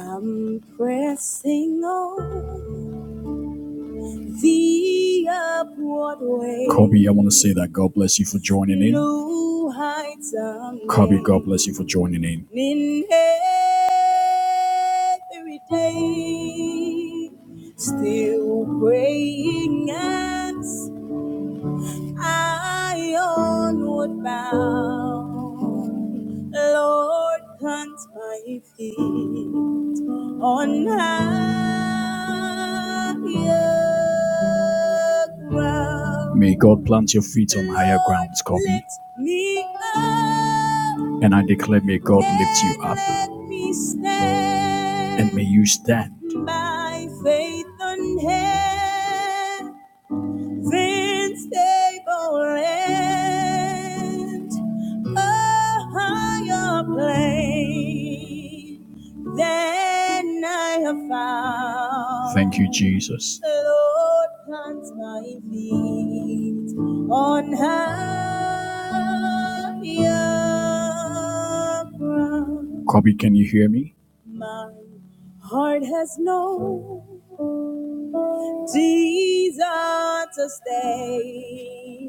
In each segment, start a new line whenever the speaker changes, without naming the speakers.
I'm pressing on the upward way. Kobe, I want to say that God bless you for joining in. New heights I'm Kobe, God bless you for joining in. In every day, still praying as I onward bound. Lord, plant my feet on higher ground. May God plant your feet on higher grounds, Kobe. And I declare, may God lift you up. And may you stand by faith on unheld unstable land, a higher plane than I have found. Thank you, Jesus. The Lord plants my feet on higher ground. Kobe, can you hear me? My heart has known Jesus to stay,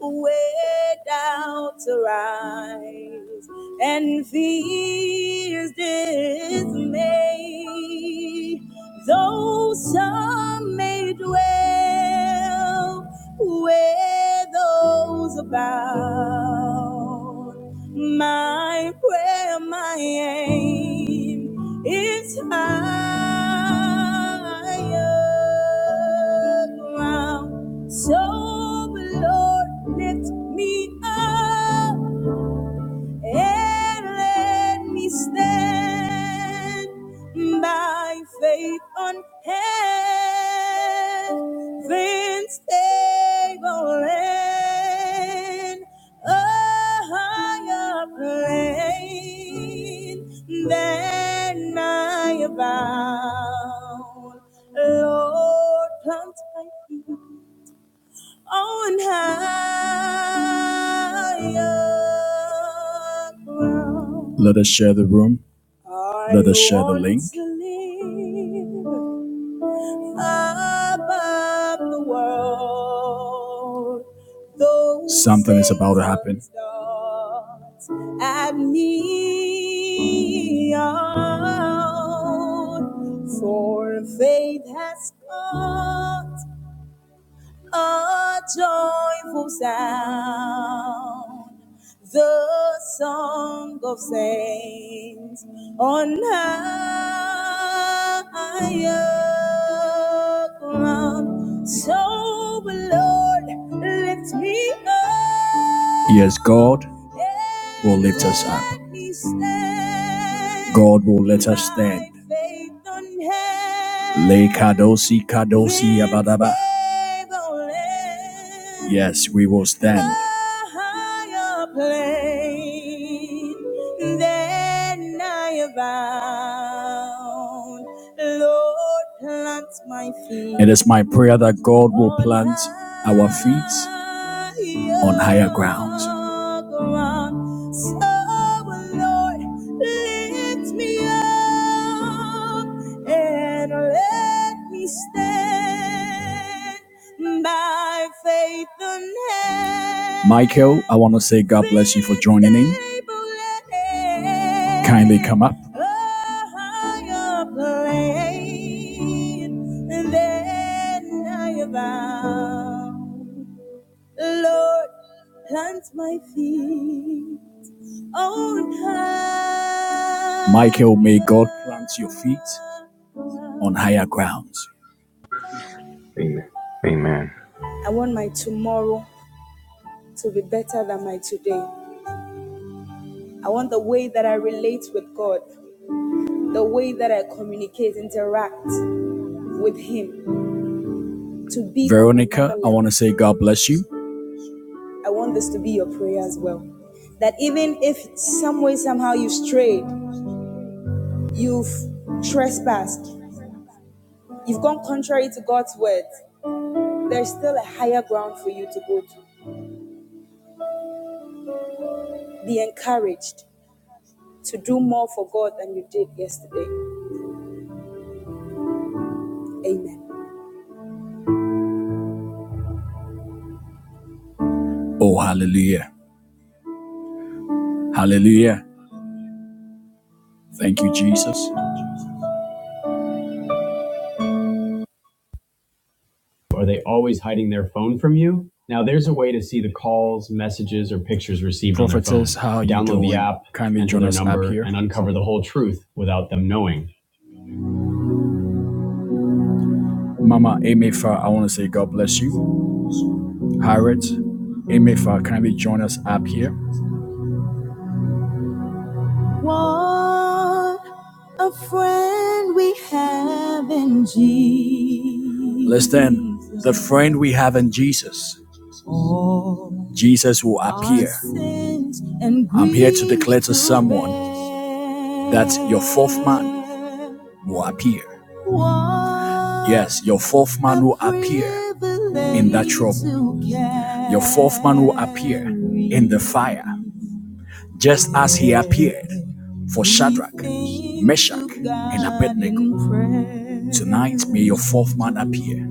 way down to rise, and fears dismay. Though some may dwell where those abound, my prayer, my aim is higher ground. So, Lord, lift me up and let me stand by faith unheld, stable land a higher plane than I bound. Lord, plant my feet on higher ground. Let us share the room. I Let us share the want link. to live above the world. Those Something is about to happen. things do At me, out. for faith has come a joyful sound, the song of saints on higher ground. So, Lord, lift me up. Yes, God will lift us up. God will let us stand. Le kadosi kadosi abadaba. Yes, we will stand ground. Lord, plant my feet. It is my prayer that God will plant our feet on higher ground. higher ground. So, Lord, lift me up and let me stand by faith unheld. Michael, I want to say God bless you for joining in. Kindly come up. Lord, plant my feet on high. Michael, may God plant your feet on higher grounds.
Amen.
I want my tomorrow to be better than my today. I want the way that I relate with God, the way that I communicate, interact with Him to be Veronica, I want to say God bless you. I want this to be your prayer as well. That even if some way, somehow you've strayed, you've trespassed, you've gone contrary to God's word, there's still a higher ground for you to go to. Be encouraged to do more for God than you did yesterday. Amen. Oh, hallelujah. Hallelujah. Thank you, Jesus. Are they always hiding their phone from you? Now there's a way to see the calls, messages, or pictures received on their phone. how you Download the app, Kindly enter join their us up number, here. and uncover the whole truth without them knowing. Mama Amefa, I want to say God bless you. Harriet, Amefa, kindly join us up here. What a friend we have in Jesus. Listen, the friend we have in Jesus. All Jesus will appear. I'm here to declare to someone that your fourth man will appear. Yes, your fourth man will appear in that trouble. Your fourth man will appear in the fire just as he appeared for Shadrach, Meshach, and Abednego. Tonight, may your fourth man appear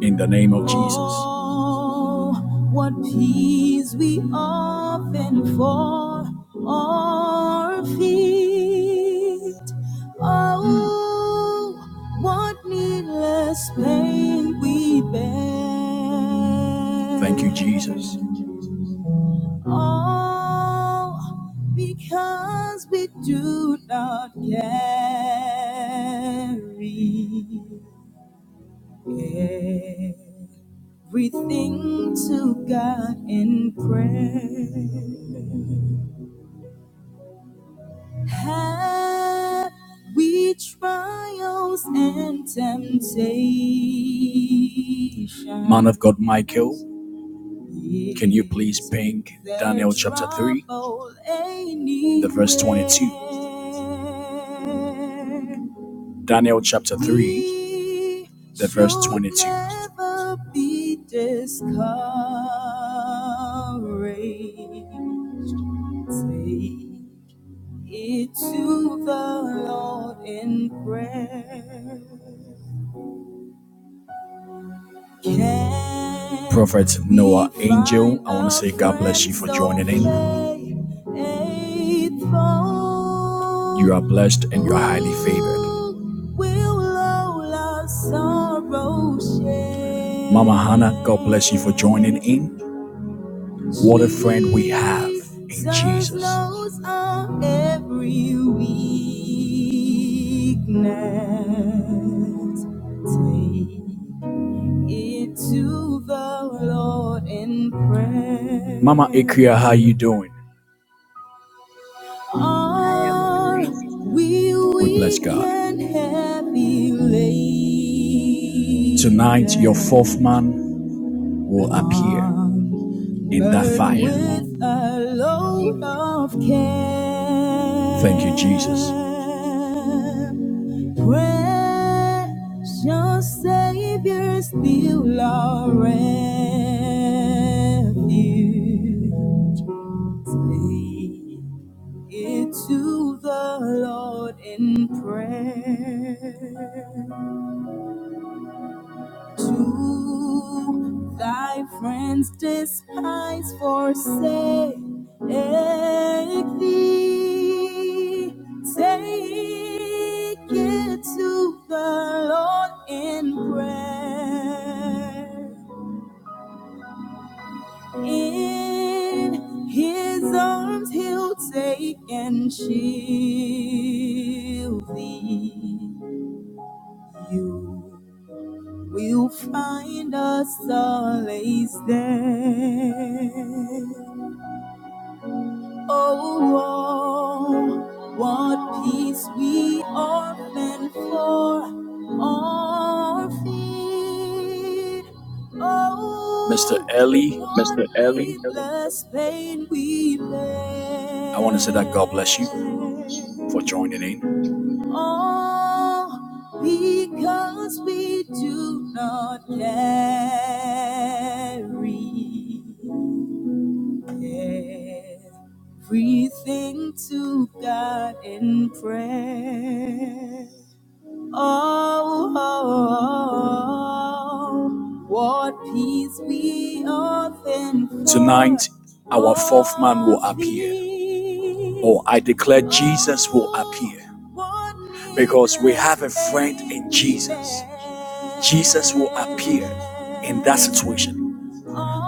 in the name of Jesus. Oh, what peace we often for our feet. Oh, what needless pain we bear. Thank you, Jesus all because we do not carry everything to God in prayer. Had we trials and temptations, man of God, Michael. Can you please ping Daniel chapter 3, the verse 22? Daniel chapter 3, the verse 22. it to the Lord in prayer. Prophet Noah Angel, I want to say God bless you for joining in. You are blessed and you are highly favored. Mama Hannah, God bless you for joining in. What a friend we have in Jesus into the Lord in prayer. Mama Ikria, how you doing?
I am
Are
blessed.
we We bless God. Tonight, your fourth man will appear in that fire.
Amen. Amen.
Thank you, Jesus. Precious Savior, still our refuge. Take it to the Lord in prayer. to thy friends despise forsake thee take it to the lord in prayer in his arms he'll take and shield thee You. will find us solace there. Oh, oh, what peace we often for our feet. Oh, Mr. Ellie, what
Mr. Ellie.
needless pain we bear. I want to say that God bless you for joining in all because we do not carry everything to God in prayer. Oh, oh, oh, what peace we often Tonight, our fourth man will appear. Or oh, I declare Jesus will appear. Because we have a friend in Jesus. Jesus will appear in that situation.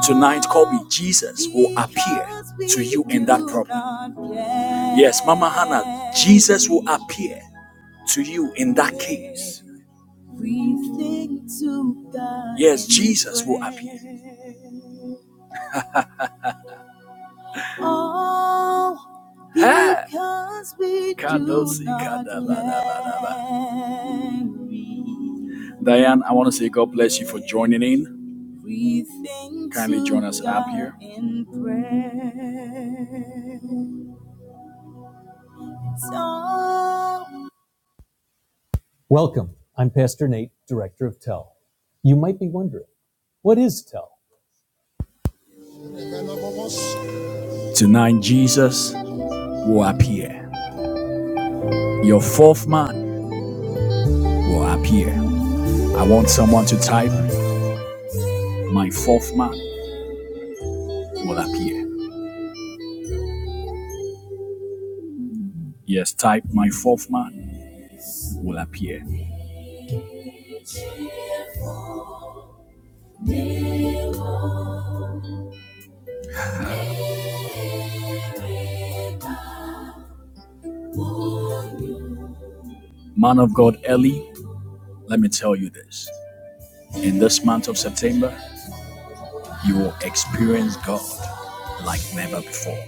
Tonight, Kobe, Jesus will appear to you in that problem. Yes, Mama Hannah, Jesus will appear to you in that case. Yes, Jesus will appear. prayer. Oh, Ah! because we do Kadosi not kadabadabadaba. Diane, I want to say God bless you for joining in. Kindly join us up here. So Welcome. I'm Pastor Nate, Director of TEL. You might be wondering, what is TEL? Tonight, Jesus will appear. Your fourth man will appear. I want someone to type, My fourth man will appear. Yes, type, My fourth man will appear. Man of God, Eli, let me tell you this. In this month of September, you will experience God like never before.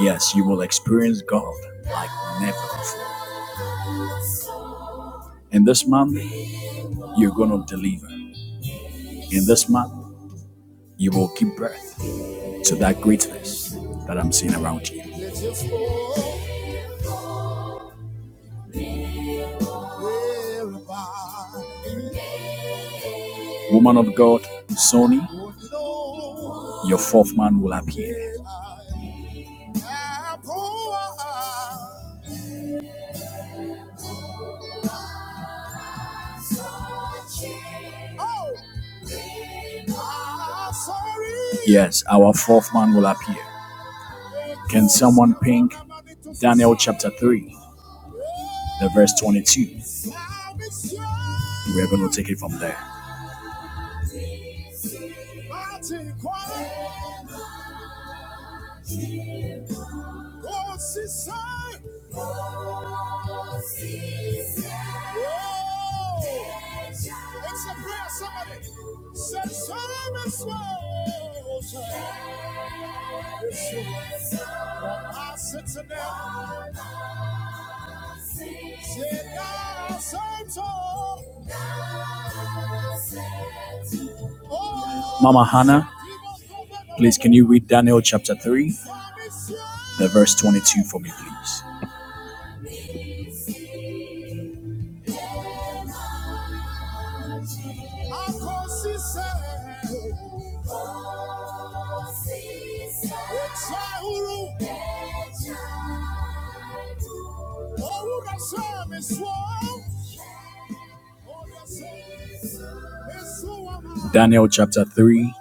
Yes, you will experience God like never before. In this month, you're going to deliver. In this month, you will give birth to that greatness that I'm seeing around you. Woman of God, Sony, your fourth man will appear. Yes, our fourth man will appear. Chapter 3, the verse 22. We're going take it from there. You read Daniel chapter 3, the verse 22 for me, please. Daniel chapter 3,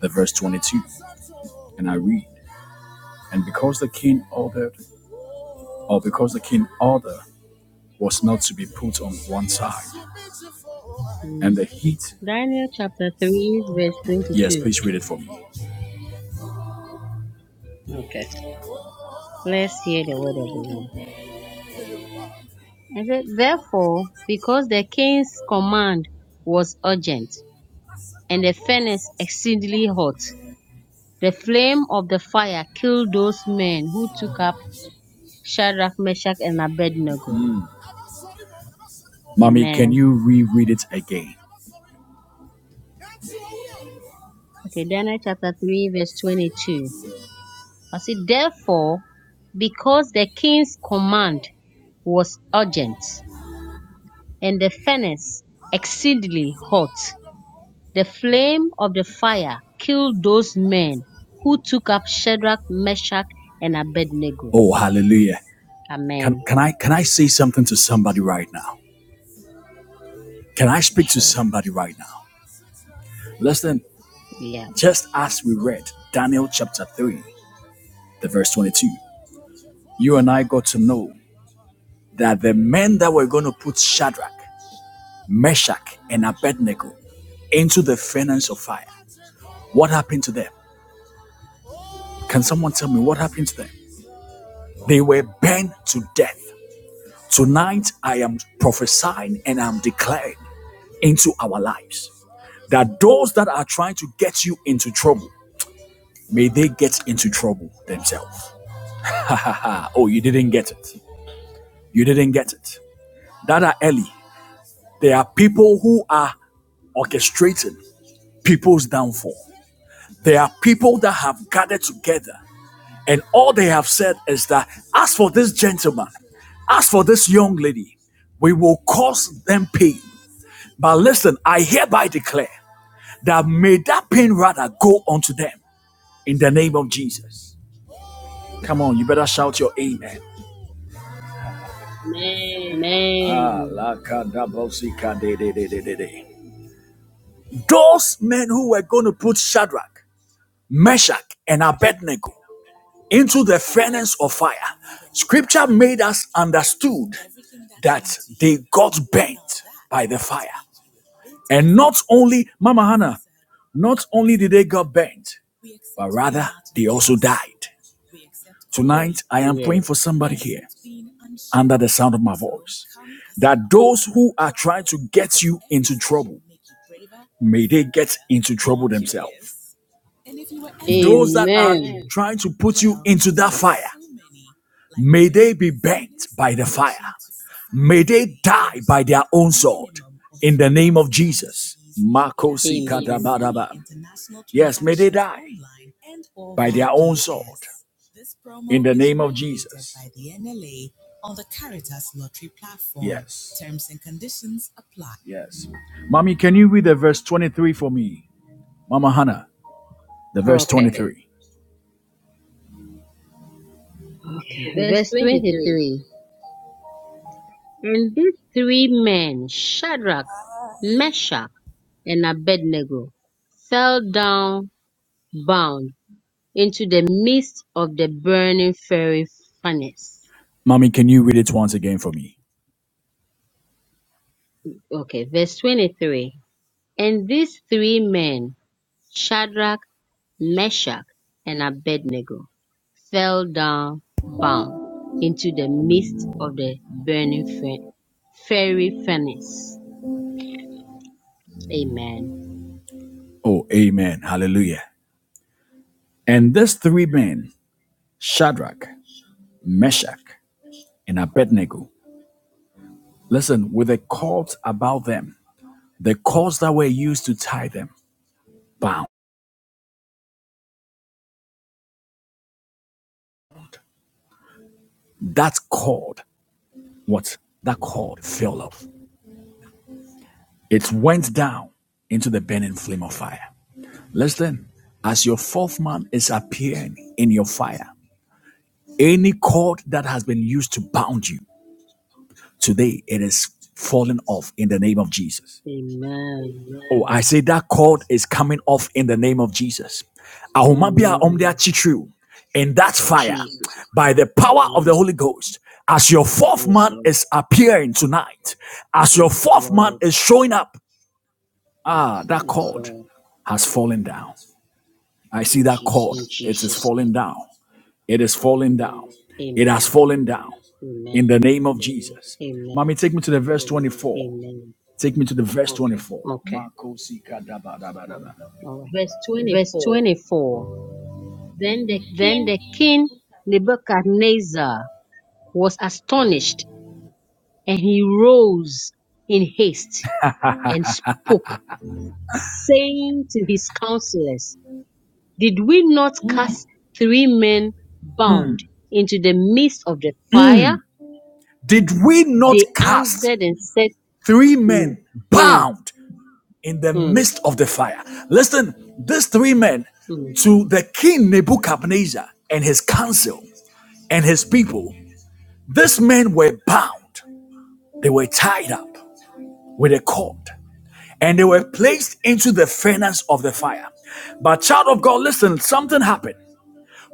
the verse 22. And I read, And because the king ordered, or because the king order was not to be put on one side,
Mhm.
and the heat,
Daniel chapter 3, verse
yes,
22.
please read it for me.
Okay. Let's hear the word of the Lord. I said, Therefore, because the king's command was urgent, and the furnace exceedingly hot, the flame of the fire killed those men who took up Shadrach, Meshach, and Abednego.
mean, can
Amen.
you reread it
Okay, Daniel chapter 3, verse 22. I said, therefore, because the king's command was urgent and the furnace exceedingly hot, the flame of the fire killed those men who took up Shadrach, Meshach, and Abednego.
Oh, hallelujah. Can,
Amen.
can I can I say something to somebody right now? Can I speak to
Sure.
somebody right now? Listen,
Yeah.
just as we read Daniel chapter 3, the verse 22, you and I got to know that the men that were going to put Shadrach, Meshach, and Abednego into the furnace of fire, what happened to them? Can someone tell me what happened to them? They were burned to death. Tonight, I am prophesying and I'm declaring into our lives that those that are trying to get you into trouble, may they get into trouble themselves. Oh, you didn't get it. You didn't get it. That are early. There are people who are orchestrating people's downfall. There are people that have gathered together and all they have said is that as for this gentleman, as for this young lady, we will cause them pain. But listen, I hereby declare that may that pain rather go unto them in the name of Jesus. Come on, you better shout your amen.
Amen.
Those men who were going to put Shadrach, Meshach, and Abednego into the furnace of fire, scripture made us understood that they got burnt by the fire. And not only, Mama Hannah, not only did they get burnt, but rather they also died. Tonight, I am praying for
Yes.
somebody here. under the sound of my voice that those who are trying to get you into trouble may they get into trouble themselves those that are
Amen.
trying to put you into that fire may they be burnt by the fire may they die by their own sword in the name of jesus makosi
Amen.
kadaba yes mommy can you read the verse 23 for me mama hannah the verse
Okay.
23
Okay.
Verse
Verse
23.
23. And these three men, Shadrach, Meshach, and Abednego, fell down bound into the midst of the burning fiery furnace.
mommy can you read it once again for me
Okay, verse 23. And these three men, Shadrach, Meshach, and Abednego, fell down bound into the midst of the burning fe- fiery furnace. Amen.
Oh, amen. Hallelujah. And these three men, Shadrach, Meshach, and Abednego, listen, with a cord about them, the cords that were used to tie them bound. That cord, what? That cord fell off. It went down into the burning flame of fire. Listen, as your fourth man is appearing in your fire, any cord that has been used to bound you, today it is falling off in the name of Jesus.
Amen.
Oh, I say that cord is coming off in the name of Jesus. Ahomabia omde
Amen.
achitriu. In that fire,
Jesus,
by the power of the Holy
Jesus.
Ghost, as your fourth
Yes,
man
Lord.
is appearing tonight, as your
Yes,
fourth man
Lord.
is showing up, ah, that
Yes,
cord
Lord.
has fallen down. I see that cord.
In
It is
Jesus'
falling
name.
down. It is falling down. It has
Amen.
fallen down in
Amen.
the name of Jesus.
Amen.
Mommy, take me to the verse 24.
Amen.
Take me to the verse 24.
Okay. All right.
Verse
Verse
24
24.
Then the
Then the
king,
king Nebuchadnezzar was astonished and he rose in haste and spoke, saying to his counselors, Did we not cast three men bound into the midst of the fire?
Did we not
They
cast
answered and said
three
to me,
men
Hmm,
bound in the
hmm,
midst of the fire? Listen, these three men
hmm.
to the king Nebuchadnezzar and his council and his people, these men were bound. They were tied up with a cord and they were placed into the furnace of the fire. But, child of God, listen, something happened.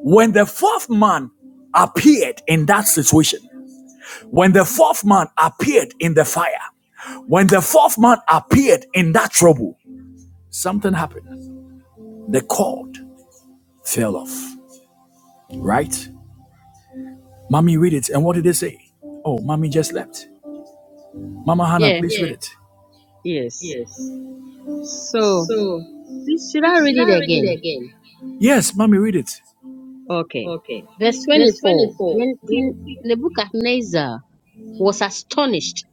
When the fourth man appeared in that situation, when the fourth man appeared in the fire, when the fourth man appeared in that trouble, something happened. The cord fell off, right? Mommy, read it. And what did they say? Oh, mommy just left. Mama Hannah,
Yeah,
please yes. read Yes.
yes.
it. Yes.
So,
So,
this- should I read
should
it
I read it
again?
again? Yes, mommy, read it.
Okay.
Okay.
Verse
Verse
24
24.
Then King Nebuchadnezzar was astonished,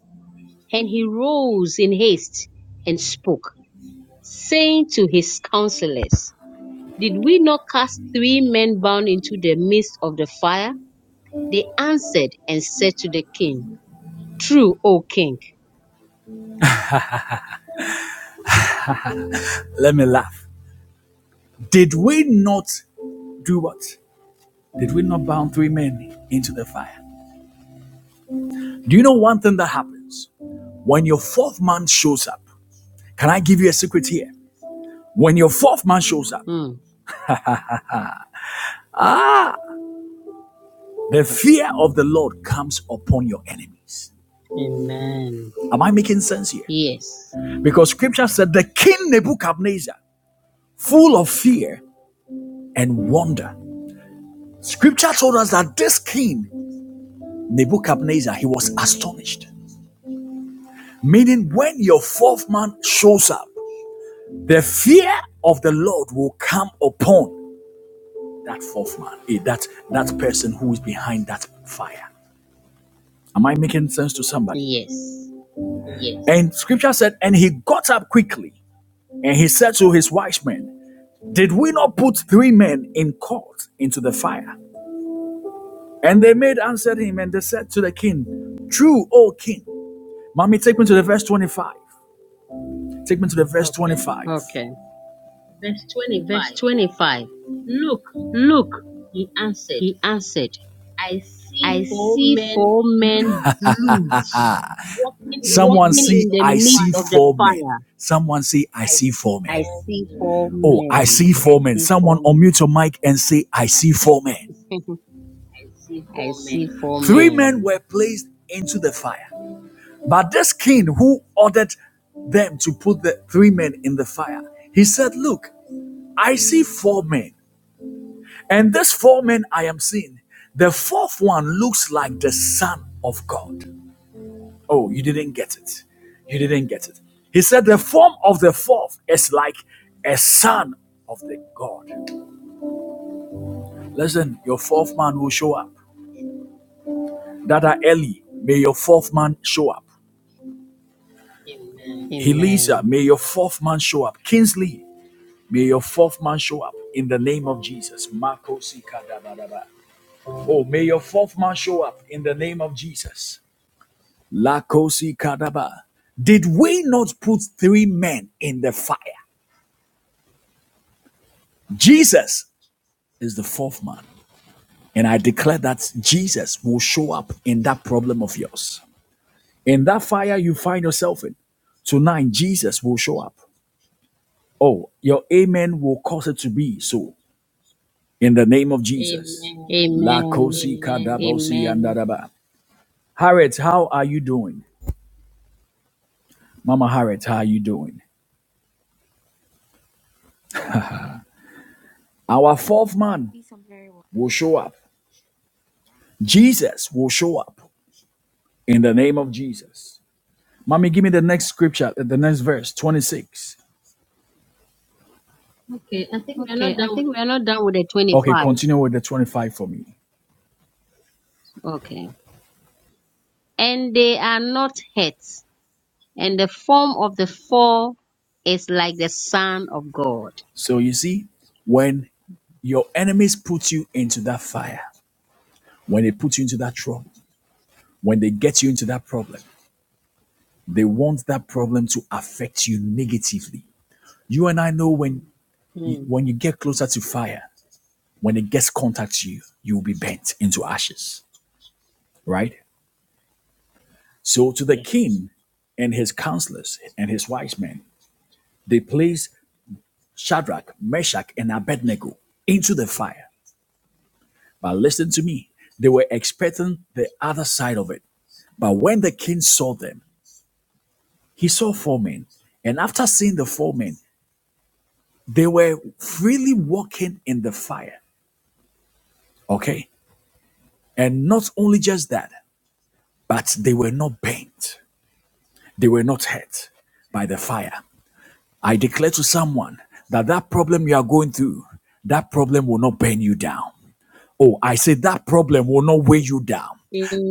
and he rose in haste and spoke, saying to his counselors, Did we not cast three men bound into the midst of the fire? They answered and said to the king, True, O king.
Let me laugh. Did we not do what? Did we not bound three men into the fire? Do you know one thing that happens when your fourth man shows up? Can I give you a secret here? When your fourth man shows up,
Hmm.
the fear of the Lord comes upon your enemies.
Amen.
Am I making sense here?
Yes.
Because scripture said the king Nebuchadnezzar, full of fear and wonder. Scripture told us that this king, Nebuchadnezzar, he was astonished. Meaning, when your fourth man shows up, the fear of the Lord will come upon that fourth man, eh, that that person who is behind that fire. Am I making sense to somebody?
Yes.
Yes. And scripture said, and he got up quickly and he said to his wise men, Did we not put three men in court into the fire? And they made answered him and they said to the king, True, O king. Mommy, take me to the verse 25. Take me to the verse Okay. 25.
Okay.
Verse
Verse
25.
25.
Look,
Look,
he answered,
he answered,
I
I
see four
see
men
four men loose
Someone
walking
say
in the
I
midst
see
of the
four men.
fire.
Someone say, I see four
I see four
men. Oh, I
men.
see four
I
men.
see
Someone
four
unmute
men.
your mic and say, I see four men.
I see four
Three men
men.
were placed into the fire. But this king who ordered them to put the three men in the fire, he said, Look, I see four men. And this four men I am seeing, the fourth one looks like the Son of God. Oh, you didn't get it. You didn't get it. He said, The form of the fourth is like a son of the God. Listen, your fourth man will show up. Dada Eli, may your fourth man show up. Elisa,
Amen.
may your fourth man show up. Kingsley, may your fourth man show up in the name of Jesus. Makosi kadabadaba. Oh, may your fourth man show up in the name of Jesus. Lakosi kadaba. Did we not put three men in the fire? Jesus is the fourth man. And I declare that Jesus will show up in that problem of yours. In that fire you find yourself in, tonight Jesus will show up. Oh, your amen will cause it to be so. In the name of Jesus. Amen. La
Amen.
kosi Amen. kadabosi
Amen.
yandaraba. Harriet, how are you doing? Mama Harriet, how are you doing? Our fourth man will show up. Jesus will show up in the name of Jesus. Mommy, give me the next scripture, the next verse, 26. Okay, I think we're
Okay.
not
I
done with
think
the
we are not done with the
Okay,
25.
continue with the 25 for me.
Okay. And they are not hurt, and the form of the four is like the Son of God.
So you see, when your enemies put you into that fire, when they put you into that trouble, when they get you into that problem, they want that problem to affect you negatively. You and I know when you,
Mm.
when you get closer to fire, when it gets contact to you, you will be bent into ashes, right? So to the
Yeah.
king and his counselors and his wise men, they placed Shadrach, Meshach, and Abednego into the fire But listen to me. They were expecting the other side of it. But when the king saw them, he saw four men. And after seeing the four men, they were freely walking in the fire. Okay? And not only just that, but they were not burnt. They were not hurt by the fire. I declare to someone that that problem you are going through, that problem will not burn you down. Oh, I say that problem will not weigh you down.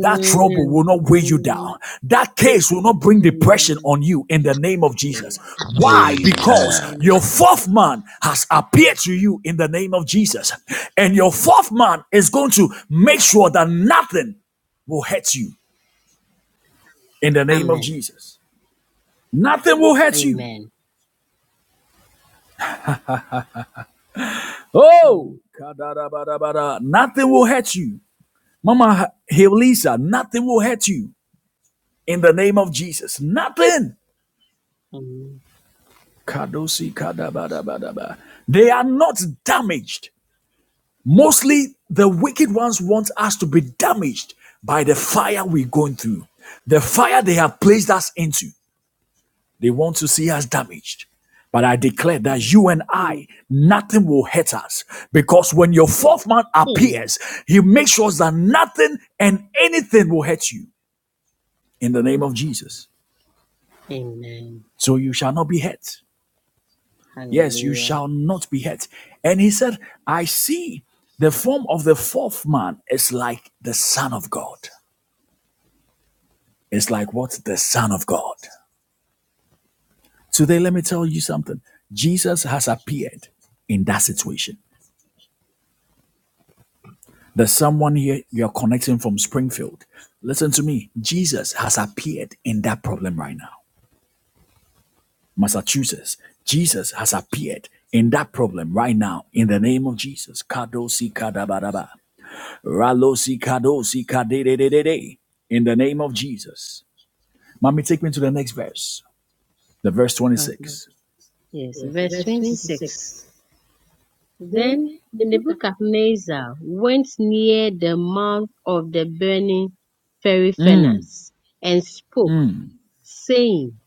That trouble will not weigh you
Amen.
down. That case will not bring depression on
Amen.
you in the name of Jesus. Why? Because
Amen.
your fourth man has appeared to you in the name of Jesus. And your fourth man is going to make sure that nothing will hurt you in the name of
Amen.
Jesus. Nothing will hurt you.
Amen.
Oh,
Mm.
nothing will hurt you. Mama Helisa, nothing will hurt you in the name of Jesus. Nothing.
Amen.
Kadosi kadabadabadaba. They are not damaged. Mostly the wicked ones want us to be damaged by the fire we're going through. The fire they have placed us into, they want to see us damaged. But I declare that you and
Mm.
I, nothing will hurt us. Because when your fourth man
Amen.
appears, he makes sure that nothing and anything will hurt you in the name of Jesus.
Amen.
So you shall not be hurt. Yes, you
Hallelujah.
shall not be hurt. And he said, I see the form of the fourth man is like the Son of God. It's like what? The Son of God. Today, let me tell you something. Jesus has appeared in that situation. There's someone here you're connecting from Springfield. Listen to me. Jesus has appeared in that problem right now. Massachusetts, Jesus has appeared in that problem right now in the name of Jesus. Kadosi kadabadaba. Ralosi kadosi kadedededede. In the name of Jesus. Mommy, take me to the next verse. The verse
Okay.
26.
Yes.
Yes,
Verse
verse
26.
26. Then
Then
the book of
Nebuchadnezzar went near the mouth of the burning fiery
Mm,
furnace and spoke, saying,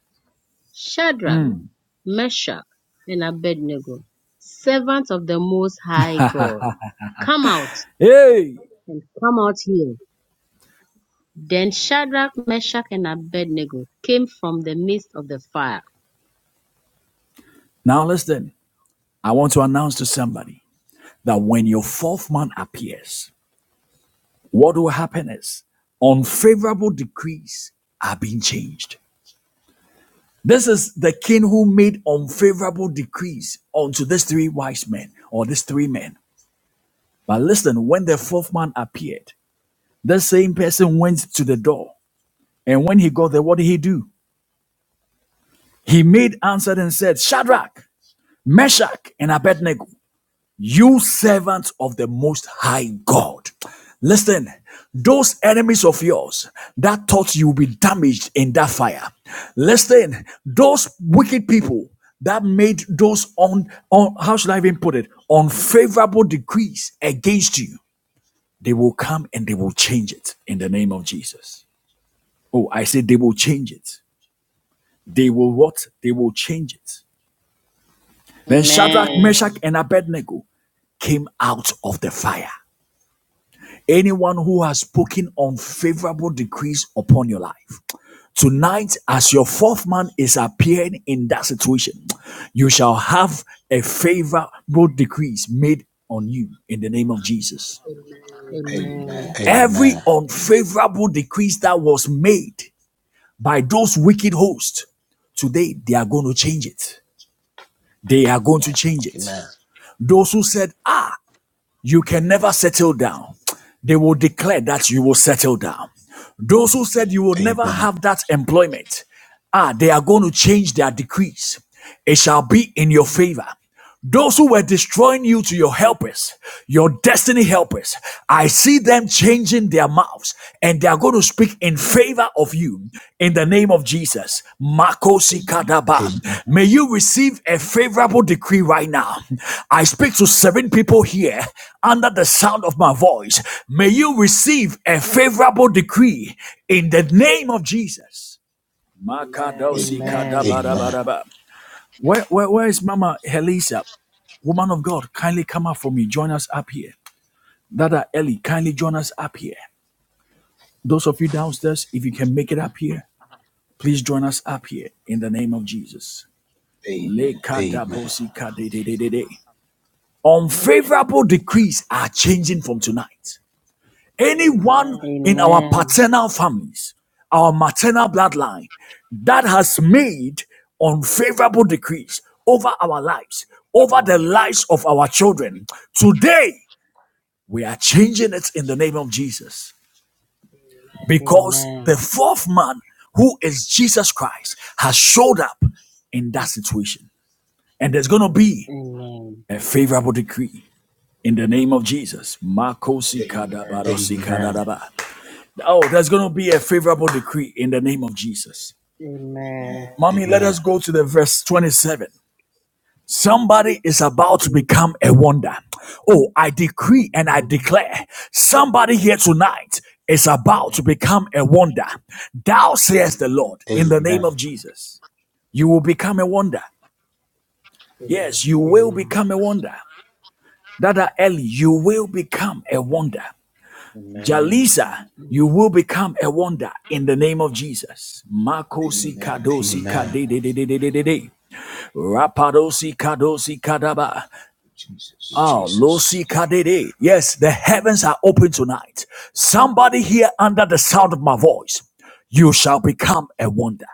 Shadrach.
mm.
Meshach, and Abednego, servants of the Most High God, come out
Hey!
and come out here. Then Shadrach, Meshach, and Abednego came from the midst of the fire.
Now listen, I want to announce to somebody that when your fourth man appears, what will happen is unfavorable decrees are being changed. This is the king who made unfavorable decrees unto these three wise men or these three men. But listen, when the fourth man appeared, that same person went to the door. And when he got there, what did he do? He made answer and said, Shadrach, Meshach, and Abednego, you servants of the Most High God. Listen, those enemies of yours that thought you would be damaged in that fire. Listen, those wicked people that made those on, on how should I even put it unfavorable decrees against you. They will come and they will change it in the name of Jesus. Oh, I say they will change it. They will what? They will change it. Then Shadrach,
Amen.
Meshach, and Abednego came out of the fire. Anyone who has spoken unfavorable decrees upon your life, tonight, as your fourth man is appearing in that situation, you shall have a favorable decrees made on you in the name of Jesus.
Amen.
Every
Amen. Amen.
unfavorable decrease that was made by those wicked hosts, today they are going to change it. They are going to change it.
Amen.
Those who said, ah, you can never settle down, they will declare that you will settle down. Those who said you will never
Amen.
have that employment, ah, they are going to change their decrees. It shall be in your favor. Those who were destroying you to your helpers, your destiny helpers, I see them changing their mouths and they are going to speak in favor of you in the name of Jesus. Makosi kadaba.
Amen.
May you receive a favorable decree right now. I speak to seven people here under the sound of my voice. May you receive a favorable decree in the name of Jesus. Makadosi
Amen.
Amen.
kadabarabaraba. Where, where, where is Mama Helisa? Woman of God, kindly come up for me. Join us up here. Dada Ellie, kindly join us up here. Those of you downstairs, if you can make it up here, Please join us up here in the name of Jesus. Amen. Unfavorable decrees are changing from tonight. Anyone in our
Amen.
paternal families, our maternal bloodline that has made unfavorable decrees over our lives, over the
Um,
lives of our children, today we are changing it in the name of Jesus. because the
Amen.
fourth man, who is Jesus Christ, has showed up in that situation. And there's going to be
Amen.
a favorable decree in the name of Jesus. Makosi kadabarosi kadadaba. Oh, there's going to be a favorable decree in the name of Jesus.
Amen.
Mommy, let us
Amen.
go to the verse 27. Somebody is about to become a wonder. Oh, I decree and I
Amen.
declare somebody here tonight is about to
Amen.
become a wonder. Thou says the Lord in the name
Amen. Amen.
of Jesus. You will become a wonder. Yes, you will become
Amen.
a wonder. Dada Ellie, you will become a wonder.
Amen.
Jalisa, you will become a wonder in the name of Jesus. Makosi kadosi
Amen.
kadededededede. Rapadosi kadosi kadaba. Oh,
Jesus.
Lucy Kadede. Yes, the heavens are open tonight. Somebody here under the sound of my voice, you shall become a wonder.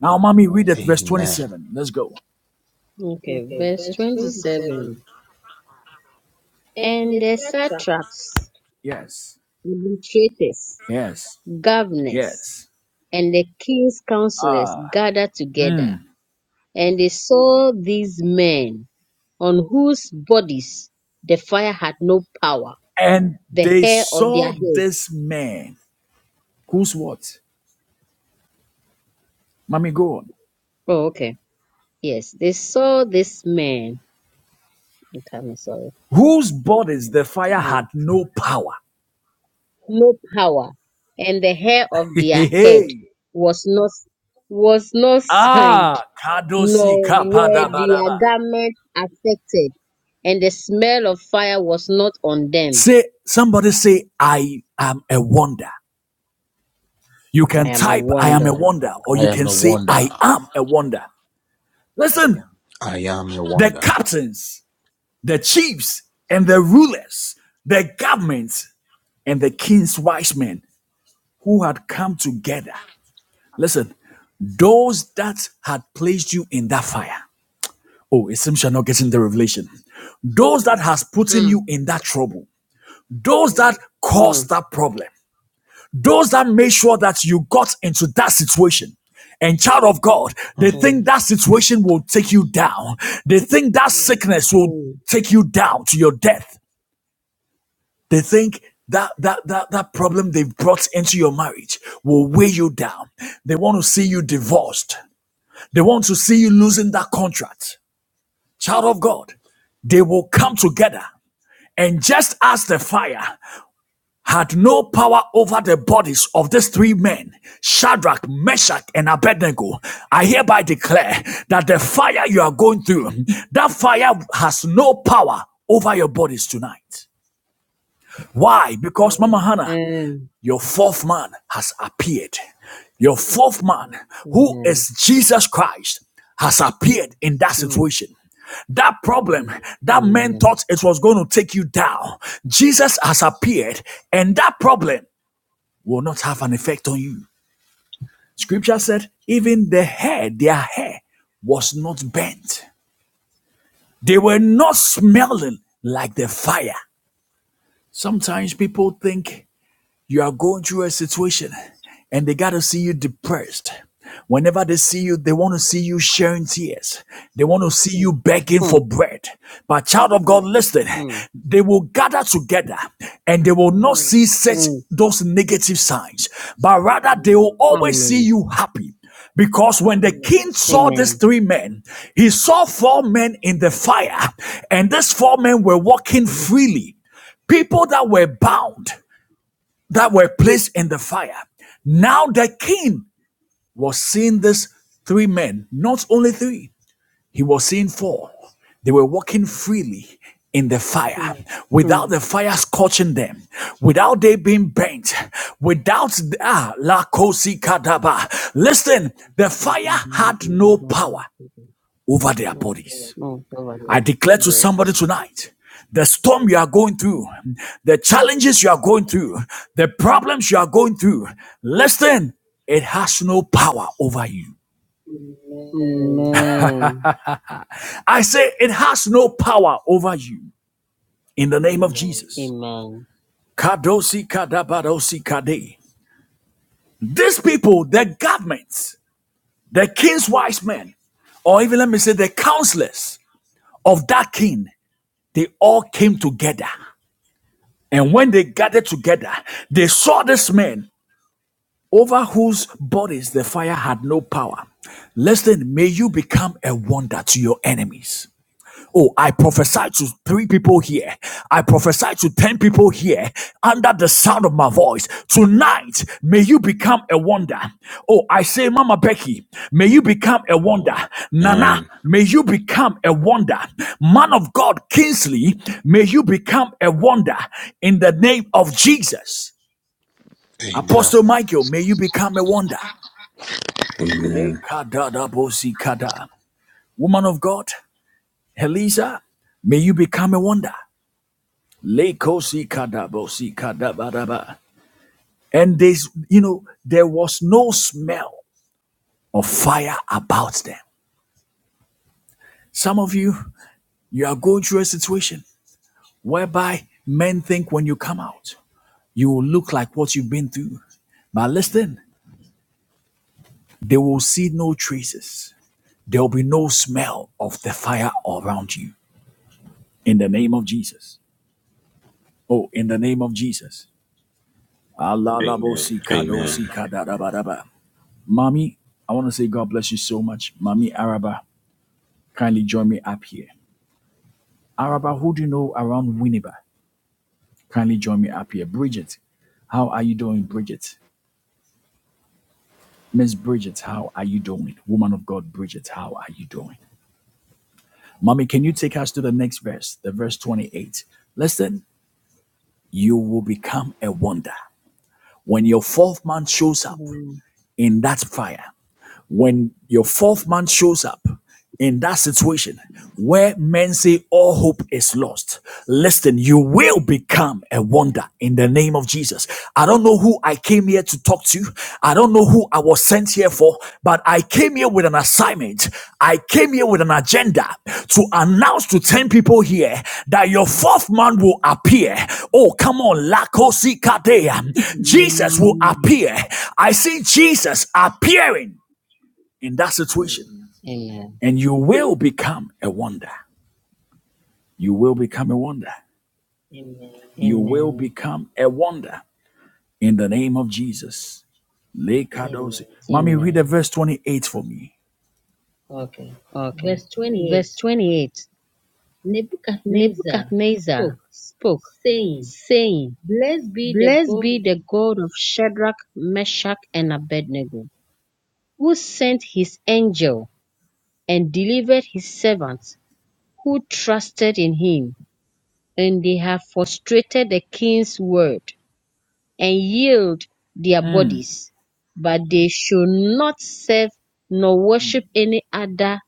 Now, mommy, read at verse
Amen.
27. Let's go.
Okay,
Okay,
verse
verse
27.
27. And
And
the
the
satrap
satraps,
Yes.
illustrators,
Yes.
governors,
Yes.
and the king's counselors gathered
Mm.
together, and they saw these men on whose bodies the fire had no power,
And
the
they
hair of their
saw
head.
this man. Who's what? Mommy, go on.
Oh, okay. Yes, they saw this man. Okay, I'm sorry.
Whose bodies the fire had
Mm.
no power.
No power, and the hair of their
Hey.
head
hey.
was not was not signed.
Ah,
nor
Kadosi Yes,
were their
Kapadabadaba.
garments affected, and the smell of fire was not on them.
Say, somebody say, I am a wonder. You
I
can
am a
type, I am a
wonder.
wonder, or
I
you
am
can
a
say,
wonder.
I am a wonder. Listen,
I am a
the
wonder.
captains, the chiefs, and the rulers, the governments, and the king's wise men who had come together. Listen, those that had placed you in that fire. Oh, it seems you're not getting the revelation. Those that has put in
Hmm.
you in that trouble, those that
Hmm.
caused that problem, Those that made sure that you got into that situation. And child of God, they
Mm.
Hmm.
think that situation will take you down. They think that sickness will
Hmm.
take you down to your death. They think that that that that problem they've brought into your marriage will weigh you down. They want to see you divorced. They want to see you losing that contract. Child of God, they will come together. And just as the fire had no power over the bodies of these three men, Shadrach, Meshach, and Abednego, I hereby declare that the fire you are going through, that fire has no power over your bodies tonight. Why? Because, Mama Hannah,
Amen.
your fourth man has appeared. Your fourth man, who
Amen.
is Jesus Christ, has appeared in that
Hmm.
situation. That problem that man
Amen.
thought it was going to take you down, Jesus has appeared, and that problem will not have an effect on you. Scripture said, even the hair, their hair, was not bent. They were not smelling like the fire. Sometimes people think you are going through a situation and they got to see you depressed. Whenever they see you, they want to see you sharing tears. They want to see you begging
Hmm.
for bread. But, child of God, listen,
Hmm.
they will gather together and they will not see such
Hmm.
those negative signs, but rather they will always see
Amen.
you happy. Because when the king saw these
Amen.
three men, he saw four men in the fire, and these four men were walking freely people that were bound that were placed in the fire. Now the king was seeing these three men, not only three, he was seeing four. They were walking freely in the fire
Hmm.
without the fire scorching them, without they being burnt, without ah, la kosi kadaba. Listen, the fire had no
Hmm.
power over their bodies. I declare to somebody
Yes.
tonight the storm you are going through, the challenges you are going through, the problems you are going through, listen, it has no power over you. I say it has no power over you in the name of Jesus.
Amen.
Kadosi kadabadosi kade. These people, the governments, the king's wise men, or even let me say the counselors of that king, they all came together. And when they gathered together, they saw this man over whose bodies the fire had no power. Listen, may you become a wonder to your enemies. Oh, I prophesy to three people here. I prophesy to 10 people here under the sound of my voice. Tonight, may you become a wonder. Oh, I say, Mama Becky, may you become a wonder. Nana,
Amen.
may you become a wonder. Man of God, Kingsley, may you become a wonder in the name of Jesus.
Amen.
Apostle Michael, may you become a wonder.
Amen.
Lekadadabosikada. Woman of God, Elisa, may you become a wonder. Lekosikadabosikadabadaba. And this, you know, there was no smell of fire about them. Some of you, you are going through a situation whereby men think when you come out, you will look like what you've been through. But listen, they will see no traces. There will be no smell of the fire around you in the name of Jesus. Oh, in the name of Jesus. Allah labosi
Amen.
kadosi kadarabaraba. Mommy, I want to say God bless you so much. Mommy Araba, kindly join me up here. Araba, who do you know around Winneba? Kindly join me up here. Bridget, how are you doing, Bridget? Miss Bridget, how are you doing? Woman of God, Bridget, how are you doing? Mommy, can you take us to the next verse, the verse 28? Listen, you will become a wonder. When your fourth man shows up
Amen.
in that fire, when your fourth man shows up in that situation where men say all hope is lost, listen, you will become a wonder in the name of Jesus. I don't know who I came here to talk to. I don't know who I was sent here for, but I came here with an assignment. I came here with an agenda to announce to 10 people here that your fourth man will appear. Oh, come on. Lakosikadea. Jesus will
Amen.
appear. I see Jesus appearing in that situation.
Amen.
And you will become a wonder. You will become a wonder. You will
Amen.
become a wonder in the name of Jesus. Lekadosi. Amen. Mommy, read
Amen.
the verse 28 for me. Okay.
Okay.
Verse
Verse
28
28
Nebuchadnezzar spoke,
Nebuchadnezzar spoke,
saying,
saying,
Blessed be the
Blessed
God
be
of
the God of Shadrach, Meshach, and Abednego, who sent his angel and delivered his servants who trusted in him, and they have frustrated the king's word and yield their bodies. But they should not serve nor worship any other,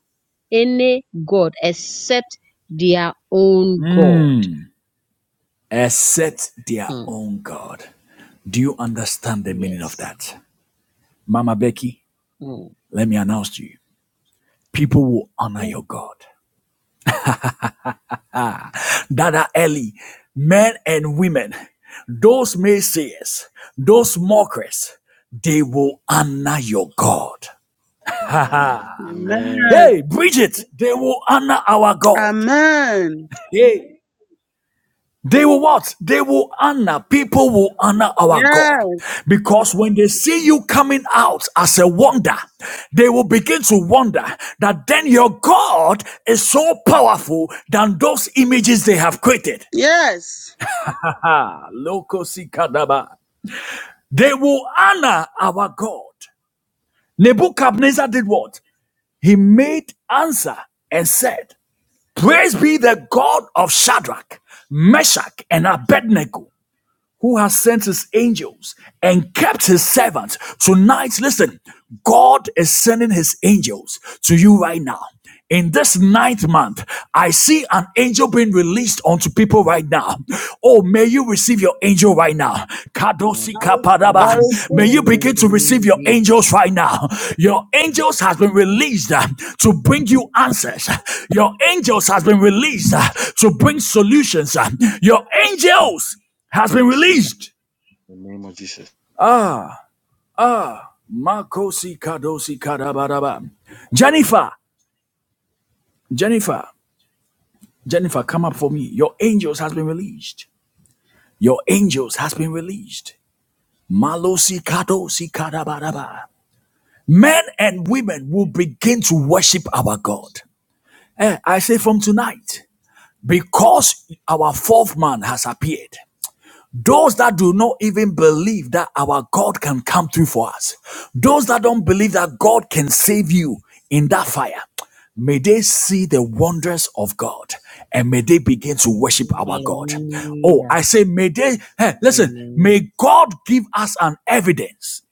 any God except their own God.
Mm. Except their
Mm.
own God. Do you understand the meaning of
Yes.
that? Mama Becky,
Mm.
let me announce to you people will honor
Amen.
your God. that are early, men and women, those naysayers, those mockers, they will honor your God.
Amen.
Hey, Bridget, they will honor our God.
Amen.
Hey. They will what? They will honor. People will honor our God.
Yes.
Because when they see you coming out as a wonder, they will begin to wonder that then your God is so powerful than those images they have created.
Yes.
Ah, loco They will honor our God. Nebuchadnezzar did what? He made answer and said, Praise be the God of Shadrach, Meshach, and Abednego who has sent his angels and kept his servants. Tonight, listen, God is sending his angels to you right now. In this ninth month, I see an angel being released onto people right now. Oh, may you receive your angel right now.
Amen.
Kadosi
We
I
kapadaba.
receive
receive
May you
it.
him
in-
begin
in
to
the
receive
name of
your
Jesus.
angels right now. Your angels has been
I
released uh, to bring you answers. Your angels has been released uh, to bring solutions. Uh, Your angels has been
receive my-
released.
in the name of Jesus.
Makosi kadosi kadabadaba. Jennifer, Jennifer, Jennifer, come up for me. Your angels has been released. Your angels has been released. Malosi kadosi kadabadaba. Men and women will begin to worship our God. Eh, I say from tonight, because our fourth man has appeared. Those that do not even believe that our God can come through for us, those that don't believe that God can save you in that fire, may they see the wonders of God and may they begin to worship our God. Oh,
Hallelujah.
I say, may they, hey, listen,
Amen.
may God give us an evidence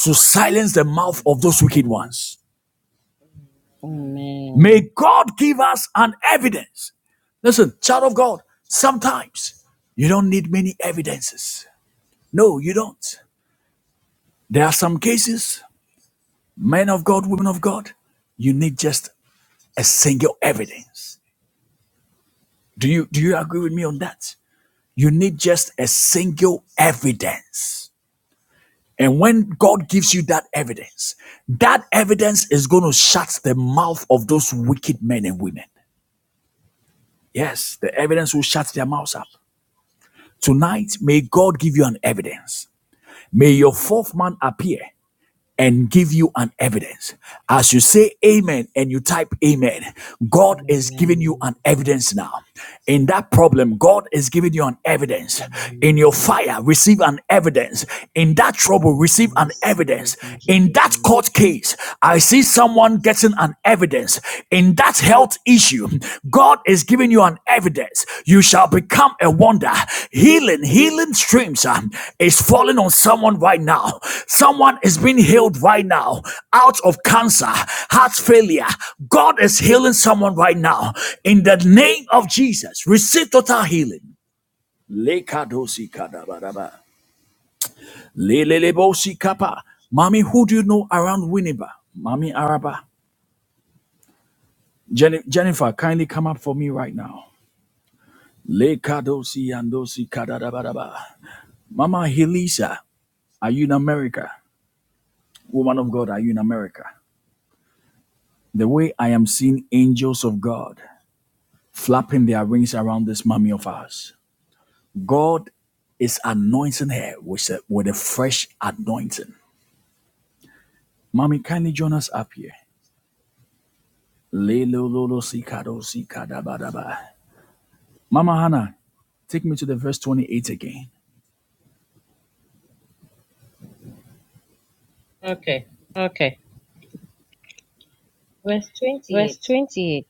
to silence the mouth of those wicked
Amen.
ones. May
Amen.
God give us an evidence. Listen, child of God, sometimes you don't need many evidences. No, you don't. There are some cases, men of God, women of God, you need just a single evidence. Do you do you agree with me on that? You need just a single evidence. And when God gives you that evidence, that evidence is going to shut the mouth of those wicked men and women. Yes, the evidence will shut their mouths up. Tonight, may God give you an evidence. May your fourth man appear. and give you an evidence. As you say amen and you type amen, God is giving you
Amen.
an evidence now. In that problem, God is giving you an evidence. In your
Amen.
fire, receive an evidence. In that trouble,
I
receive an
receive
evidence.
it in
In
Jesus'
that
name.
court case, I see someone getting an evidence. In that that health issue, God is giving you an evidence. You shall become a wonder. Healing, healing streams um, is falling on someone right now. Someone is being healed right now out of cancer, heart failure. God is healing someone right now. In the name of Jesus, receive total healing. Lekadosi kadabaraba. Lelelebosi kapa. Mommy, who do you know around Winneba? Mommy Araba. Jennifer, kindly come up for me right now. Le kadosi andosi kadadabaraba. Mama Helisa, are you in America? Woman of God, are you in America? The way I am seeing angels of God flapping their wings around this mommy of ours, God is anointing her with a, with a fresh anointing. Mommy, kindly join us up here. Le lo lo lo si kadosi kadabadaba. Mama Hannah, take me to the verse 28 again. Okay.
Okay.
Verse
Verse
28
28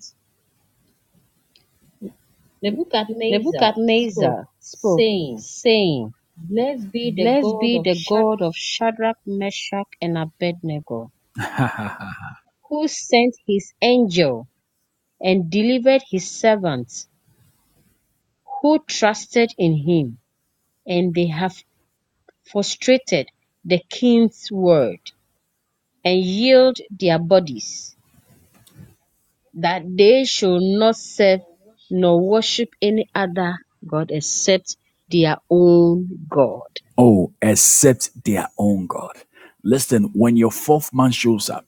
Nebuchadnezzar spoke,
Nebuchadnezzar spoke,
saying,
saying,
Blessed be the
Blessed
God
be
of
the
Shadrach.
God of Shadrach, Meshach, and Abednego, who sent his angel and delivered his servants who trusted in him. and they have frustrated the king's word and yield their bodies that they should not serve nor worship any other god except their own God.
Oh, except their own God. Listen, when your fourth man shows up,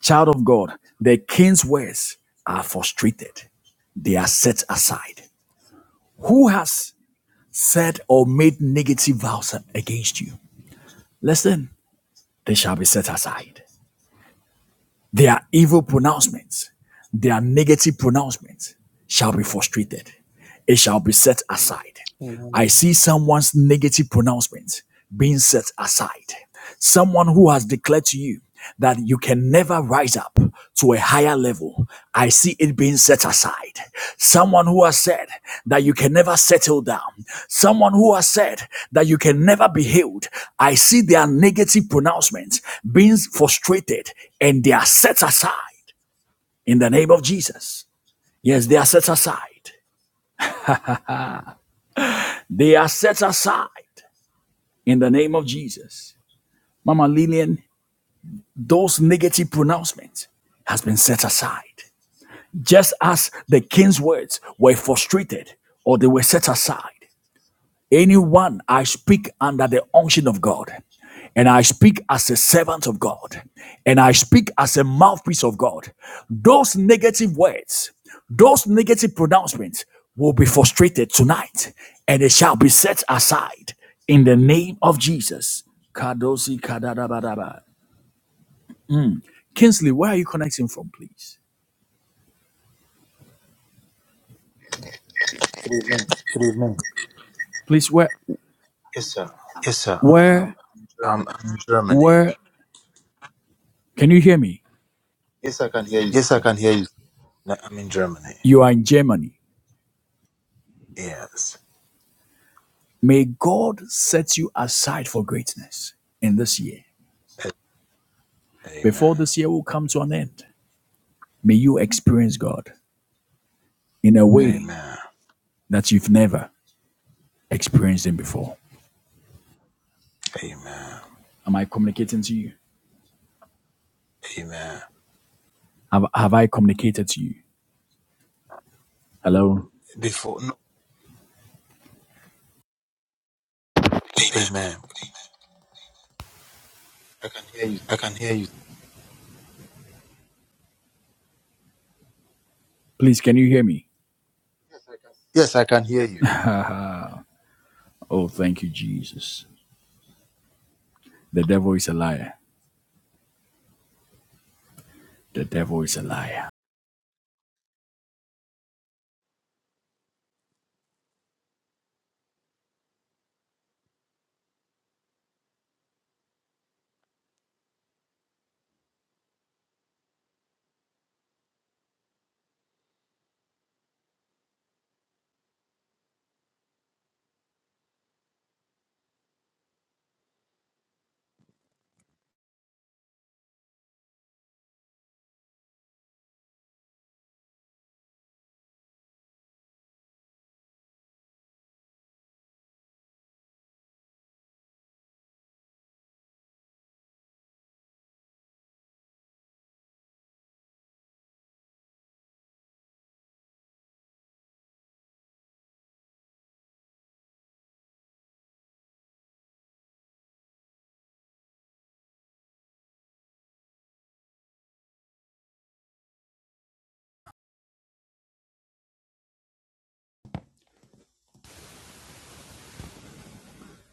child of God, the king's words are frustrated. They are set aside. Who has said or made negative vows against you? Listen, they shall be set aside. Their evil pronouncements, their negative pronouncements shall be frustrated. It shall be set aside. I
Amen.
see someone's negative pronouncement being set aside. Someone who has declared to you that you can never rise up to a higher level. I see it being set aside. Someone who has said that you can never settle down. Someone who has said that you can never be healed. I see their negative pronouncements being frustrated and they are set aside in the name of Jesus. Yes, they are set aside. They are set aside in the name of Jesus. Mama Lillian, those negative pronouncements has been set aside. Just as the king's words were frustrated or they were set aside. Anyone I speak under the unction of God, and I speak as a servant of God, and I speak as a mouthpiece of God, those negative words, those negative pronouncements will be frustrated tonight, and they shall be set aside in the name of Jesus. Kadosi kadadabadaba. Kinsley, where are you connecting from, please?
Good evening.
Please, where,
Yes, sir.
where,
I'm, I'm in Germany.
where? Can you hear me?
Yes, I can hear you. No, I'm in Germany.
You are in Germany.
Yes.
May God set you aside for greatness in this year.
A- Amen.
Before this year will come to an end, may you experience God in a way
Amen.
that you've never experienced Him before.
Amen.
Am I communicating to you?
Amen.
Have, have I communicated to you? Hello?
Before, no, amen. I can hear you.
Please, can you hear me?
Yes, I can hear you.
Oh, thank you, Jesus. The devil is a liar. The devil is a liar.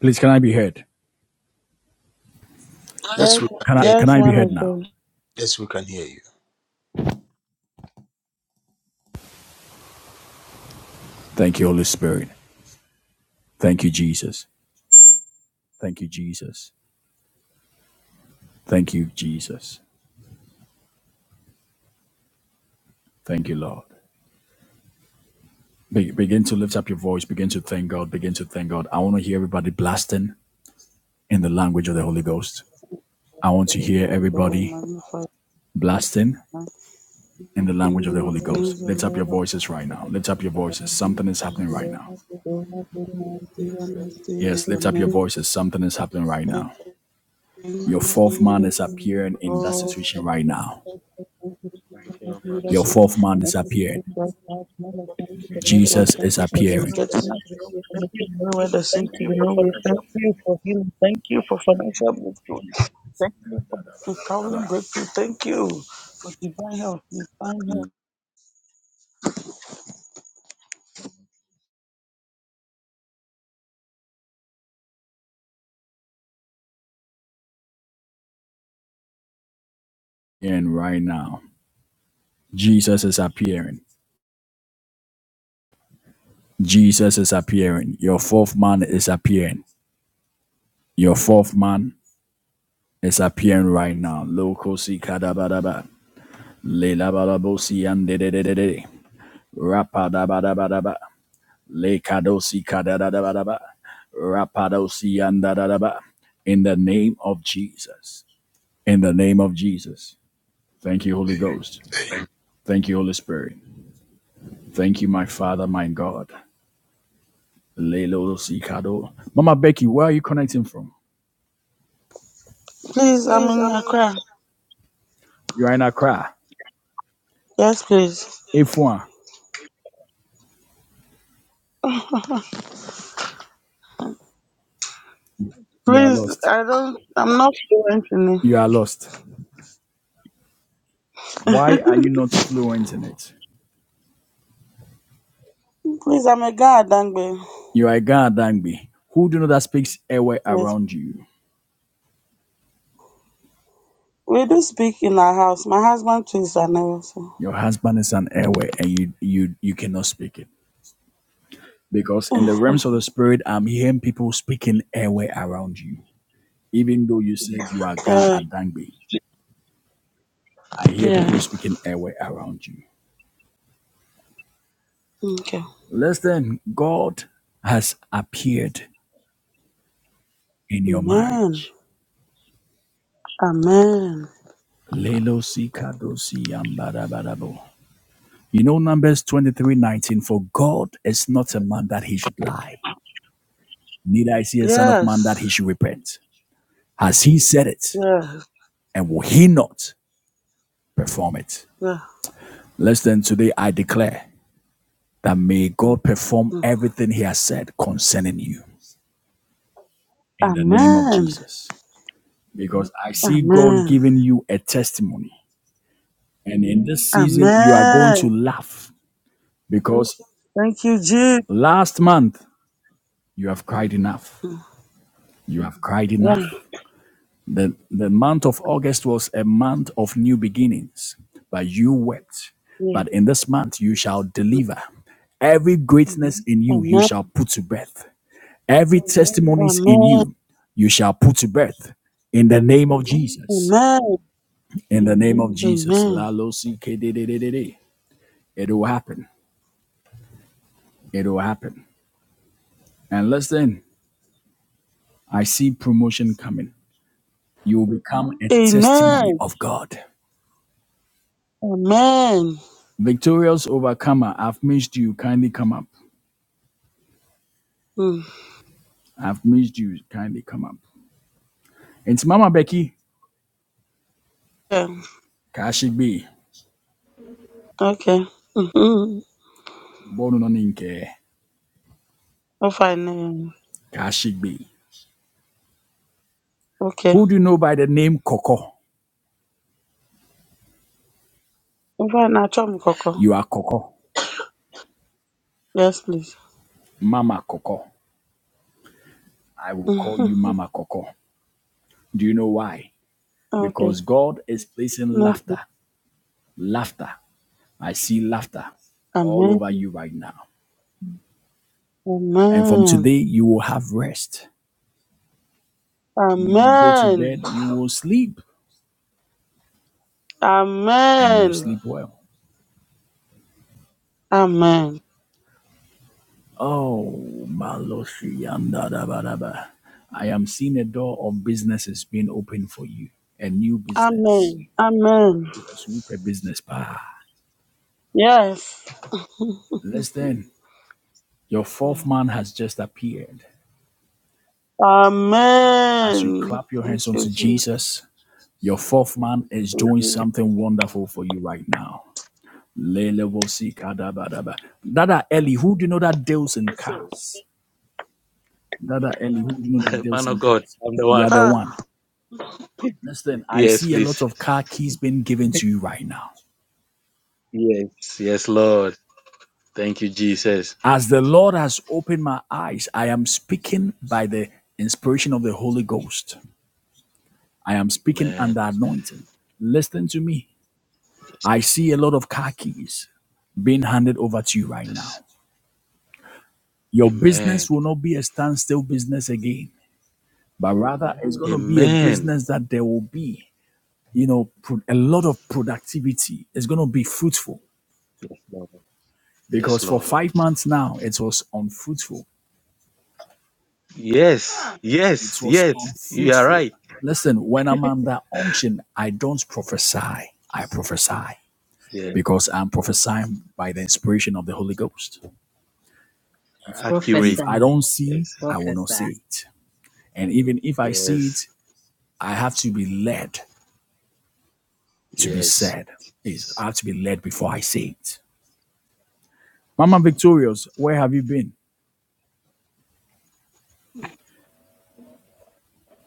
Please, can I be heard?
Yes, we can
Can I,
hear you.
can
Yes,
I be
man
heard
of
now?
God.
Yes, we can hear
Thank you, Holy Spirit. Thank you, Jesus. Thank you, Jesus. Thank you, Jesus. Thank you, Lord. Be- begin to lift up your voice. Begin to thank God. Begin to thank God. I want to hear everybody blasting in the language of the Holy Ghost. I want to hear
We
everybody
magnify
blasting
the
in the language of the
King of
Holy Ghost.
Kings, the
Lift up your
Lord of
voices right now. Lift up your voices. Something is happening
Lords.
right now.
The Lord of the Lords is
Yes,
your
lift up your
name.
voices. Something is happening right
Thank
now. Your fourth man
you,
is appearing in that
Lord,
situation right now.
Thank you,
for the
Your
Ambassador.
leadership.
fourth man is
Thank you for
appearing.
the God, man of God.
Thank
Thank
you,
you
Jesus.
Jesus
Thank
is
you for
appearing.
vindicating us. And making nowhere the seems to be no way. Thank you for healing. Thank you for financial breakthrough. Thank you for for traveling breakthrough. Thank you for divine help. Divine help.
And right now, Jesus is appearing. Jesus is appearing. Your fourth man is appearing. Your fourth man is appearing right now. Loco si kadabadaba. Le labalabosi and de de de de de. Rapadabadabadaba. Le kadosi kadadabadaba. Rapadosi and dadadaba. In the name of Jesus. In the name of Jesus. Thank you, Holy Ghost.
you.
Thank you, Holy Spirit. Thank you, my Father, my God. Lelo Sikado. Mama Becky, where are you connecting from?
Please, I'm in Accra.
You are in Accra.
Yes, please.
F1, you are
Please,
lost.
I don't. I'm not fluent in it.
You are lost. Why are you not fluent in it?
Please, I'm a guy at Dangbe.
You are a Ghana Dangbi. Who do you know that speaks airway
Yes.
around you?
We do speak in our house. My husband too is an also.
Your husband is an airway and you you you cannot speak it. Because in the realms of the spirit, I'm hearing people speaking airway around you. Even though you said you are Ghana
Yeah.
Dangbi, I hear people
Yeah.
speaking airway around you.
Okay.
Listen, God has appeared in your
Amen.
marriage.
Amen.
Lelo si yambarabarabo. You know Numbers 23:19 for God is not a man that he should lie neither is he a son of man that
Yes.
he should repent. Has he said it,
Yes.
and will he not perform it?
Yeah.
Less than today, I declare that may God perform
Mm.
everything he has said concerning you in the name of
Amen.
Jesus. Because I see God
Amen.
giving you a testimony. And in this season, you are going to
Amen.
laugh because
Thank you, Jesus.
last month You have cried enough. You have cried
Yeah.
enough. The, the month of August was a month of new beginnings, but you wept.
Yeah.
But in this month, you shall deliver. Every greatness in you, you
Amen.
shall put to breath. Every testimonies in
Amen.
you, you shall put to breath. In the name of Jesus.
Amen.
In the name of Jesus.
Amen.
Lalo CKDDDD. It will happen. It will happen. And listen, I see promotion coming. You will become a testimony
Amen.
of God.
Amen.
Victorious overcomer, I've missed you. Kindly come up.
Mm.
I've missed you. Kindly come up. It's Mama Becky
Yeah.
Kashigbe.
Okay. Mm-hmm.
Born on Inke.
Oh, fine. eh,
Kashigbe.
Okay.
Who do you know by the name Coco?
Oh, fine. Now, chop me, cocoa.
You are Coco,
Yes, please.
Mama Coco. I will call
Mm-hmm.
you Mama Coco. Do you know why?
Okay.
Because God is placing
No. problem.
laughter. Laughter. I see laughter all over
Amen.
you right now. And from
Amen.
today, you will have rest. When you go to
Amen.
bed, you will sleep and you will
Amen.
sleep well
Amen.
Oh, da da ba da ba. I am seeing a door of businesses being opened for you, a new business,
Amen. Amen.
a super business. Pa.
Yes.
Listen, your fourth
Yeah.
man has just appeared. As you
Amen.
clap your
Thank
hands
you,
onto
Jesus.
Jesus, your fourth man is
Thank
doing
you,
something wonderful for you right now. Lelevosikadabadaba. Dada Ellie, who do you know that deals in
Jesus.
cars? Dada Ellie, who do you know that deals
Man of
in
God,
cars?
I'm the
You
one.
are the one.
Ha.
Listen, I
Yes,
see a lot
please.
of car keys being given to you right now.
Yes. Yes, Lord. Thank you, Jesus.
As the Lord has opened my eyes, I am speaking by the inspiration of the Holy Ghost. I am speaking under
Amen.
anointing. Listen to me.
Yes,
I
Lord.
see a lot of car keys being handed over to you right
Yes.
now. Your business
Amen.
will not be a standstill business again, but rather it's going to be a
Amen.
business that there will be, you know, pro- a lot of productivity. It's going to be fruitful
Yes, Lord. Yes,
because for
Lord.
five months now, it was unfruitful
Yes.
It
Yes.
was
Yes. You are
unfruitful.
right.
Listen, when I'm under unction, I don't prophesy. I prophesy
Yeah.
because I'm prophesying by the inspiration of the Holy Ghost. If
Accurate.
professor.
I don't see,
Yes.
I will not
prophesy.
say it. And even if I see
Yes.
it, I have to be led to be
Yes.
said. Yes, I have to be led before I say it. Mama Victorious, where have you been?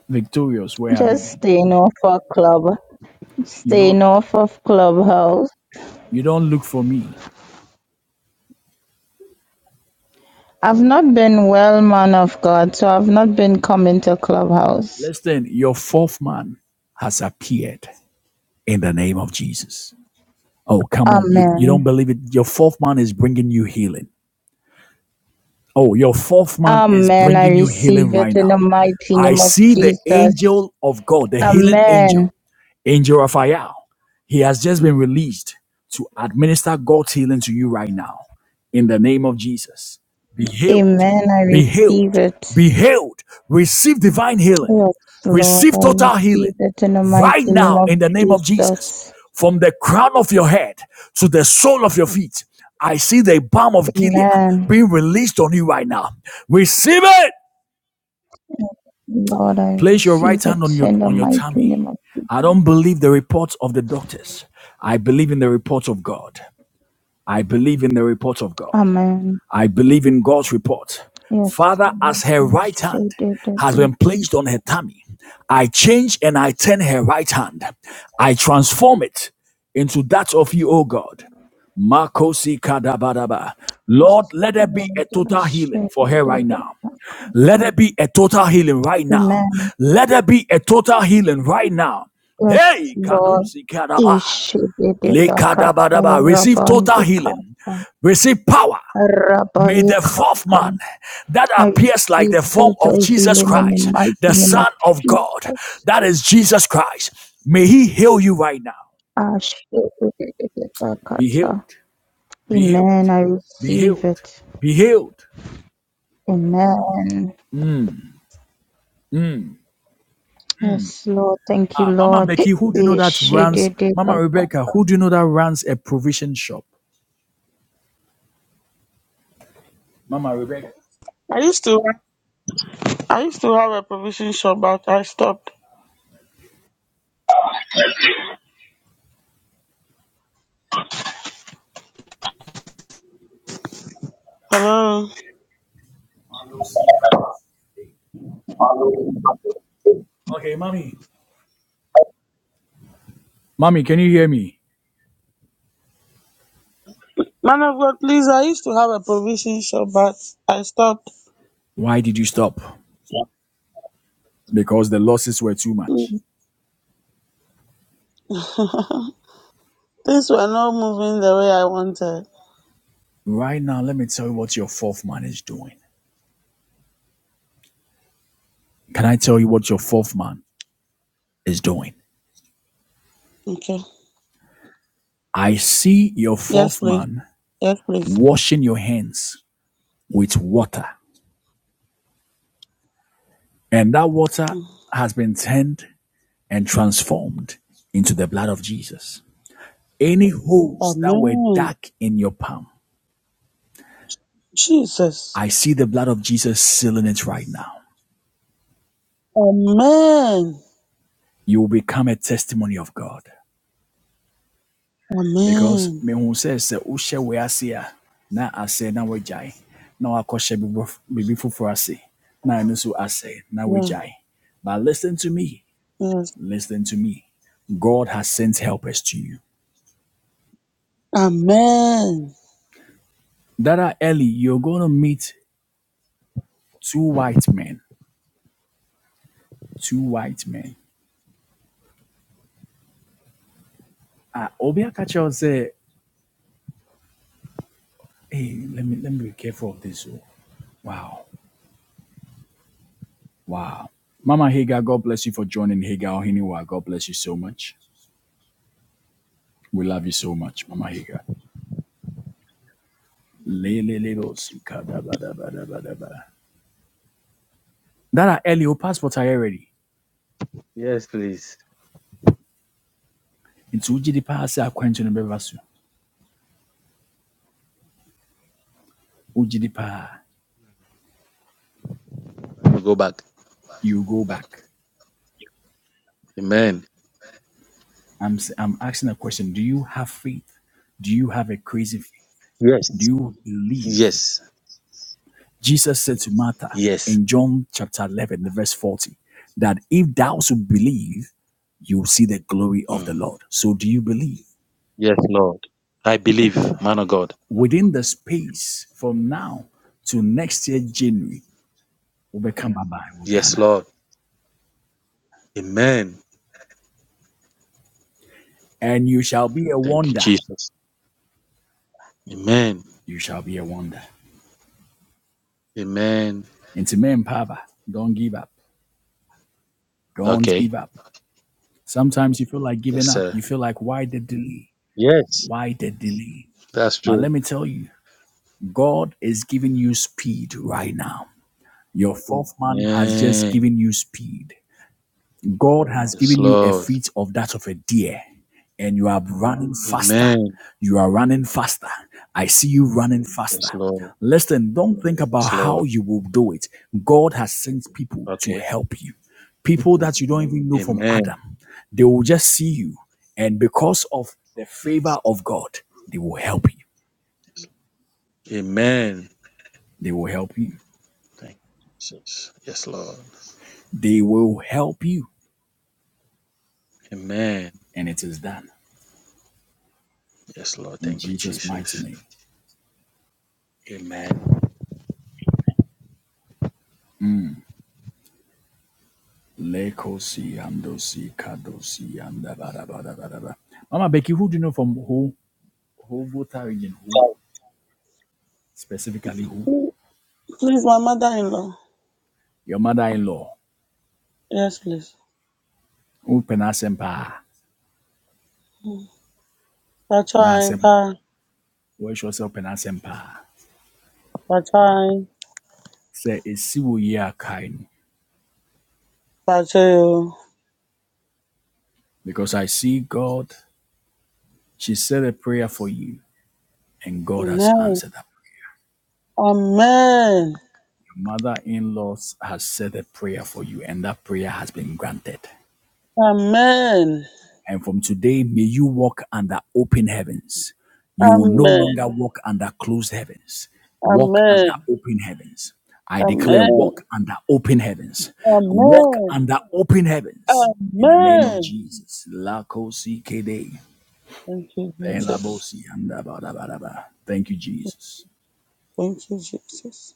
Victorious, where have you
Just
been?
staying off of club.
You don't
staying off of clubhouse.
you don't look for me.
I've not been well, man of God, so I've not been coming to clubhouse.
Listen, your fourth man has appeared in the name of Jesus. Oh, come on. You, you don't
Amen.
believe it. Your fourth man is bringing you healing. Oh, your fourth man is
Amen. I
bringing you healing
receive it
right
in
now.
the mighty
I
name of
see the
Jesus.
angel of God, the healing
Amen.
angel, Angel Raphael. He has just been released to administer God's healing to you right now. In the name of Jesus, be healed,
Amen. I
be
receive
healed,
it.
be healed. Receive divine healing,
Yes, Lord,
receive
I
total
receive
healing
it in the mighty
right
name
now
of
in the name of Jesus.
Jesus.
From the crown of your head to the sole of your feet, I see the balm of Gilead
Amen.
being released on you right now. Receive it.
Lord, I
Place your right
receive
hand on
it
your
in the
on your
mighty
tummy.
name of
I don't believe the reports of the doctors. I believe in the reports of God. I believe in the reports of God.
Amen.
I believe in God's report.
Yes,
Father,
Lord,
as
I
her right hand
shed it at
has
my
been
cost.
placed on her tummy, I change and I turn her right hand. I transform it into that of you, O God. Makosi kadabadaba. Lord, let there be a
Lord, I
total healing
shed
for
it
her right
at
now.
my
Let there
cost.
be a total healing right now.
Amen.
Let there be a total healing right now.
Yes,
Hey,
Lord.
Kadusi Kadaba. Le
Ishidididakata
Kadabadaba. Receive total healing.
rabandikata
Receive power. May the fourth
rabayikata.
man that
I
appears like
receive
the form of
total
Jesus
healing in the
Christ, the
mighty name of
Son of God,
Jesus.
that is Jesus Christ, may he heal you right now. Be healed,
Ashididididakata.
be healed,
Amen. I
be
receive
healed,
it.
be healed.
Amen. Yes, Lord. Thank you,
Ah, Mama
Lord.
Becky, who do you know that runs, Mama
Ishi-di-di-ba-ba.
Rebecca, who do you know that runs a provision shop? Mama Rebecca.
I used to I used to have a provision shop, but I stopped. Hello,
Okay, mommy. Mommy, can you hear me?
man of God, please. I used to have a provision shop, but I stopped.
Why did you stop? Because the losses were too much.
Mm. Things were not moving the way I wanted.
Right now, let me tell you what your fourth man is doing. Can I tell you what your fourth man is doing?
Okay.
I see your
Yes,
fourth
please.
man
Yes, please.
washing your hands with water, and that water
Mm.
has been turned and transformed into the blood of Jesus. Any holes that were
Amen.
dark in your palm,
Jesus.
I see the blood of Jesus sealing it right now.
Amen.
You will become a testimony of God. because
Amen.
me who says wohyɛ wei ase a na asɛe na woagyae na wakɔhyɛ biribi biribi ase na ɛno nso asɛe na
Yeah.
woagyae but listen to me
Yes.
listen to me god has sent helpers to you
Amen.
dada Ellie, you're gonna meet two white men two white men ah obi aka kyerɛ hey let me let me be careful of this oh. wow wow mama hagar god bless you for joining hagar ohiniwa god bless you so much we love you so much mama hagar Lelelebosikadabadabadabadaba. That are early your passport are already.
Yes, please.
Into Ujidipa say acquaintance bevasu. Ujidipa,
Let me go back.
you go back.
Amen.
I'm i I'm asking a question. Do you have faith? Do you have a crazy faith? Do
Yes.
you believe?
Yes.
Jesus said to Martha
Yes.
in John chapter 11, the verse 40, that if thou should believe, you will see the glory of the
Mm.
Lord. So do you believe?
Yes, Lord. I believe, man of God.
Within the space from now to next year, January, we will become Baba in
Yes,
Ghana.
Lord. Amen.
and you shall be a
Thank you,
wonder.
Jesus. Amen.
You shall be a wonder.
Amen.
Intimem, men, Papa, don't give up. Don't
Okay.
give up. Sometimes you feel like
Yes,
giving up.
sir.
You feel like, why the delay?
Yes.
Why the delay?
That's
But let
true.
me tell you, God is giving you speed right now. Your fourth man has just
Amen.
given you speed. God has
Yes,
given you a
Lord.
feet of that of a deer, and you are running faster.
Amen.
You are running faster. I see you running faster.
Yes, Lord.
Listen, don't think about
Yes,
how
Lord.
you will do it. God has sent people to
Okay.
help you. People
Mm.
that you don't even know from
Amen.
Adam. They will just see you. And because of the
Yes.
favor of God, they will help you.
Amen.
They will help you.
Thank you, Jesus. Yes, Lord.
They will help you.
Amen.
And it is done.
Yes, Lord.
In
Thank you,
Jesus' mighty
Jesus.
name. Amen.
Amen.
Lekosi andosi kadosi anda bara bara bara bara. Mama Becky, who do you know from who who Volta region? Who specifically who?
Please, my mother-in-law.
Your mother-in-law.
Yes, please.
Who penasempa?
Pachain,
Nasem.
pa,
Where she also penasempa.
pachain,
Say esiwo ye akainu.
pachayo.
Because I see God. She said a prayer for you, and God has
Amen.
answered that.
Amen.
Your mother-in-law has said a prayer for you, and that prayer has been granted.
Amen.
And from today, may you walk under open heavens. You will no
Amen.
longer walk under closed heavens. Walk under
Amen.
open heavens. I declare,
Amen.
walk under open heavens. Walk
Amen.
under open heavens. In the name of
Amen.
Jesus. Lakosi kede.
Thank you, Jesus.
Elabosi andabadabadaba. Thank you, Jesus.
Thank you, Jesus.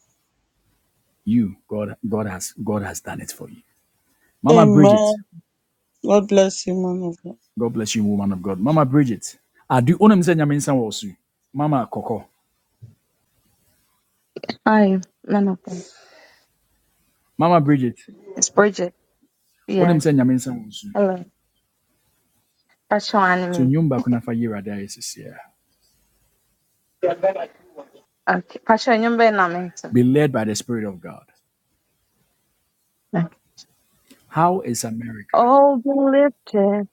You, God, God has God has done it for you. Mama Bridget,
Amen. God bless you, man of God.
God bless you, woman of God. Mama Bridget. I do onem Mama Coco.
Hi, none of them.
Mama Bridget.
It's Bridget.
Wonim sɛ
Yes.
Nyame nsa wɔ nsu.
Hello. Pacho
So
anime.
nnwom baako na fa yɛ Awurade ayɛ
Okay. Pacho nyumba na mento.
Be led by the Spirit of God.
Okay.
How is America?
Oh, be lifted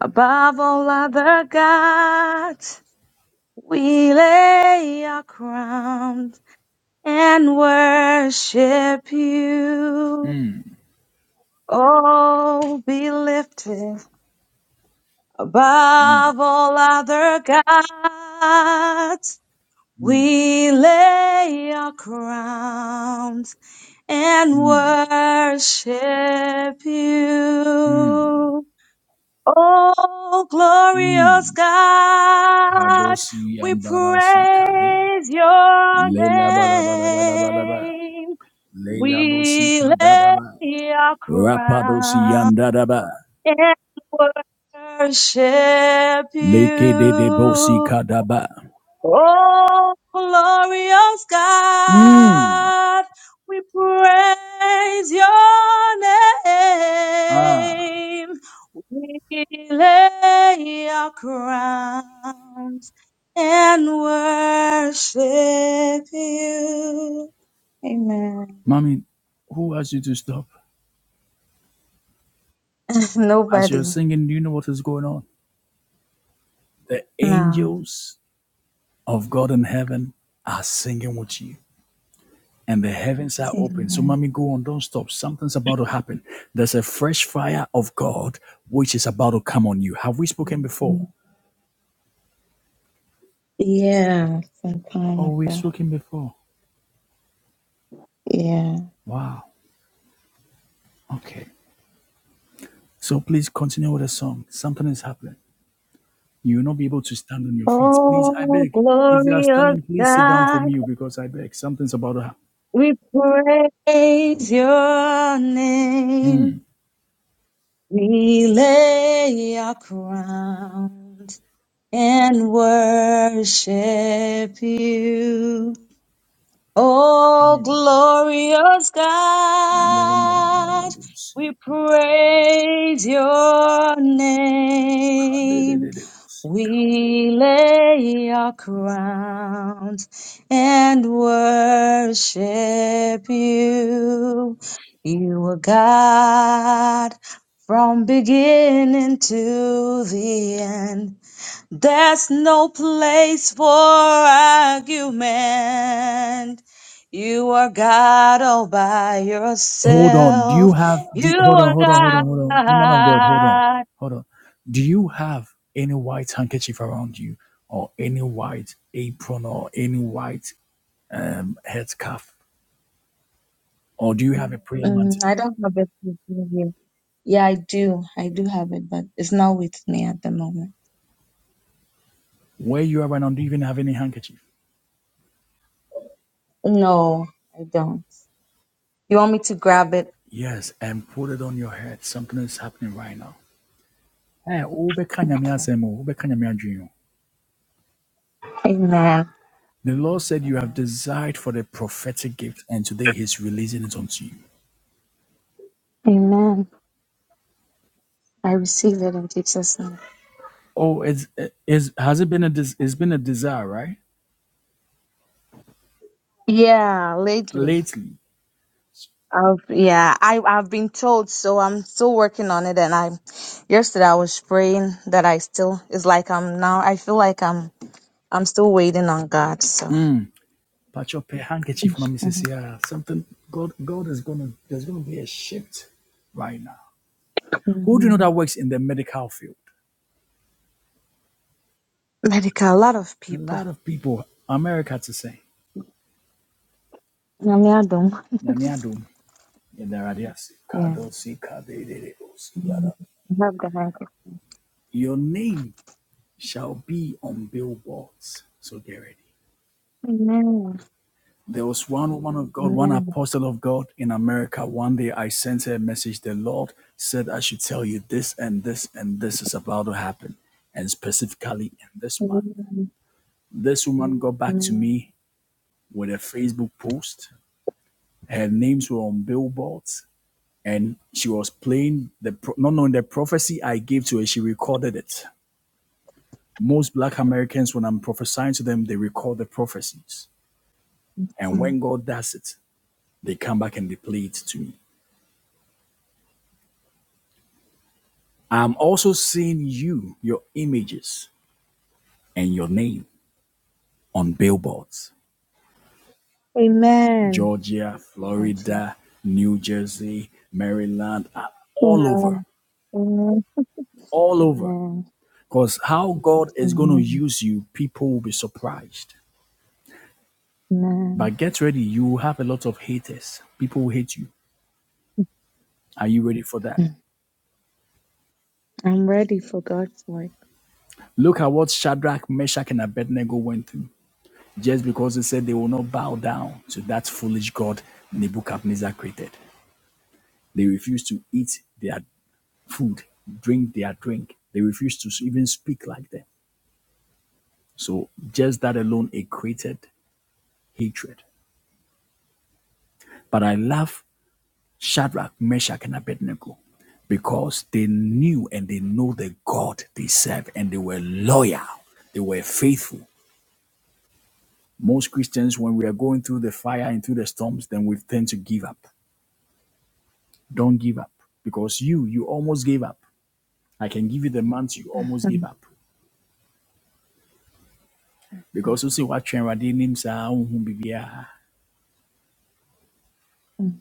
above all other gods. We lay our crowns and worship you. Oh, be lifted above all other gods.
Mm,
We lay our crowns and
mm,
worship you. Oh, glorious
mm.
God,
Kadosi
we
ambarasi kade.
praise your
Leila balabalabalaba.
name.
Leila bosi
We
kadadaba.
lay our
Rapadosi
crown
yandadaba.
and worship
Leke de de bosi
you.
kadaba.
Oh, glorious
Mm.
God, we praise your
Ah,
name. We lay our crowns and worship you. Amen.
mommy, who asked you to stop? As you're
Nobody.
singing, do you know what is going on? The
No.
angels of God in heaven are singing with you. And the heavens are open. So,
Amen.
mommy, go on, don't stop. Something's about to happen. There's a fresh fire of God which is about to come on you. Have we spoken before?
Yeah, some kind
Oh,
of
we've
a,
spoken before.
yeah.
Wow. Okay. So, please continue with the song. Something is happening. You will not be able to stand on your feet. Please, I
Oh,
beg. If you are
glorious
standing, please sit down for
God.
me because I beg. Something's about to happen.
We praise your name. We lay our crowns and worship you. Oh, glorious God, we praise your name. We lay our crowns and worship you. You are God from beginning to the end. There's no place for argument. You are God all by
Hold on. Do you
yourself.
have? Do
You
you- hold on.
are
Hold on. Hold
God.
on. Hold on. Woman of God. Hold on. Hold on. Do you have any white handkerchief around you, or any white apron, or any white um, headscarf, or do you have a prayer mantle?
Mm, I don't have it with me. Yeah, I do. I do have it, but it's not with me at the moment.
Where you are right now, do you even have any handkerchief?
No, I don't. You want me to grab it?
Yes, and put it on your head. Something is happening right now. Eh, wobɛka Nyame asɛm o, wobɛka Nyame adwene o.
Amen.
The Lord said you have desired for the prophetic gift, and today He's releasing it unto you.
Amen. I receive it in Jesus' name.
Oh, it's is has it been a des- it's been a desire, right?
Yeah, lately.
Lately,
I've, yeah, I, I've been told, so I'm still working on it. And I, yesterday I was praying that I still, it's like I'm now, I feel like I'm I'm still waiting on God. So,
patch up a handkerchief, mommy says,
mhm.
yeah, something. God, God is gonna there's gonna be a shift right now. Who do you know that
Mhm.
works in the medical field?
Medical, a lot of
A
people.
lot of people, America to say,
Nyame adom.
"Nyame adom, yɛda Awurade ase.
Yeah.
Kado si kade de de o si yada."
Mhm. I have the handkerchief.
Your name shall be on billboards, so get ready.
Amen.
There was one woman of God, one
Amen.
apostle of God in America. One day I sent her a message. The Lord said, I should tell you this and this and this is about to happen, and specifically in this month.
Amen.
This woman got back to
Amen.
me with a Facebook post. Her names were on billboards, and she was playing the, not knowing the prophecy I gave to her, she recorded it. Most black Americans, when I'm prophesying to them, they record the prophecies. And
Mm.
when God does it, they come back and they play it to me. I'm also seeing you, your images, and your name on billboards.
Amen.
Georgia,
Auntie.
Florida, New Jersey, Maryland, uh, all over,
Amen. Amen.
all over.
Amen.
Because how God is going to
Amen.
use you, people will be surprised. But
Amen.
get ready, you will have a lot of haters. People will hate you. Are you ready for that?
Mm. I'm ready for God's work.
Look at what Shadrach, Meshach, and Abednego went through just because they said they will not bow down to that foolish God Nebuchadnezzar created. They refused to eat their food, drink their drink. They refused to even speak like them. So just that alone, it created hatred. But I love Shadrach, Meshach, and Abednego because they knew and they know the God they serve and they were loyal, they were faithful. Most Christians, when we are going through the fire and through the storms, then we tend to give up. Don't give up because you, you almost gave up. I can give you the months you almost gave
Mm.
up
Mm.
because you see what you're doing,
Mm.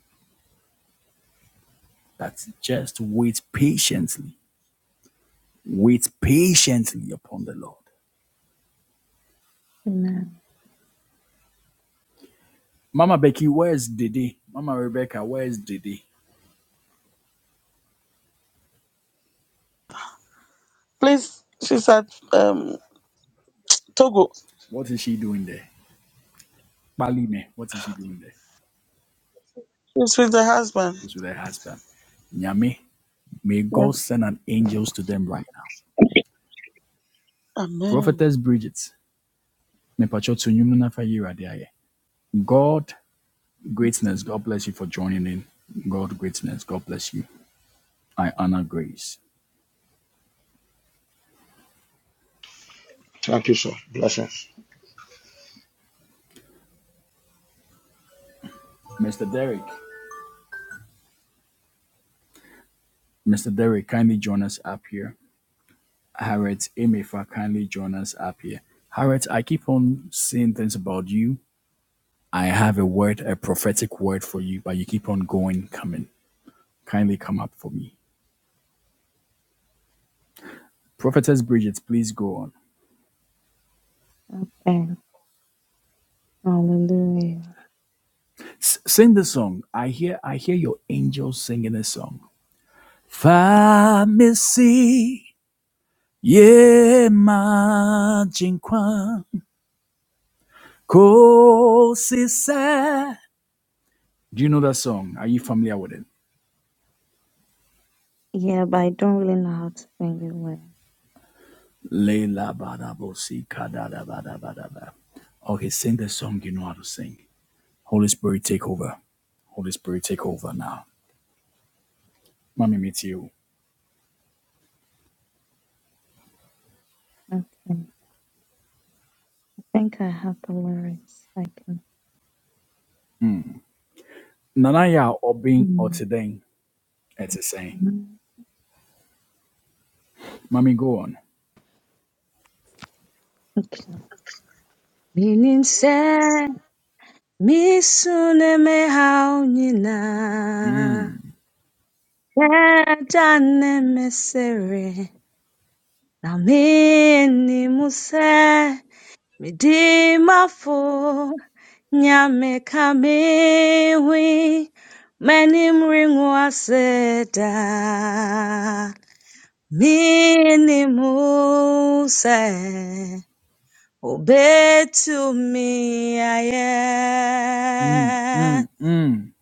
That's just wait patiently. Wait patiently upon the Lord.
Amen.
Mama Becky, where's Didi? Mama Rebecca, where's Didi?
Please, she's at um Togo.
What is she doing there? Balime, what is she doing there?
She's with her husband.
She's with her husband. Nyame, may
Yes.
God send an angels to them right now.
Amen.
Prophetess Bridget, mepacho to nyumu na fa yira God, greatness, God bless you for joining in. God, greatness, God bless you. I honor grace.
Thank you, sir. Blessings.
Mr. Derek, Mr. Derek, kindly join us up here. Harriet Emefa kindly join us up here. Harriet, I keep on saying things about you. I have a word, a prophetic word for you, but you keep on going, coming. Kindly come up for me. Prophetess Bridget, please go on.
And hallelujah.
S- sing the song. I hear I hear your angels singing a song. Famisi ye majinkwa kosise. Do you know that song? Are you familiar with it?
Yeah, but I don't really know how to sing it well.
Leila Badabosi Kadada Bada Bada Ba. Okay, sing the song you know how to sing. Holy Spirit, take over. Holy Spirit, take over now. Mommy, meet you.
Okay. I think I have the lyrics. I can.
Nanaya obin otideng etiseng. Mommy, go on.
Meaning sɛ misu ne me haw nyinaa
Mm,
yɛagya na menim se midimafo mafo nyame ka me hui m'anim rengo ase Obey to me, I
mm,
am.
mm, mm,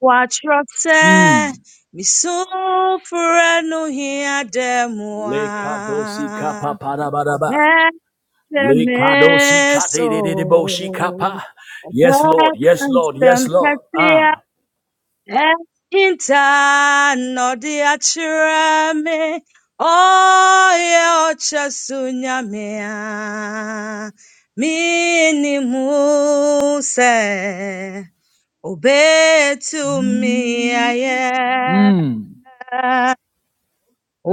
Watch yourself,
mm.
me so for no here
Le kadosi kapa
demoa.
padabadaba.
Obey to
Le kadosi
me, so.
kadededeboshi kapa. Yes, Lord.
Obey
Yes, Lord. Yes,
constant,
Lord. Ah.
Enter no Ekinta nọdị achịrịamị, ọya ọchasunyamịa, minimuse obetumiaye,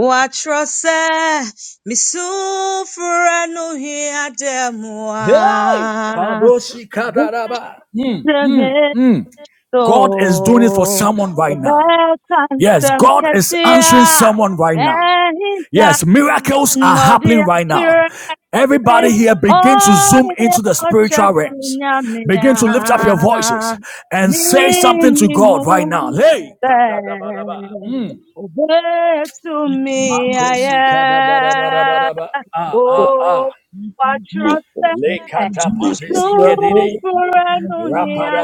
watrose misufra no hiademua.
Hey! Kadosi kadadaba.
Tremendo,
God is doing it for someone right now. Yes, God is answering someone right now. Yes,
I
miracles are happening
the
right now. Everybody
accuracy.
here begin to
Oh,
zoom into the
it's just
spiritual realms. Begin to lift up your voices and
Me
say something to God right now. Hey,
to me, I am.
ah ah ah,
Oh, what
Jesus.
anodiachirase oeochasinyamea minimuse obetumiaye owatrose
Thank you, Jesus. You are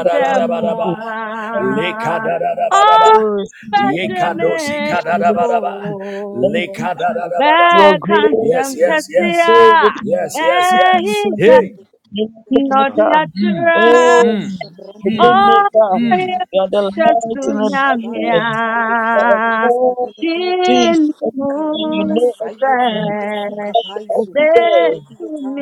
the mighty God.
Lekadadadabadaba. Yekadosi
Amen.
opedimeto
kadadabadaba.
Thank you, Jesus. You
Lekadadadabadaba.
are great.
Bekansem
Yes,
You are
yes, yes.
kesiya
great. Lord.
Yes, yes,
Thank
yes.
you, are great.
ehinta
Holy
Hey.
You are the maker.
Ghost, Holy
nodiatra
Oh,
Ghost, Shabranda,
the
o
way maker.
Yisivalia,
You are the light in the
chasunyamia
darkness.
Shabalia Tile
You are
Vrando
so
Melodieta
Jesus, everything. You
Karunda
know
tinuse
Side
everything.
Vrendo
And you are
Sukapais
everywhere.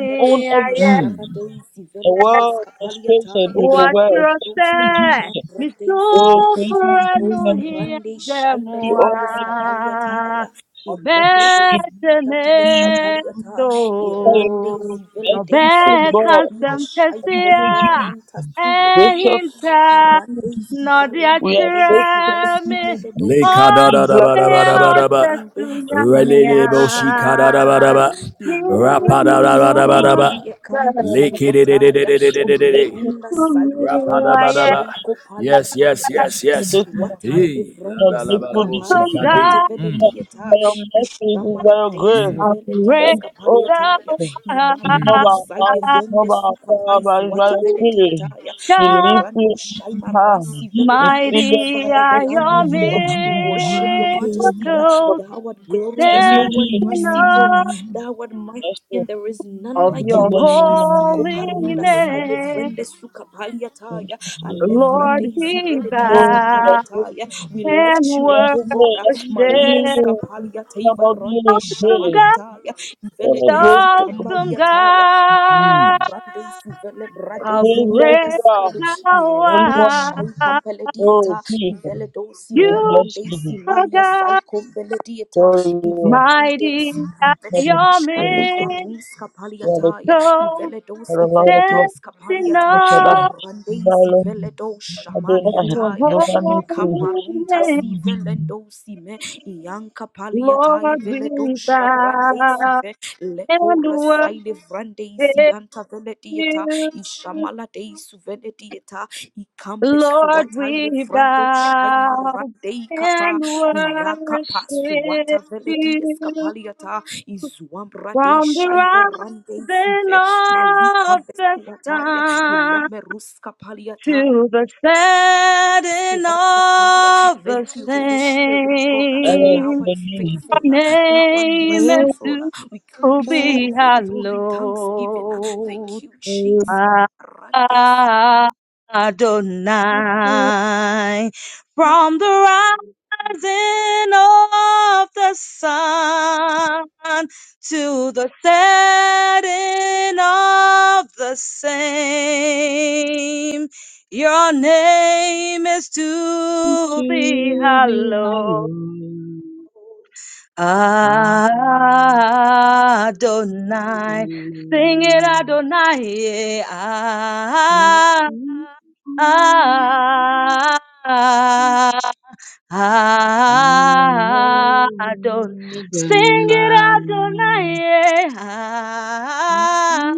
You own
Ishara
everything.
Daisy
The
Veletias
world was created
Capaliataya
with your word. Thank
Wachirose,
you,
Randoski Mala
Jesus. Oh,
Randeisime
creator of
misufranu
heaven
Ikova
and earth.
Rande Shai
You
hindemua,
Melodias
almighty.
Capaliataya Ilembredos
obetene
Latias Capaliata
so,
You
Irande
no
Zivele Dei
Merciful
Suanta
God,
Bile
bekasem
Shai
thank
tesia,
you,
Comberanta
Jesus.
Sule Die
Gracious,
ehinta,
thank you,
Karande
no
Jesus. We are grateful for
Deisuaski
you.
diachiremi, o
veledosha
We
balia
bless you, thank
Lekadadadabadabadaba.
irandezi
tesuya
valadosha
Releleboshi
mea.
maliataya
kadadabadaba.
ilembredosi
you,
Rapadadadabadaba.
Jesus.
valakie kambe suataya
Thank
Lekidididididididididi.
you,
ilerunda
To
sale
you
vrende
I
Rapadabadaba.
merciful
shaiko
Yes, yes,
paliataya
yes, yes.
this morning.
suatale
Hey. La
We are
vrende
la la ba la
grateful
bo
this
sukapai
si
am
ka de.
morning.
zuate
God.
We
Mm.
are grateful for
veledieta
your mercy, it is by
ishamara
your
mm.
deisi
I
Thank
veledieska
praise
you, oh
the
I
Jesus. It's not by
imarunda
Mm.
our
sale
mind, it's not
vrende
by our power,
sukapai
but it's by
zuata
your
Lord.
spirit.
veledietaya
We
God,
lift you
irando
up
shaima
in hand.
rasi
We
veledi
sing
Mighty
your
Father,
name,
are
we honor
your
this is
you. uh,
the
We worship your majesty. uh,
miracles.
Thou art
We
Thank
glorious,
you,
stand
thou art
Jesus.
in
merciful, uh,
awe
thou art mighty,
That's
and
good.
there is none
of
like
God
you.
your
uh,
bless you.
Isiko
holy
parunda saile
name.
vrende
Thank
sukapaliataya.
you, Jesus.
Alevrande
Lord, we
iziveledi
Oh, Lord,
bow
thank
eskapaliataya.
you.
We
and
lift you up,
Yes,
O
worship.
God.
Lord,
uh,
everything
Malia
Awesome
you
skapalia
know
teva
about
ronde
me is great.
God,
shamaliataya.
What a
Velede
great God.
awesome
Rande
God.
sivele brade
How
We
sivele
bless
great
you are.
yasale
thou
Only
irande shai
one.
art,
kampele dieta
Oh, people.
ivele do
We
you
bless
siverande
you.
are
simalia sai
God,
kombele dieta
So you.
iverande
mighty
si
are
kampe
Thank you.
your
mashali
Thank you.
miracles.
barus
You are the King
kapaliataya ivele do
of the
We
Lord
sivele
of Lords.
stand
dies
in
kapaliata
You shall die.
awe
irande
You are alone.
zivele do
You are the
of
Lord.
your
shamaliataya
You are not free.
holy
ikamarunta
You are
name.
not
sivele
free.
do sime ianka paliatai
Lord,
vele do
we
shabrande
bow
sive
and
lekora
worship
saile vrande isianta veledieta
you.
ishamala deisu veledieta ikambe
Lord,
suataile
we
vrando shaima
bow
rande ikapa
and
iyakapa suata
worship
veledies
you.
kapaliata izuambra dei
From the
shaive rande
rising
isive
of
malikambe
the
suataya
sun
ilemeruska paliata
to the setting of the
Thank you, Holy Spirit of God. Thou
same,
art
Always
your
faithful, thou art
name is
your
merciful.
to
uh. We come
name.
before
be
your holy throne in thanksgiving. uh.
hallowed.
Thank you, Jesus.
Ah,
Rande
ah, Adonai. From the rising of the sun to the setting of the same, your name is to be
To be
hallowed.
hallowed,
Adonai,
hallelujah.
sing it Adonai, yeah. Ah, ah,
Rising
ah, Adon,
of
sing
the
it Adonai, yeah.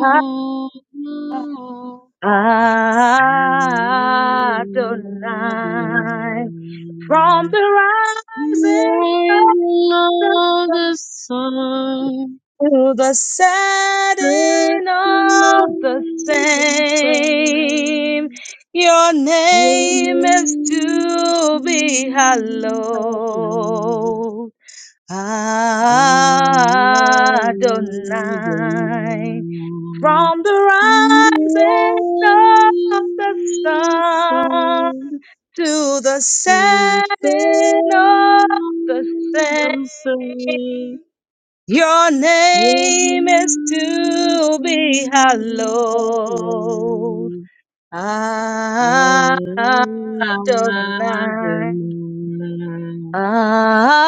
Ah, ah, ah, Adonai, from the rising of the sun
sun,
To the setting
setting
of the
of the
same,
sun,
your
your
name is
name is
to
to
be
be hallowed.
hallowed.
Adonai,
Adonai, from the rising of the sun to the setting of the same. Your name is to be hallowed. Adonai. Ah,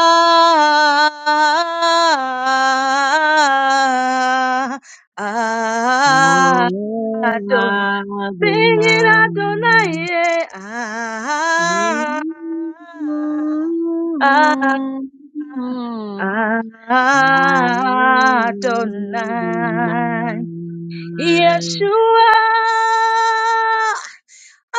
ah, Adon.
Adonai,
Sing it
Adonai.
Adonai. yeah.
Mm-hmm.
Ah, ah, Adonai, Yeshua,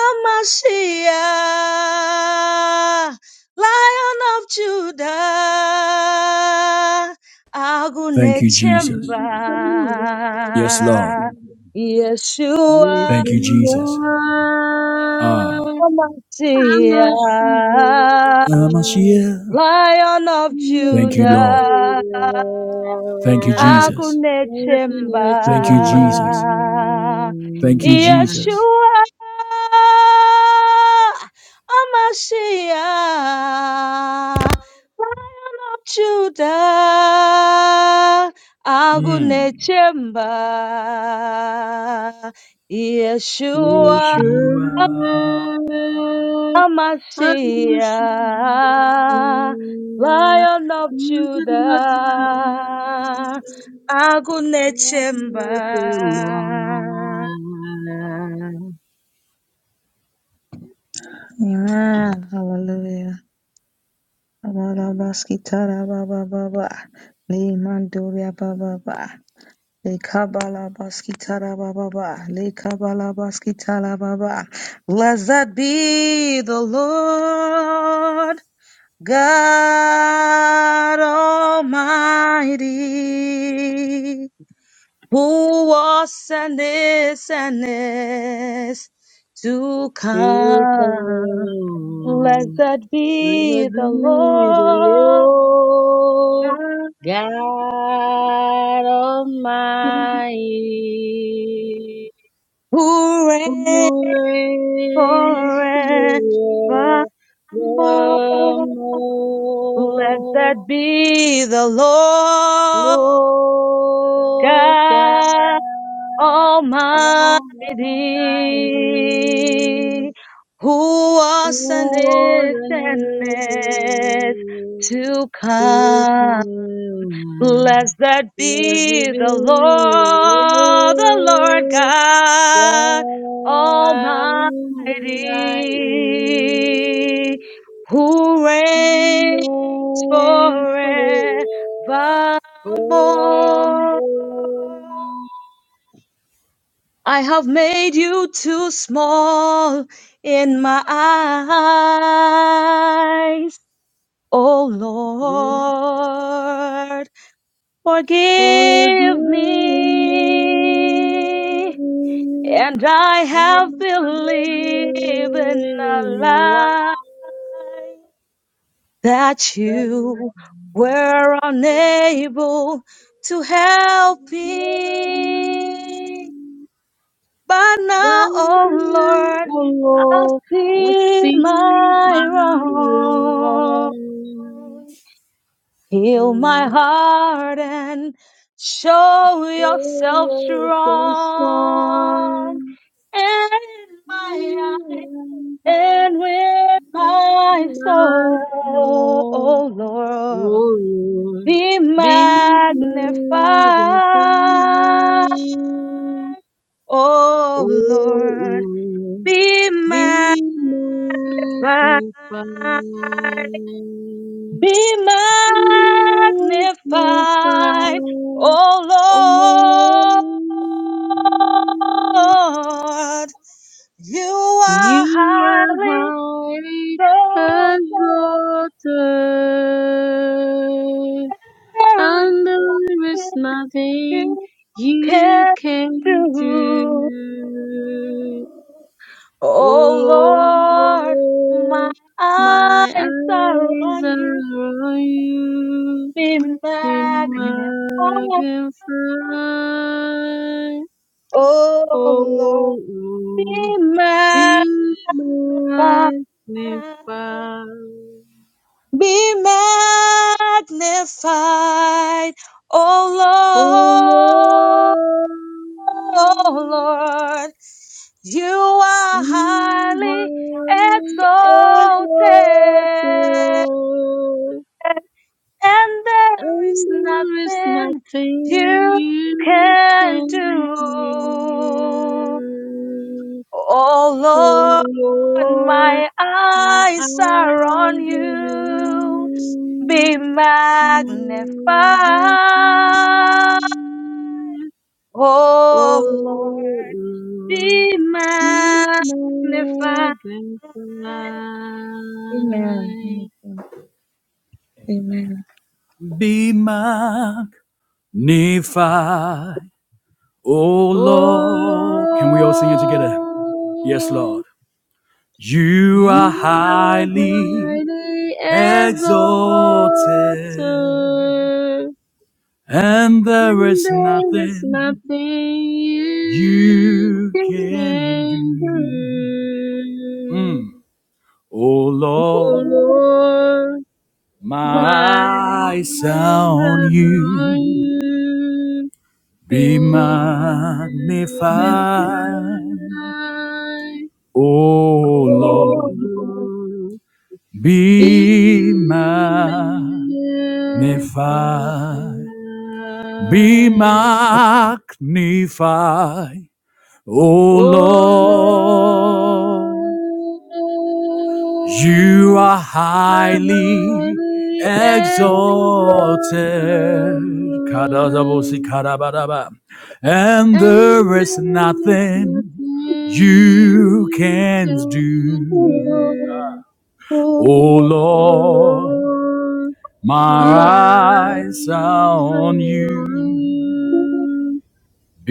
Amashiach, Lion of Judah,
Thank you, Jesus.
Agunechemba,
Adonai,
Yes, Lord.
Yeshua.
Thank you,
Yeshua,
Jesus. Ah,
I'm a
Messiah,
sinner.
Amashiach.
Lion of
Thank you, Lord.
Judah,
Thank you, Jesus.
Agunechemba,
Thank you,
I'm
Jesus. Thank you,
a
Jesus.
Yeshua, Amashia, Lion of Judah,
Mm.
Agunechemba, Yeshua.
You
Yeshua, Yeshua,
are
Amasia, Lion of Judah, Agunechemba. Amen. Hallelujah. Kabalabaskitara baba baba. Le mandoria baba baba. Le kabalabaskitara baba baba. Le kabalabaskitara baba. Blessed be the Lord. God Almighty, who was and is and is to come.
Yeshua,
Blessed
Never
be the
be the
Lord
Lord
God
God Almighty.
who reigns
Praise
forevermore.
forevermore.
Blessed be the Lord
Lord God
God.
Almighty,
Almighty, who
who
was and
was
is
and
and
is
is
and
to
is to
come.
come.
Blessed
Blessed
be
be
the
the
Lord, the Lord
Lord
God
my
Almighty, who reigns
Yours
forevermore.
forevermore.
I have made you too small in my eyes. Oh
You
Lord,
forgive
forgive
me
me. And I
in
have
the
believed in a
beginning of
lie
life.
that
Thank
you were unable to help me.
you.
But
But
now, oh
now,
Lord,
oh
I
I
see
see my
my wrong.
wrong.
Heal
And
my
my
heart and show yourself
prayers they
strong.
storm.
In my eyes
In my
and
heart,
with
in
my
my
soul,
home.
oh Lord,
Oh Lord,
be
be
magnified,
magnified.
oh
Oh
Lord.
Lord,
Be
be
magnified.
magnified.
Be magnified,
Magnify,
O
O Lord.
Lord. You
You
are
are
highly
highly
exalted.
exalted,
There
and
is
there is
nothing
nothing
you
you
can
can do.
do.
O
Oh Lord, my
Lord,
eyes
my
are
eyes
on
are
you.
on you.
Be
Be
magnified.
magnified,
Oh
O
Lord, be
Lord,
magnified.
be magnified,
Be magnified.
O
Oh Lord,
Lord,
oh Lord. You are
you
highly
highly exalted,
exalted. and
and
there is
there is
nothing
nothing
you
you
can
can
do.
do. O
Oh Lord,
Lord
my
My eyes
eyes are on
are
you.
raised
Be
to
magnified.
magnify,
Oh
oh
Lord,
Lord,
be
to
magnified. Amen.
magnify,
Amen.
be magnified, O
oh
Lord. Can we all sing it together? Yes,
Lord,
Lord. You
you
are
are
highly
highly
exalted.
exalted.
And there
And
is
there is
nothing
nothing you
you can
can
do.
do.
Mm. Oh
Oh
Lord,
Amen.
Lord,
Oh,
my
my eyes are
eyes
on
are on
you.
you. Be
Be magnified.
magnified,
Oh
oh
Lord,
Lord. Be
be magnified. Be
magnified.
magnified.
O
Oh Lord. You
Lord,
are
the
highly
holy
exalted.
exalted,
And
and
there is
there is nothing
nothing you
you
can
can
do.
do.
Oh
O
Lord,
Lord, my
my eyes are
eyes are
on
on
you.
you,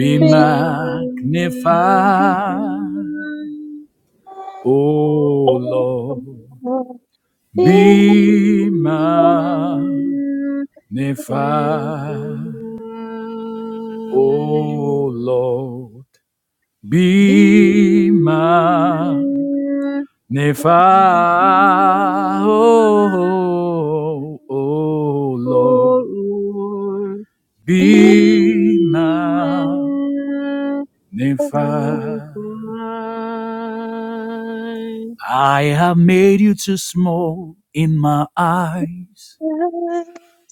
be my guide.
magnified. Oh Lord,
O Forgive
be magnified. Nephi, O Lord, be my Nephi, O, Lord, be my Nephi. I have made you too small in my eyes,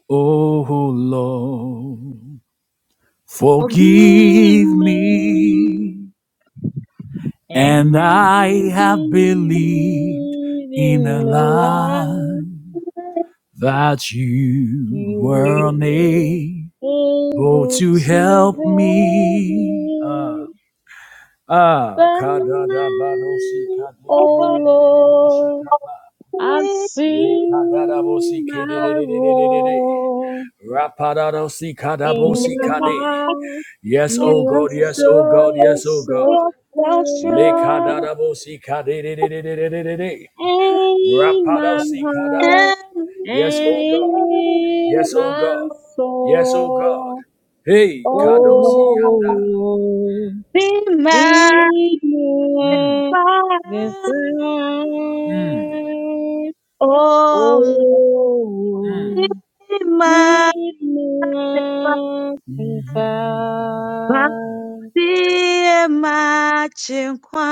O Lord. Forgive
me
me
And
And I
we
have believed
believe
in
in
a
the
lie
life
that you were unable
you were able
to
to
help
help
me.
me
Ah, ah,
by
kadadabadosi
now. Oh
kadidididididididididi
Lord,
kapa.
I've
Le kadadabosi
seen my
kididididididididi.
wrong
Rapadadosi
in
kadabosi
my
kadi.
heart.
Yes, oh
You have
God, yes, oh God,
shown
yes, oh
yourself
God. Le
true
kadadabosi kadidididididididi.
in my
Rapadosi kadaba.
heart.
Yes,
and
oh God.
in
Yes, oh
my
God. Yes, oh God.
soul,
Hey, Kadosi
oh
yanda.
Lord,
be my
be magnified, oh
Oh,
Lord,
my,
be
my my
magnified.
Basie machinkwa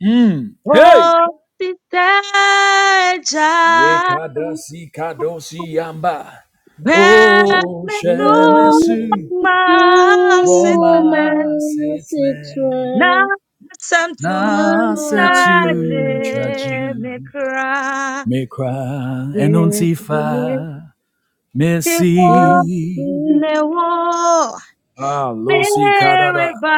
Mm. Hey.
ositeja
Ye kadasi Yekadasi yamba. Oh,
bemetu
In
Shemesu.
all
masitne
my
Woma setne.
na
situation,
samtu
Na
my
chaje
setu
sin
chaji.
mekra
Me cry and
yesu ne
untifa.
tifo
Messi.
ne
is
wo
Ah, Losi Kadada.
Mereba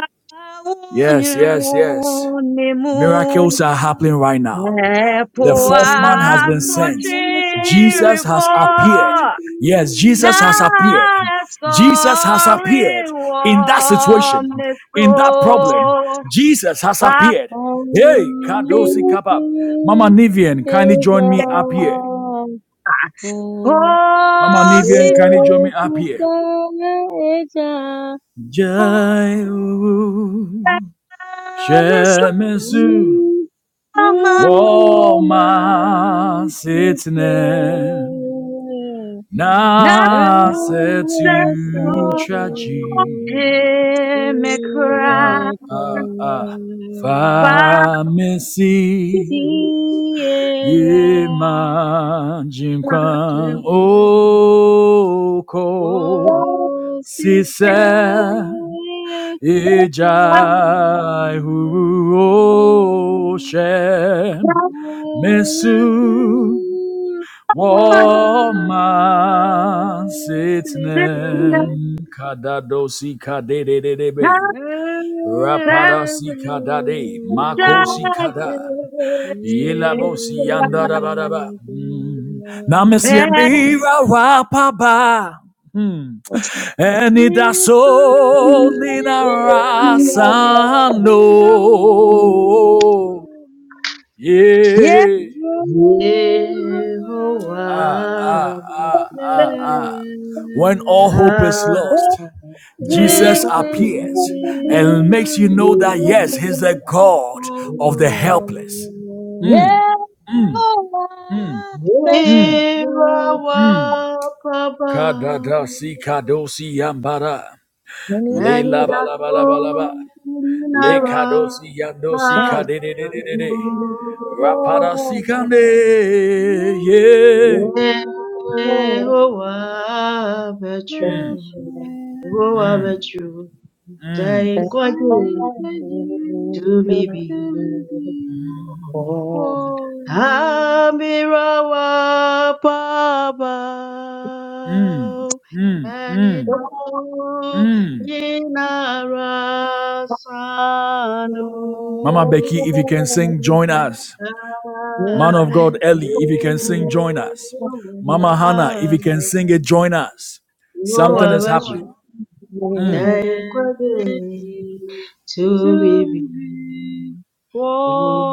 Yes, yes, yes.
unyunemu
Miracles are happening right now. The
Thank
epoa
fourth man has been sent. Jesus
sochiribo
has appeared. Yes,
na
Jesus has appeared. Jesus has
sorry
appeared in that situation,
womeso
in that problem. Jesus has
pasi
appeared. Hey, Kadosi Kaba. Mama Nivian, kindly join me up here. Mama
kosi
Nivian, kindly join me up here.
sako
Jai
miso
Shemesu
ma
Woma Sitne
na
Na setu traji
you.
Hear
ah
Democrat,
ah ah
Fire,
famesi
Si ella te
imajinkwan
ve,
oko
oh, si
sise
sabe que
ijai huru
no
oshe
puedes
mesu
ir, oh, más
Woman
si
sitnen kadadosi kadededebe
te has
rapadasi kadade makosi kada yelabosi yandadabadaba. Mm. Namisi emira rapaba. Mm.
Thank
Eni daso ni rasano.
Yes,
Yeah. Ah, ah,
Yehovah,
ah, When all hope is lost, Jesus appears and makes you know that yes, He's the God of the helpless.
yeah, special.
Papa,
Kadadasi kadosi yambara. Le la ba la ba la ba la ba. Le kadosi yandosi
Thank
kadedededede.
you.
Rapadasi kande. Yeah.
Yehowa Betre, Yehowa Betru,
Mm,
Thank you
you.
to me be.
will be for you,
Amirawa
mm,
Paba,
mm, mm,
Anidatu
mm.
Yinara Sanu.
Mama Becky, if you can sing, join us. Man
Ah,
of God, Ellie, if you can sing, join us. Mama Hannah, if
Yehowa
you can sing
Betru.
it, join us.
No,
Something is
I should
happening.
die
and
quietly
indeed
to be
to be
before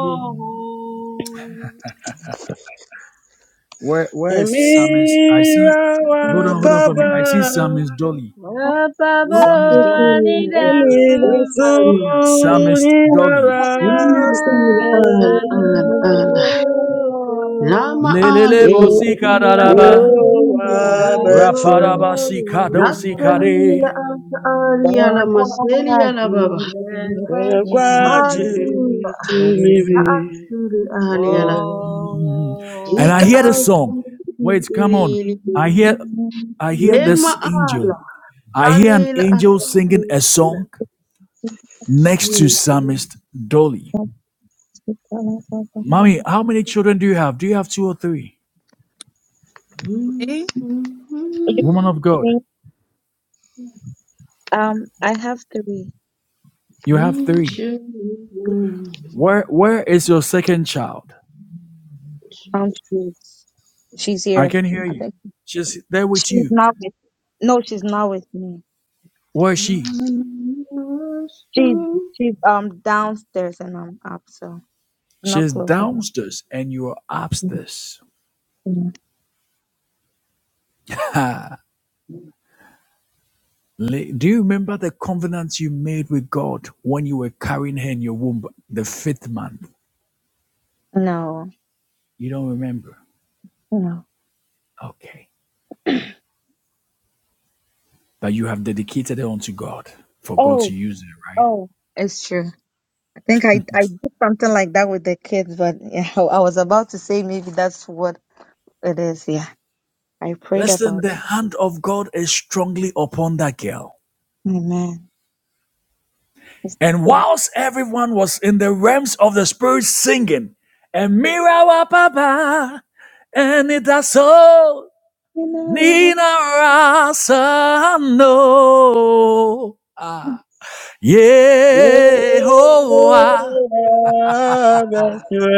you.
you.
Where Where is Samis? I see.
Emira
Hold
wa
on, hold on for me.
papa,
I see Samis Dolly.
Above
What
Samis Dolly.
any
taking is a
dance,
emira su
statement.
Samis
nina
Dolly.
Il, il,
rasamu.
yes,
al,
I
al, al.
do.
Lama
Lelele
Yo,
bo
Ali, il
yo
sikadaraba.
akasiya.
wa
You
betwe,
Rapadaba sikado
will be
Nasri
sikade.
la
true,
Ali ala maseli ala baba.
and
you
Frenchie to
Ali
to
ekwaji
il,
tu mibi.
me.
asri Ali
Yo,
Whoa.
ala.
And I
Jika
hear this
asri
song.
il,
Wait, come on.
il,
I
il.
hear I hear this
Lema
angel. I hear an
Dalil Akabila.
angel singing a song next to
You
Psalmist Dolly. Mommy, how many children do you have? Do you have two or three?
me.
Woman of God,
Um, I have three.
you have three. Where where is your second child?
Um, she's she's
I
here.
can hear
I
you.
think
She's there with
she's
you.
not with. No, she's not with me.
Where is she?
She's she's um downstairs and I'm up, so not
She's
close. Like
downstairs and you are upstairs. Le- Do you remember the covenant you made with God when you were carrying her in your womb the fifth month?
no,
You don't remember?
no.
Okay. But you have dedicated her unto God for God
Oh,
to use it, right?
oh, it's true. I think I, I did something like that with the kids, but yeah, I I was about to say maybe that's what it is. Yeah, I prayed
Listen,
about.
the hand of God is strongly upon that girl.
Amen. It's
And
been
whilst everyone was in the realms of the spirit singing, and Mirawa Baba, and it does so,
around
Nina Rasano, ah,
yo
Yehovah,
wa betwe,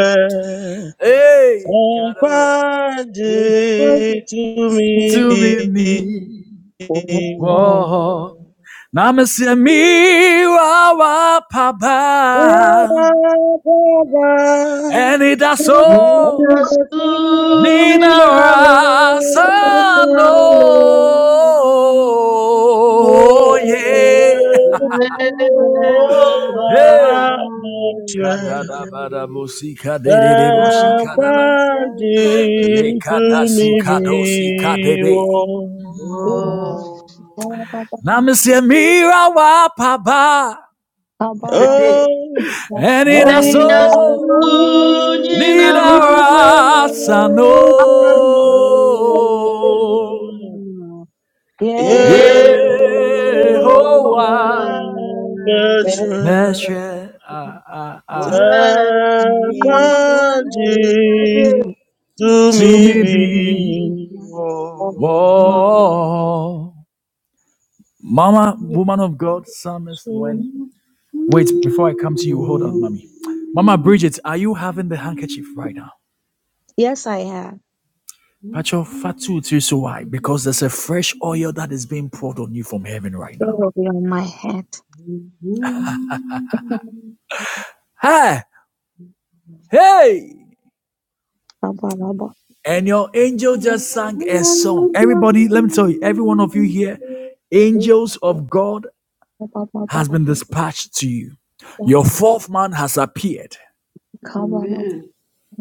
hey, Carol,
ekwaji tu
to
mibi.
me, ni,
before. Oh.
whoa, Namaste Mirawa Papa. Eni daso nina rasano yeah hey kadada bada bosi kadede de bosi kadaba
Thank
le kadasu
you.
kadosi kadebe
Oh,
namaste mira wa papa. Eni
and it
daso
does soon in a
nina
rush.
rasano
Oh,
Be
Somebody
Yeah,
still
oh,
Yehovah,
and
Father,
Measure up
oh, Father,
to
to
me
me be.
be more.
oh,
Whoa. Mama, woman of God, psalmist,
Father,
when. Wait, before I come to you, hold on, mommy. Mama Bridget, are you having the handkerchief right now?
Yes, I have.
Pacho Fatu so why? Because there's a fresh oil that is being
oh,
poured on you from heaven right
It
now.
will be on my head.
Hey! Hey!
Ba, ba,
And your angel just sang a song. Everybody, let me tell you, every one of you here, angels of God
ba, ba.
has been dispatched to you.
Oh,
Your fourth man has appeared.
Amen.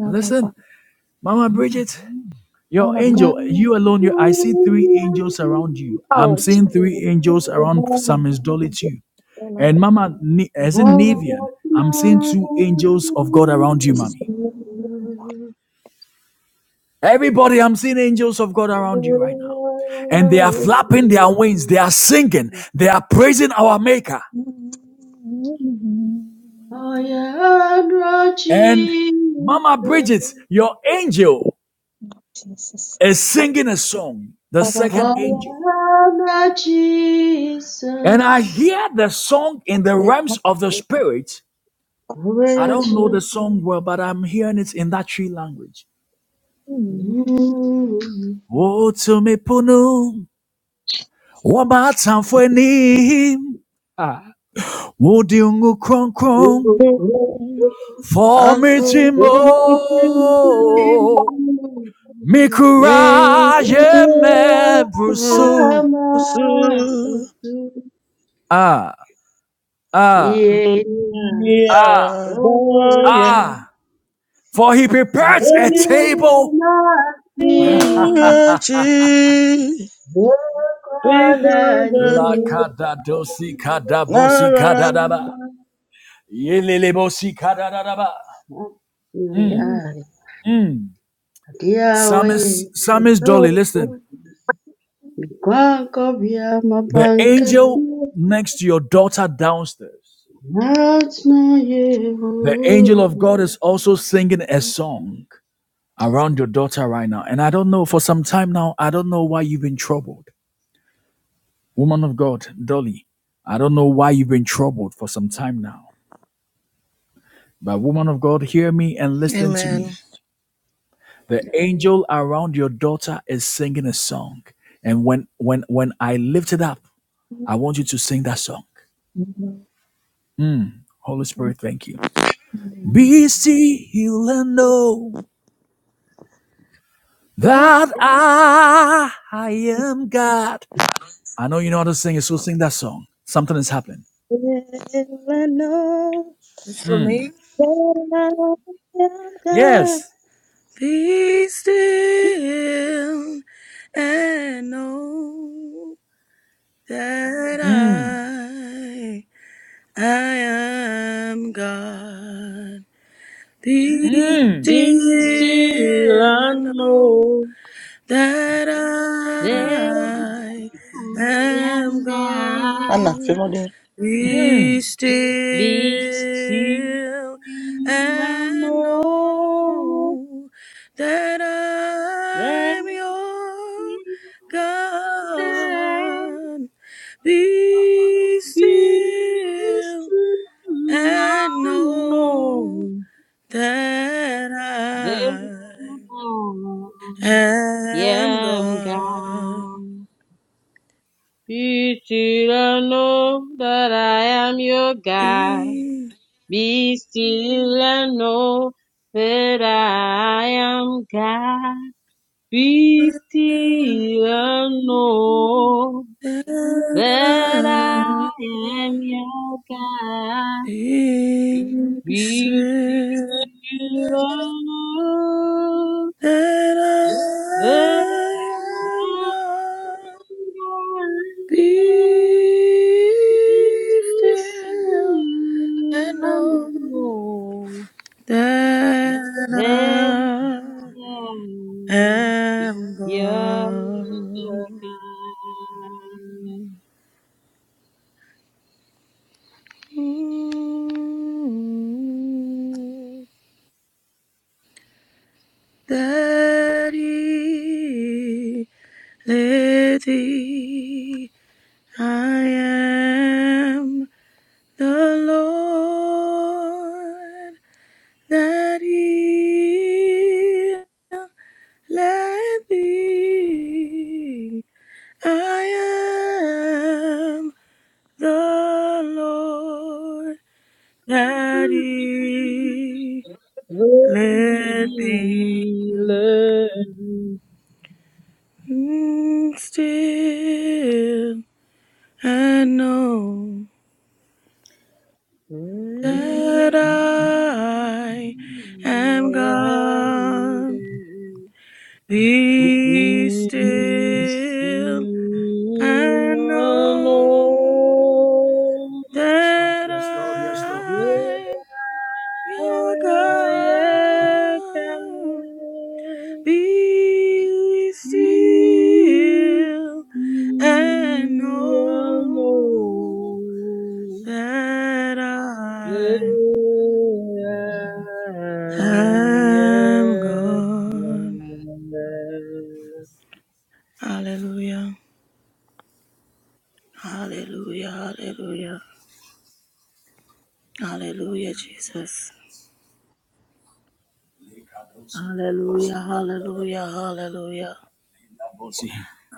Listen, Mama Bridget, your angel, you alone, you, I see three angels around you. I'm seeing three angels around Samis Dolly too. And Mama, as in Navian, I'm seeing two angels of God around you,
Jesus.
Mommy.
Amen.
Everybody, I'm seeing angels of God around you right now. And they are flapping their wings, they are singing, they are praising our Maker.
I am
And Mama
Jesus.
Bridget, your angel.
Jesus. Jesus.
is singing a song, the second angel.
Hosanna,
And I
Jesus.
hear the song in the realms of the spirit. I don't know
Hosanna,
the song well, but I'm hearing it in that tree language.
you.
Oh, to me, Punu, Wabatan for him, Wodiungu Kron
You are
Kron,
grateful
for
I
me,
could
Timo,
for everything.
make
Mikuraje
You
you
me
ever
Brusu.
so
Ah, ah,
Yeah,
ah,
near, boy, and
ah, for he prepares a
I
table
think that you- we can
La
do
kadadosi kadabosi
it.
kadadaba. Yelelebosi kadadadaba.
Yuriari adiaŭe
Psalmist, Psalmist
yesu
Dolly, listen.
kwako vyama
The angel
pankasio
next to your daughter downstairs,
nacna yehu
the angel of God is also singing a song around your daughter right now. And I don't know, for some time now, I don't know why you've been troubled. Woman of God, Dolly, I don't know why you've been troubled for some time now. But woman of God, hear me and listen to
Amen.
me. The angel around your daughter is singing a song. And when when when I lift it up, I want you to sing that song. Mm. Holy Spirit, thank you. Be still and know that I I am God. I know you know how to sing it, so sing that song. Something is happening.
It's for
Mm.
me.
Yes.
Be still and know that
Mm.
I, I am God. Be
Mm.
still and know
know
that
that
I
I
am
am God.
Anna,
God.
favor them.
Be
Mm.
still
Be still and
and
know
know that
that
I'm your
I am God.
God. Be
peace
still
I
and
know
know that I
therefore I
am
am
God.
God. Be still and know that I am your God.
Be
Be still and know that I am God. Be
still
still and know that I
and know.
am your God.
He
Be
said
still, and
that
know that
I am
I
God. Be
Be
still
still,
and
and
know
know
that
that
I
I am
am
your
God. Mm, That He let thee I am the Lord that healeth thee. I am the Lord that healeth
the
thee.
the healer
Mm, Still I know. that I am God. Be still and know
alone.
that I'm your God. Be still and know that I'm.
Yeah, yeah,
I'm
yeah.
gone. Hallelujah. Hallelujah. Hallelujah. Hallelujah, Jesus. Hallelujah. Hallelujah. Hallelujah.
Sí.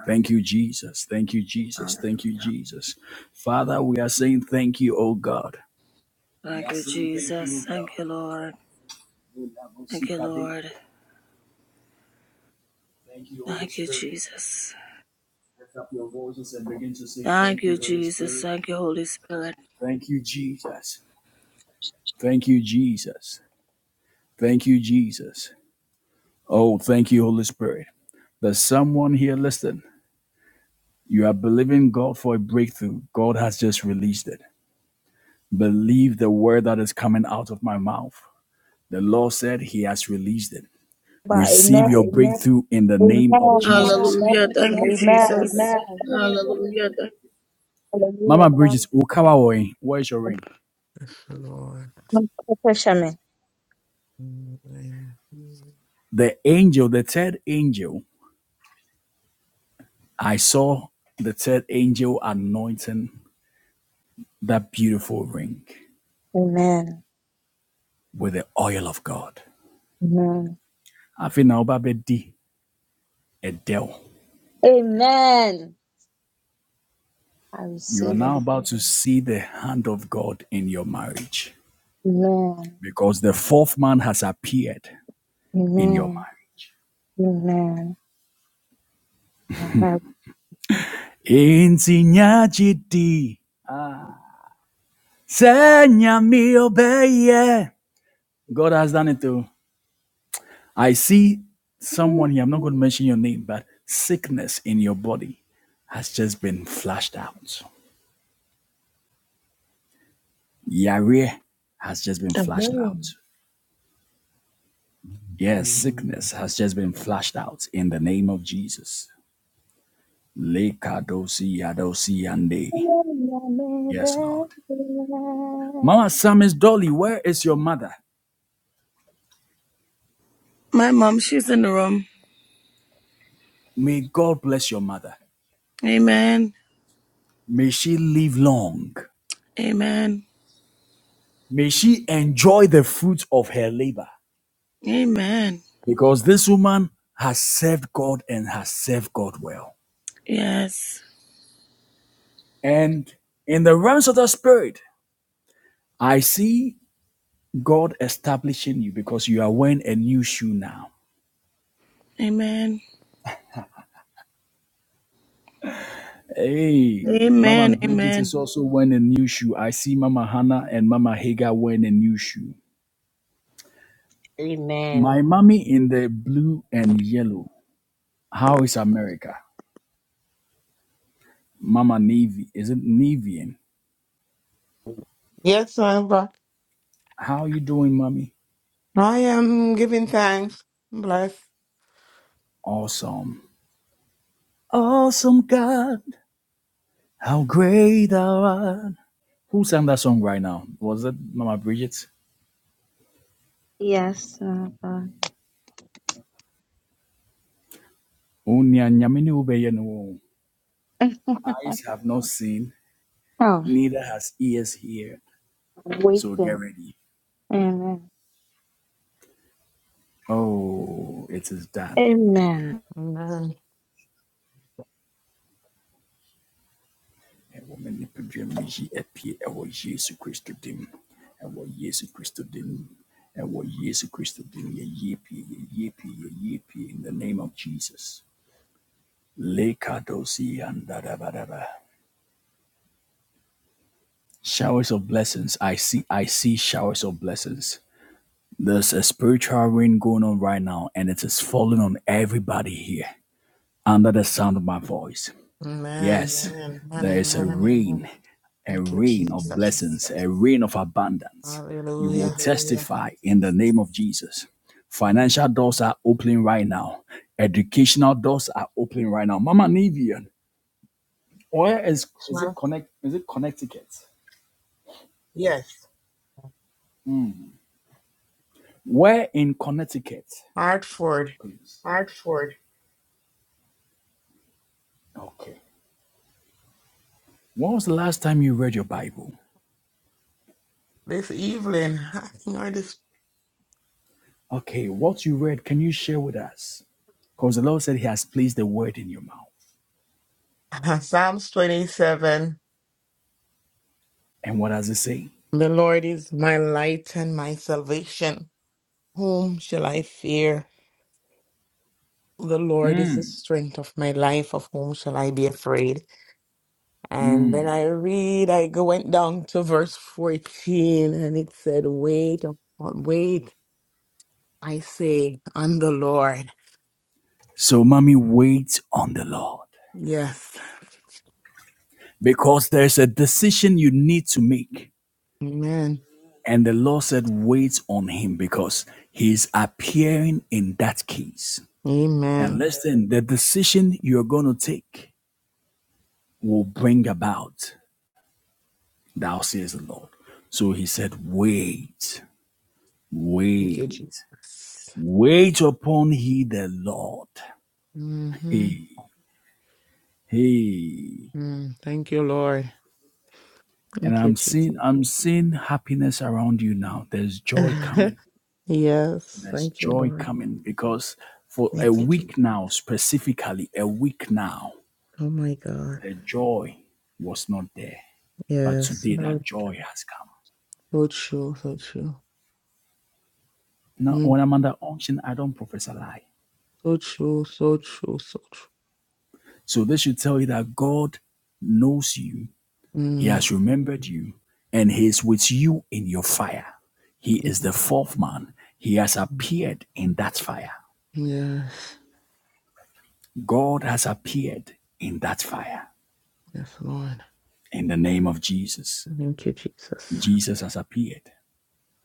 Thank you, Jesus. Thank you, Jesus.
Hallelujah.
Thank you, Jesus. Father, we are saying thank you, O God. We
Thank
are
you,
saying thank you, O
Jesus.
God.
Thank you, Lord. Thank you, Lord.
Thank you, Holy
Thank you,
Spirit.
Jesus.
Lift up your voices and begin to say
Thank
thank
you,
you, Holy
Jesus.
Spirit.
Thank you, Holy Spirit.
Thank you, Jesus. Thank you, Jesus. Thank you, Jesus. Oh, thank you, Holy Spirit. There's someone here listening. You are believing God for a breakthrough. God has just released it. Believe the word that is coming out of my mouth. The Lord said he has released it.
Amen.
Receive your breakthrough in the
Amen.
name of
Amen.
Jesus.
Hallelujah. Thank you,
Amen.
Jesus.
Hallelujah.
Hallelujah.
Mama
Thank
Bridges, Ukawaoi, where's your ring?
The Lord.
you. Pressure me.
The angel, the third angel, I saw the third angel anointing that beautiful ring
Amen.
with the oil of God.
Amen.
Afi ọba bɛdi ɛdɛw.
Amen. I
You are
receive
now
it.
about to see the hand of God in your marriage
Amen.
because the fourth man has appeared in your marriage.
Amen. Amen. And I-
Enti nya gye Señor mio yeah. God has done it too. I see someone here, I'm not going to mention your name, but sickness in your body has just been flushed out. Yare has just been flushed out.
Amen.
Yes, sickness has just been flushed out in the name of Jesus. Lekadosi yadosi yande. Yes, Lord. Mama Sam is Dolly, where is your mother?
My mom, she's in the room.
May God bless your mother.
Amen.
May she live long.
Amen.
May she enjoy the fruit of her labor
Amen.
because this woman has served God and has served God well.
Yes.
And in the realms of the spirit, I see God establishing you because you are wearing a new shoe now.
Amen.
Hey, Mama
Amen.
Bridget is
Amen.
also wearing a new shoe. I see Mama Hannah and Mama Hagar wearing a new shoe.
Amen.
My mommy in the blue and yellow. How is America? Mama Navy. Is it Nevian?
Yes, my Lord.
How are you doing, mommy?
I am giving thanks. Bless.
Awesome. Awesome God, how great thou art. Who sang that song right now? Was it Mama Bridget?
Yes, my God.
Eyes have not seen,
oh, I'm
neither has ears hear. So get
waiting.
ready.
Amen.
Oh, it is done.
Amen.
Amen.
Ɛwɔ m'anipadua mu yi apie ɛwɔ Yesu Kristo dim. Ɛwɔ Yesu Kristo dim. Ɛwɔ Yesu Kristo dim. Yɛyie pie, yɛyie pie, yɛyie pie in the name of Jesus. Lekadosi and da da ba da ba. Showers of blessings. I see I see showers of blessings. There's a spiritual rain going on right now and it is falling on everybody here under the sound of my voice.
Amen.
Yes, Amen.
Amen.
there is a
Amen.
rain, a
Thank you,
rain of
Jesus.
blessings, a rain of abundance. You will
Hallelujah.
testify in the name of Jesus. Financial doors are opening right now. Educational doors are opening right now. Mama Nivian, where is is it Sure. connect is it Connecticut? Where in Connecticut?
Hartford.
Okay. When was the last time you read your Bible?
This evening, I think I just-
Okay, what you read, can you share with us? Because the Lord said He has placed the word in your mouth.
Psalms 27.
And what does it say?
The Lord is my light and my salvation. Whom shall I fear? The Lord is the strength of my life. Of whom shall I be afraid? And then I read, I go went down to verse 14 and it said, Wait, upon- wait, I say, on the Lord.
So, mommy, wait on the Lord
Yes.
because there's a decision you need to make.
Amen.
And the Lord said, wait on Him because He's appearing in that case. And
Amen.
listen, the decision you're going to take will bring about, thou says the Lord. So He said, wait,
Thank you,
wait.
Jesus.
Wait upon he the Lord.
hmm
Hey, hey.
Thank you, Lord.
And
Thank you,
I'm
Jesus.
seeing I'm seeing happiness around you now. There's joy coming.
yes.
There's
Thank you,
joy
Lord.
coming because for a
Thank you, Jesus.
week now, specifically a week now,
Oh my God.
the joy was not there. But
Yes.
today
So,
that joy has come.
so true. So true.
Now
Mm,
when I'm under unction, I don't profess a lie.
So true. So true. So true.
So this should tell you that God knows you He
Mm.
has remembered you and he is with you in your fire. He
mm,
is the fourth man. He has
mm.
appeared in that fire.
Yes.
God has appeared in that fire.
Yes, Lord.
In the name of Jesus,
Thank you, Jesus.
Jesus has appeared.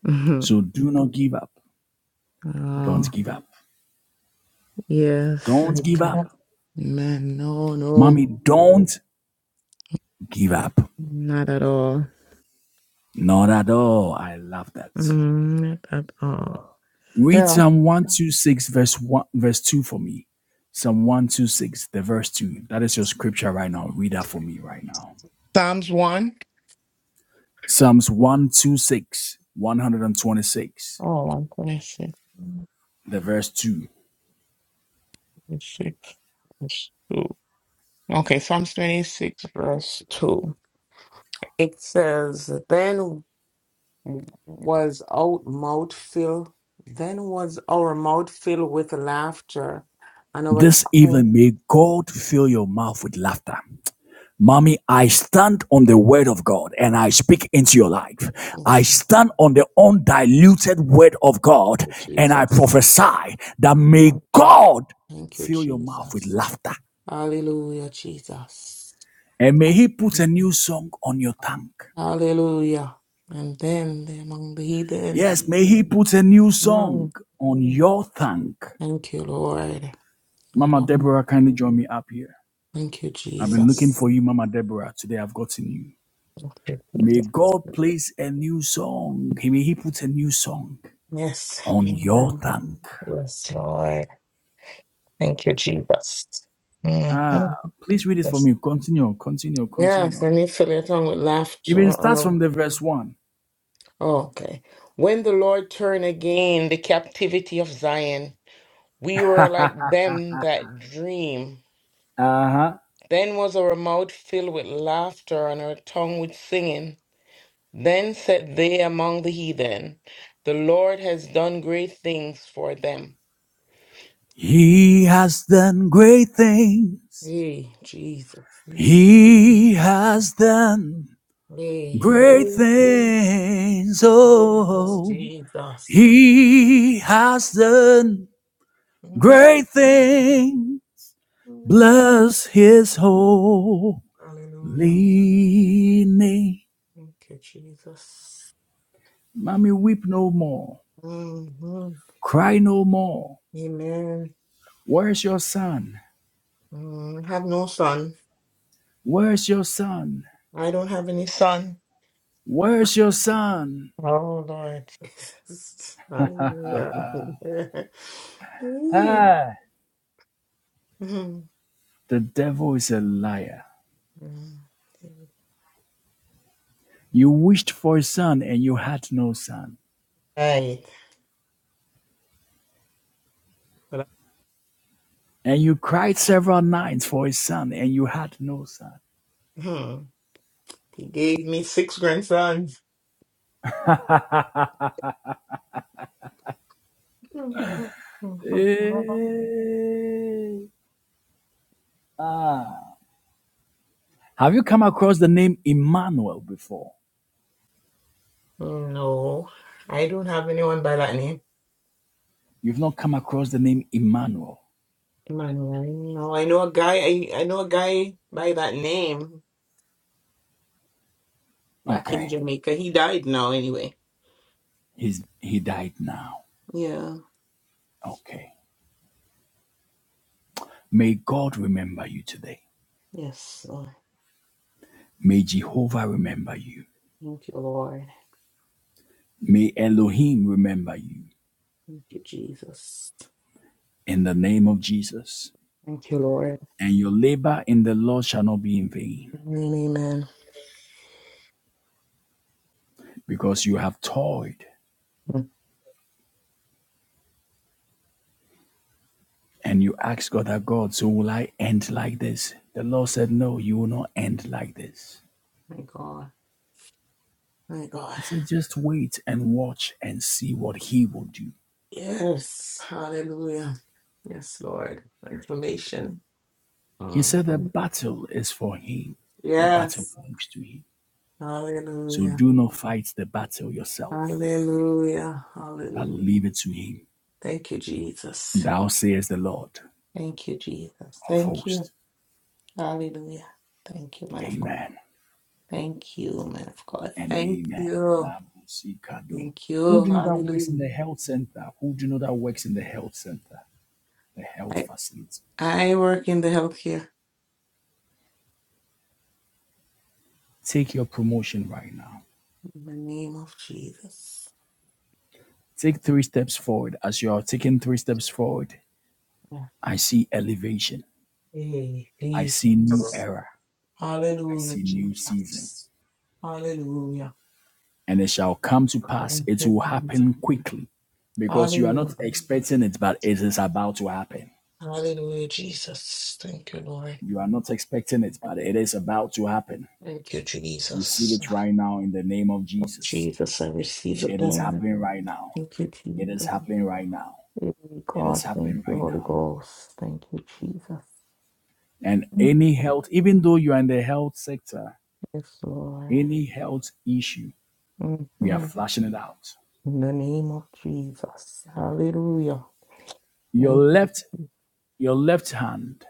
Mhm.
So do not give up.
oh,
Don't give up.
yes.
Don't
Thank
give
you.
up.
Amen. No, no.
Mommy, don't give up.
Not at all.
Not at all. I love that.
Mm, not at all.
Read
Yeah.
Psalm 126, verse 1, verse 2 for me. Psalm 126, the verse 2. That is your scripture right now. Read that for me right now.
Psalms 1.
Psalms 126, 126,
Oh, 126.
the verse 2.
26. twenty-six. verse 2. Okay, Psalms 26, verse 2. It says, Then was out mouth filled, then was our mouth filled with laughter, and our
This
tongue
evening, may God fill your mouth with laughter. Mommy, I stand on the word of God and I speak into your life.
Yes,
I
Lord.
stand on the undiluted word of God
Thank you,
and I
Jesus.
prophesy that may
Thank you,
God
Thank you,
fill your mouth with
Jesus.
laughter.
Hallelujah, Jesus.
And may He put a new
Mhm.
song on your tongue.
Hallelujah. And then the- among the heathen.
Yes, may He put a new song
Mm.
on your tongue.
Thank you, Lord. And the
Mama
Lord. Mm.
Deborah, kindly join me up here.
Thank you,
I've been looking
Jesus.
for you, Mama Deborah. Today I've gotten you.
Thank you,
May
Jesus.
God place a new song. He may He put a new song
Yes.
on your
Amen.
tongue.
Yes, Lord. Thank you, Jesus.
Ah,
Mhm.
please read it for
Yes.
me. Continue, continue,
Yes,
continue.
and you fill your tongue with
Even
laughter and
starts
a
from the verse one.
Okay. When the Lord turned again the captivity of Zion, we were like them that dream.
Uh huh.
Then was our mouth filled with laughter and our tongue with singing. Then said they among the heathen, The Lord has done great things for them.
He has done great things.
Hey, Jesus. Mm.
He has done
Hey,
Great
oh,
things, oh,
Jesus.
he has done
Mm.
great things. Bless his holy
Hallelujah.
name.
Thank you, Jesus.
Mommy, weep no more. Cry no more.
Amen.
Where's your son?
Mm, I have no son.
Where's your son?
I don't have any son.
Where's your son?
Oh, Lord. Jesus. Hallelujah. Ooh.
Ah,
Mhm.
the devil is a liar.
Mm.
You wished for a son and you had no son.
Right. But, I-
And you cried several nights for a son, and you had no son.
hmm, He gave me six grandsons.
Eh, ah. Have you come across the name Emmanuel before?
No, I don't have anyone by that name.
You've not come across the name Emmanuel.
Emmanuel. No, I know a guy. I, I know a guy by that name back in
Okay.
Jamaica. He died now, anyway.
He's, he died now.
Yeah.
Okay. May God remember you today.
Yes, Lord.
May Jehovah remember you.
Thank you, Lord.
May Elohim remember you
Thank you, Jesus.
in the name of Jesus.
Thank you, Lord.
And your labor in the Lord shall not be in vain
Amen. amen.
because you have toiled
Mm.
And you ask God that God, so will I end like this? The Lord said, No, you will not end like this.
My God. My God.
He said, Just wait and watch and see what He will do.
Yes. Hallelujah. Yes, Lord. Information.
He said, The
Mhm.
battle is for Him, the battle
Yes.
belongs to Him. So
Hallelujah.
do not fight the battle yourself,
Hallelujah.
but
Hallelujah.
leave it to Him.
Thank you, Jesus.
Thou sayest the Lord
Thank you, Jesus.
of
Thank you.
hosts.
Hallelujah. Thank you, man of God.
Amen
Thank you, man of God.
and
Thank
amen.
you. Thank
Who do
you.
you know that works in
Hallelujah.
the health center? Who do you know that works in the health center? The health
I,
facility.
I work in the healthcare
Take your promotion right now.
in the name of Jesus.
Take three steps forward. As you are taking three steps forward,
Yeah.
I see elevation.
Hey,
I see new
Jesus.
era. I
Hallelujah,
see new season.
Jesus. Hallelujah.
And it shall come to pass.
Thank
It
you,
will
Jesus.
happen quickly because you are not
Hallelujah.
expecting it, but it is about to happen.
Hallelujah, Jesus. Thank you, Lord.
You are not expecting it, but it is about to happen.
Thank you,
Receive
Jesus.
it right now in the name of
Oh,
Jesus.
Jesus, I receive it,
It is
Lord.
happening right now.
Thank you,
It is
Jesus.
happening right now.
Hey,
It
God,
is
thank
happening
you,
right now.
Holy Ghost. Thank you, Jesus.
And
Mm.
any health, even though you are in the health sector,
Yes,
Any health issue, we are
Lord.
flashing it out.
In the name of Jesus. Hallelujah.
Your
Thank you.
left, your left hand,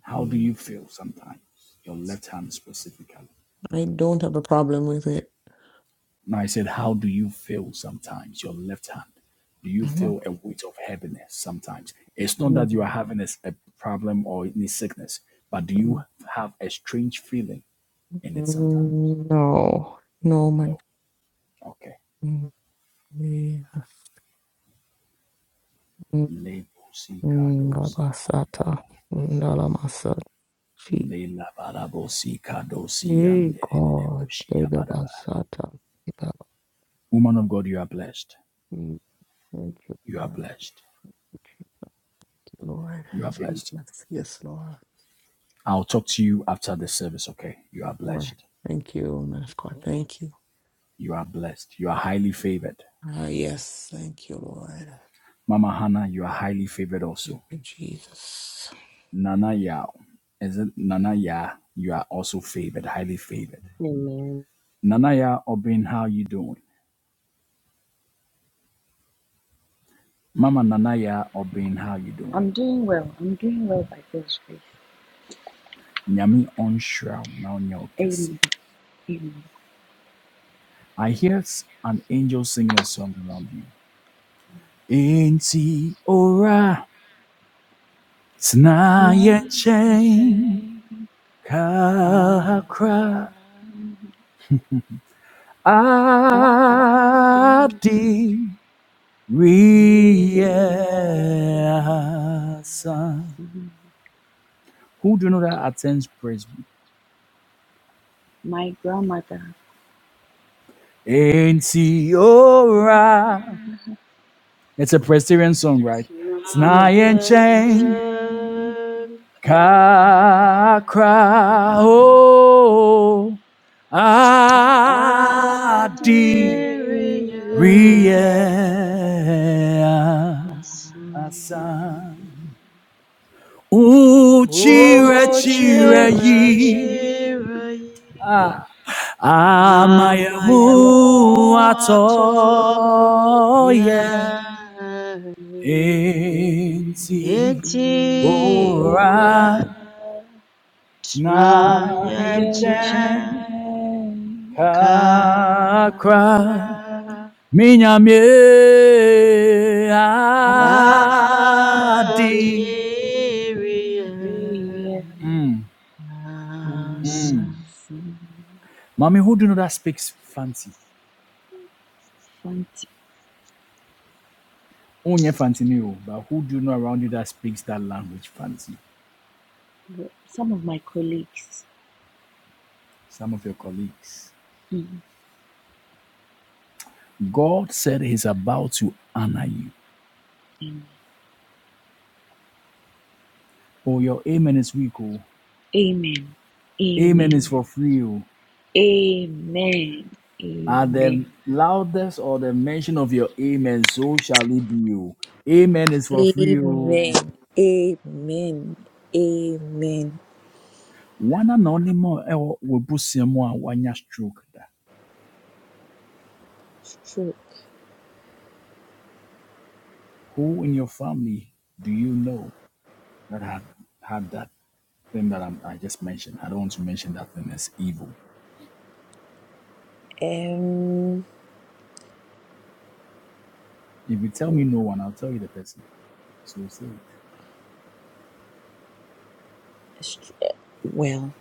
how do you feel sometimes? Your left hand specifically.
I don't have a problem with it.
Now I said, how do you feel sometimes? Your left hand. Do you feel a weight of heaviness sometimes? It's not
Mhm.
that you are having a a problem or any sickness, but do
Mhm.
you
Mhm.
have a strange feeling in it sometimes?
Mm, No. No, man.
No. Okay.
Mm, yes. Mm, mm,
Lebosikadosia.
Labasata. Mm, Lamasata. Gee, Hey, God.
Lelabarabosikadosiandere.
Labasata.
Woman of God, you are blessed.
Mm, Thank you,
You are
Lord.
blessed.
Thank you, Lord.
You are blessed.
Jesus. Yes, Lord.
I'll talk to you after the service, okay? You are
Lord.
blessed.
Thank you, man of God. Thank you.
You are blessed. You are highly favored.
Ah, yes. Thank you, Lord.
Mama Hannah, you are highly favored
Thank
also.
you, Jesus.
Nana Yao, is it Nana Ya? You are also favored, highly favored.
Amen.
Nana Ya Obin, how you doing? Mama Nana Ya Obin, how you doing?
I'm doing well. I'm doing well by God's grace.
Nyami on shroud, now nyo kesi.
Amen. Amen.
I hear an angel singing a song around you. Ain't he ora? Znaje
Smile and say, "Come
kakra
back to
adi
reality."
Who do you know that attends Presby?
My grandmother.
Ain't It's a Presbyterian song, right?
Yes.
Znaje
And
dzień
say,
Nayenka
"Come back to
kakra o adi. reasa
Adiriyan
reality."
Hasan
uchira
Won't
chira
you
Ochira
yi
cheer
Chirai
ato
my
Amayawo
ye,
Yahweh,
enti ora
Etira,
na yenche
Tnayankara,
kakra minyamye adi
Adiria, Nasa.
Mm. Mommy, who do you know that speaks fancy?
Some
Only fancy new, but who do you know around you that speaks that language fancy?
some of my colleagues.
Some of your colleagues.
Mm.
God said he's about to honor you. Oh, your amen is weak. Oh.
Amen.
Amen
Amen.
is for free. Oh.
Amen.
At the
Amen.
loudest or the mention of your amen, so shall it be. Oh. Amen is for free. Oh.
Amen. Amen. Amen.
One anonymous will put someone one stroke.
It's true.
Who in your family do you know that had had that thing that I'm, I just mentioned. I don't want to mention that thing as evil.
Um,
If you tell me no one, I'll tell you the person. So say it.
it's tr- well,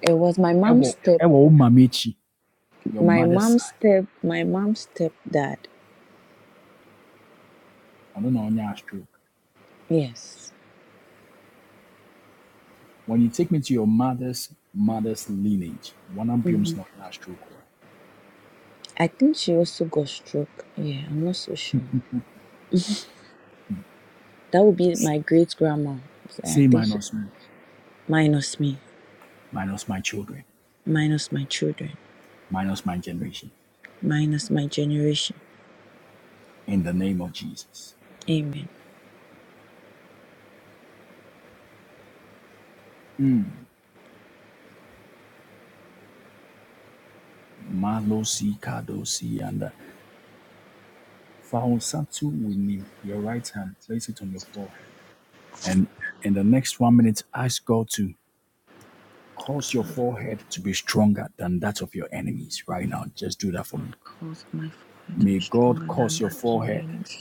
it was my mom's
Ewo,
step,
Ewo Mamechi, your
my
mother's side.
mom's step, my mom's stepdad.
I don't know on stroke.
Yes.
When you take me to your mother's mother's lineage, one
hmm
ampium's not your stroke. oh.
I think she also got stroke. Yeah, I'm not so sure. That would be my great grandma.
Say
I think she,
minus me,
minus me,
minus my children,
minus my children,
minus my generation.
minus my generation.
In the name of Jesus.
Amen.
Malosi kadosi and Fahosatu winim. Your right hand, place it on your forehead. And in the next one minute, ask God to Cause your forehead to be stronger than that of your enemies right now. Just do that for me.
Lord, cause my forehead to
May
be
God
stronger than
cause your
that of my
forehead
enemies.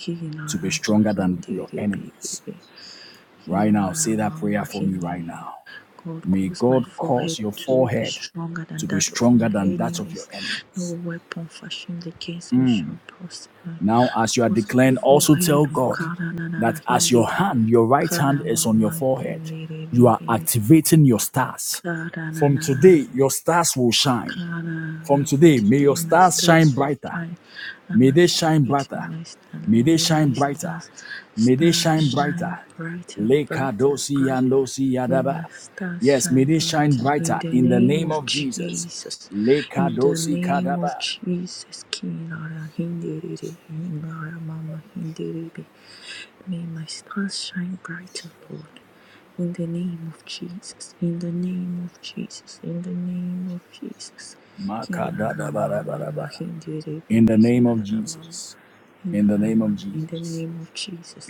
to be
Hinarama,
stronger than your
hindiri,
enemies
baby.
right now. Say that
Hinarama,
prayer for me right
hindiri.
now.
God,
May
cause my
God
forehead
cause your
to be
forehead
stronger than
to be
that of
stronger
my
than that of your
enemies. No
enemies.
weapon fashioned against me shall prosper.
Now, as you are
Cause my
declaring, also
forehead,
tell God
karanana,
that as your
hindiri.
hand, your right hand is on your
Karama,
forehead,
hindiri,
you are
baby.
activating your stars. From
Karanana,
today, your stars will shine. From
Karara, for
today, may
today
your
my
stars shine
stars will
brighter.
shine. I'm
May they shine brighter.
activating my star.
May they
May
shine
my
brighter.
stars
May they
star
shine brighter.
shine brighter,
Leka
brighter,
dosi
brighter.
yandosi
May my
yadaba.
stars
Yes, may
shine
they shine
brighter. In
brighter
the
in the
name
name
of
of Jesus.
Jesus.
Leka
In the
dosi
name
kadaba.
of Jesus. Kinara hindiri, hinara mama hindiri. May my stars shine brighter, Lord. In the name of Jesus. In the name of Jesus. In the name of Jesus. Hina mama
Makadadabarabaraba.
mama hindiri
In the
baby
name of
hindara mama
Jesus. In the
hindara
name of
mama. In the
Jesus.
name of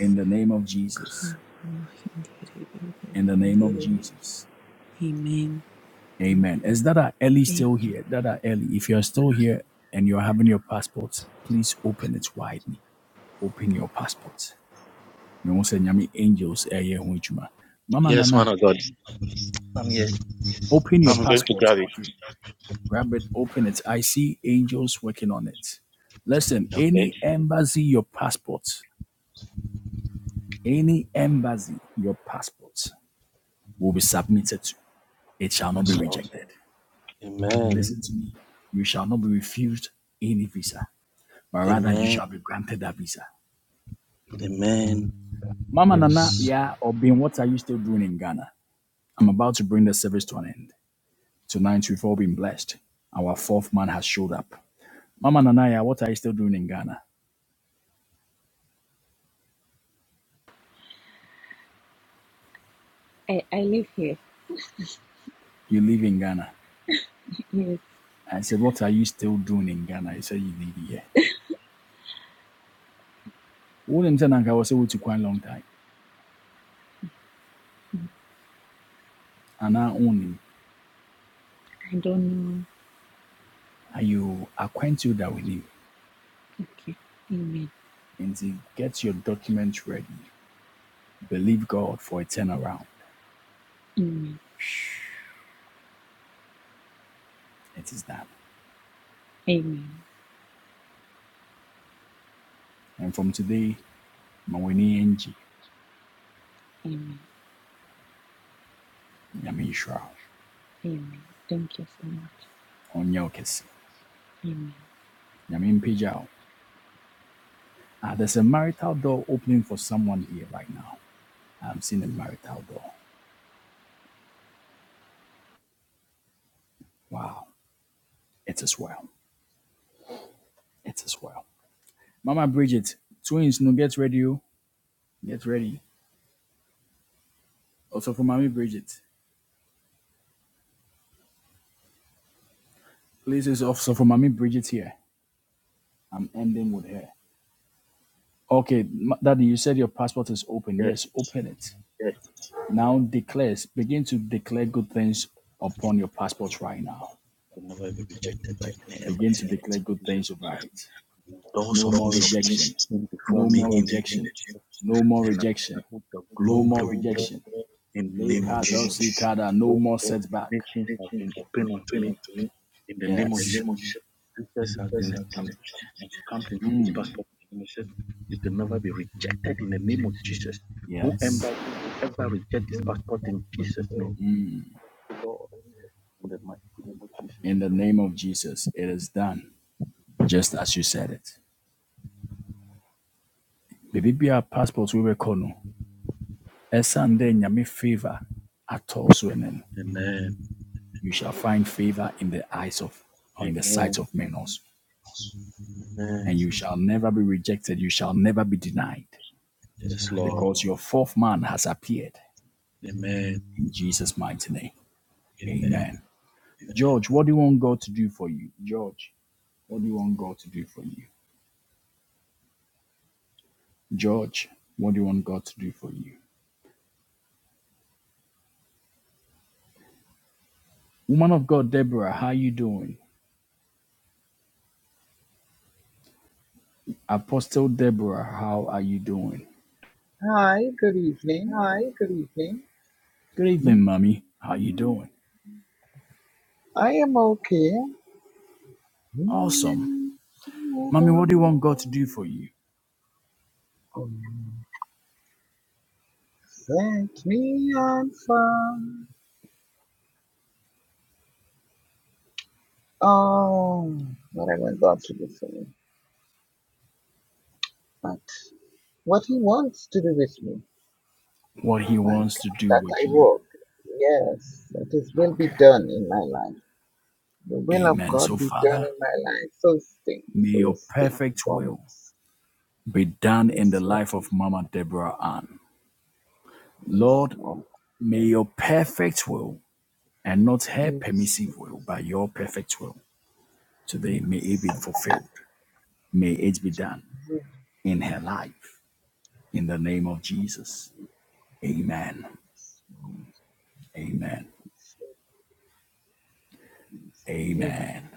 In the name of Jesus.
Kara mama hindiri baby
In the name of
hindiri mama.
Jesus.
Amen. Amen.
Amen. Is Dada Ellie
Amen.
still here? Dada Ellie, if you're still here and you're having your passport, please open it widely. Open your passport. mehu say, nyame angels ɛyɛ ho mama
Yes, man
nana
of God. I'm here.
open your
I'm going
passport okay grab it open it i see angels working on it listen
to. Okay.
any embassy your passport any embassy your passport will be submitted to it shall not be
Yes, Lord.
rejected
Amen.
listen to me you shall not be refused any visa but rather you
Amen.
shall be granted that visa
Amen.
mama nana
Yes.
yeah Obin, what are you still doing in ghana i'm about to bring the service to an end Tonight we've all been blessed. Our fourth man has showed up. Mama Nanaya, what are you still doing in Ghana?
I, I live here.
You live in Ghana.
Yes,
I said, What are you still doing in Ghana? He said, You live here. Wouldn't tell Nanka was able to quite a long time. And I own him.
I don't know.
And you acquaint you that with him.
Okay. Amen.
And he get your documents ready. Believe God for a turnaround.
Amen.
It is done.
Amen.
And from today, Mawini Enji,
Amen.
Yami Shrao,
Amen. Thank you so much.
Onyokesi,
Amen.
Yamin Pijao. Ah, there's a marital door opening for someone here right now. I'm seeing the marital door. Wow. It is well. It is well. Mama Bridget, twins, no, get ready. oh. Get ready. Also for Mommy Bridget. Please, it's also for Mommy Bridget here. I'm ending with her. Okay, Ma- Daddy, you said your passport is open.
Yes.
Yes, open it. Now declares, begin to declare good things upon your passport right now.
Will never be rejected by any embassy
To
in the
declare
name
good
of Jesus.
things over it.
Doors
No,
of nations open before
no
me
more
in the
rejection.
name of Jesus.
No more
And I'm
rejection.
the
No
globe,
more
the world, in the
re-
name of Jesus.
no
All
more
of
setback.
nations have been opened unto me in the
Yeah.
name of Jesus. Ancestors have been established and stamped into this passport of promises. It will never be rejected in the name of Jesus. No
Yes.
embassy will ever reject this passport in Jesus' name. in the mighty name of Jesus.
In the name of Jesus, it is done, just as you said it. Baby, be our passport we recono. Esande nyame favor at all swenen.
Amen.
You shall find favor in the eyes of or in the sight
Amen.
of men also.
Amen.
And you shall never be rejected. You shall never be denied.
Yes, Lord.
Because your fourth man has appeared
Amen.
in Jesus' mighty name.
Amen.
Amen. George, what do you want God to do for you? George, what do you want God to do for you? George, what do you want God to do for you? Woman of God, Deborah, how you doing? Apostle Deborah, how are you doing?
Hi, good evening.
Good
Hmm,
evening, mommy. How you doing?
I am okay.
Awesome.
Hmm,
Mommy, what do you want God to do for you?
Set me on fire. Oh, what I was about to do for me. But what he wants to do with me,
What he
my
wants to
God,
do
that
with
I
you.
work. Yes, that is will be
Okay.
done in my life. The will of
Amen.
God
So,
be done
Father,
in my life. So thing,
may
so
your
thing,
perfect will
foremost.
be done in the
Yes, Lord,
life of Mama Deborah Ann.
yes,
Lord,
Lord,
may your perfect will and not her
yes,
permissive will, but your perfect will today, may it be fulfilled. May it be done
yes.
in her life in the name of Jesus. Amen. Amen. Amen.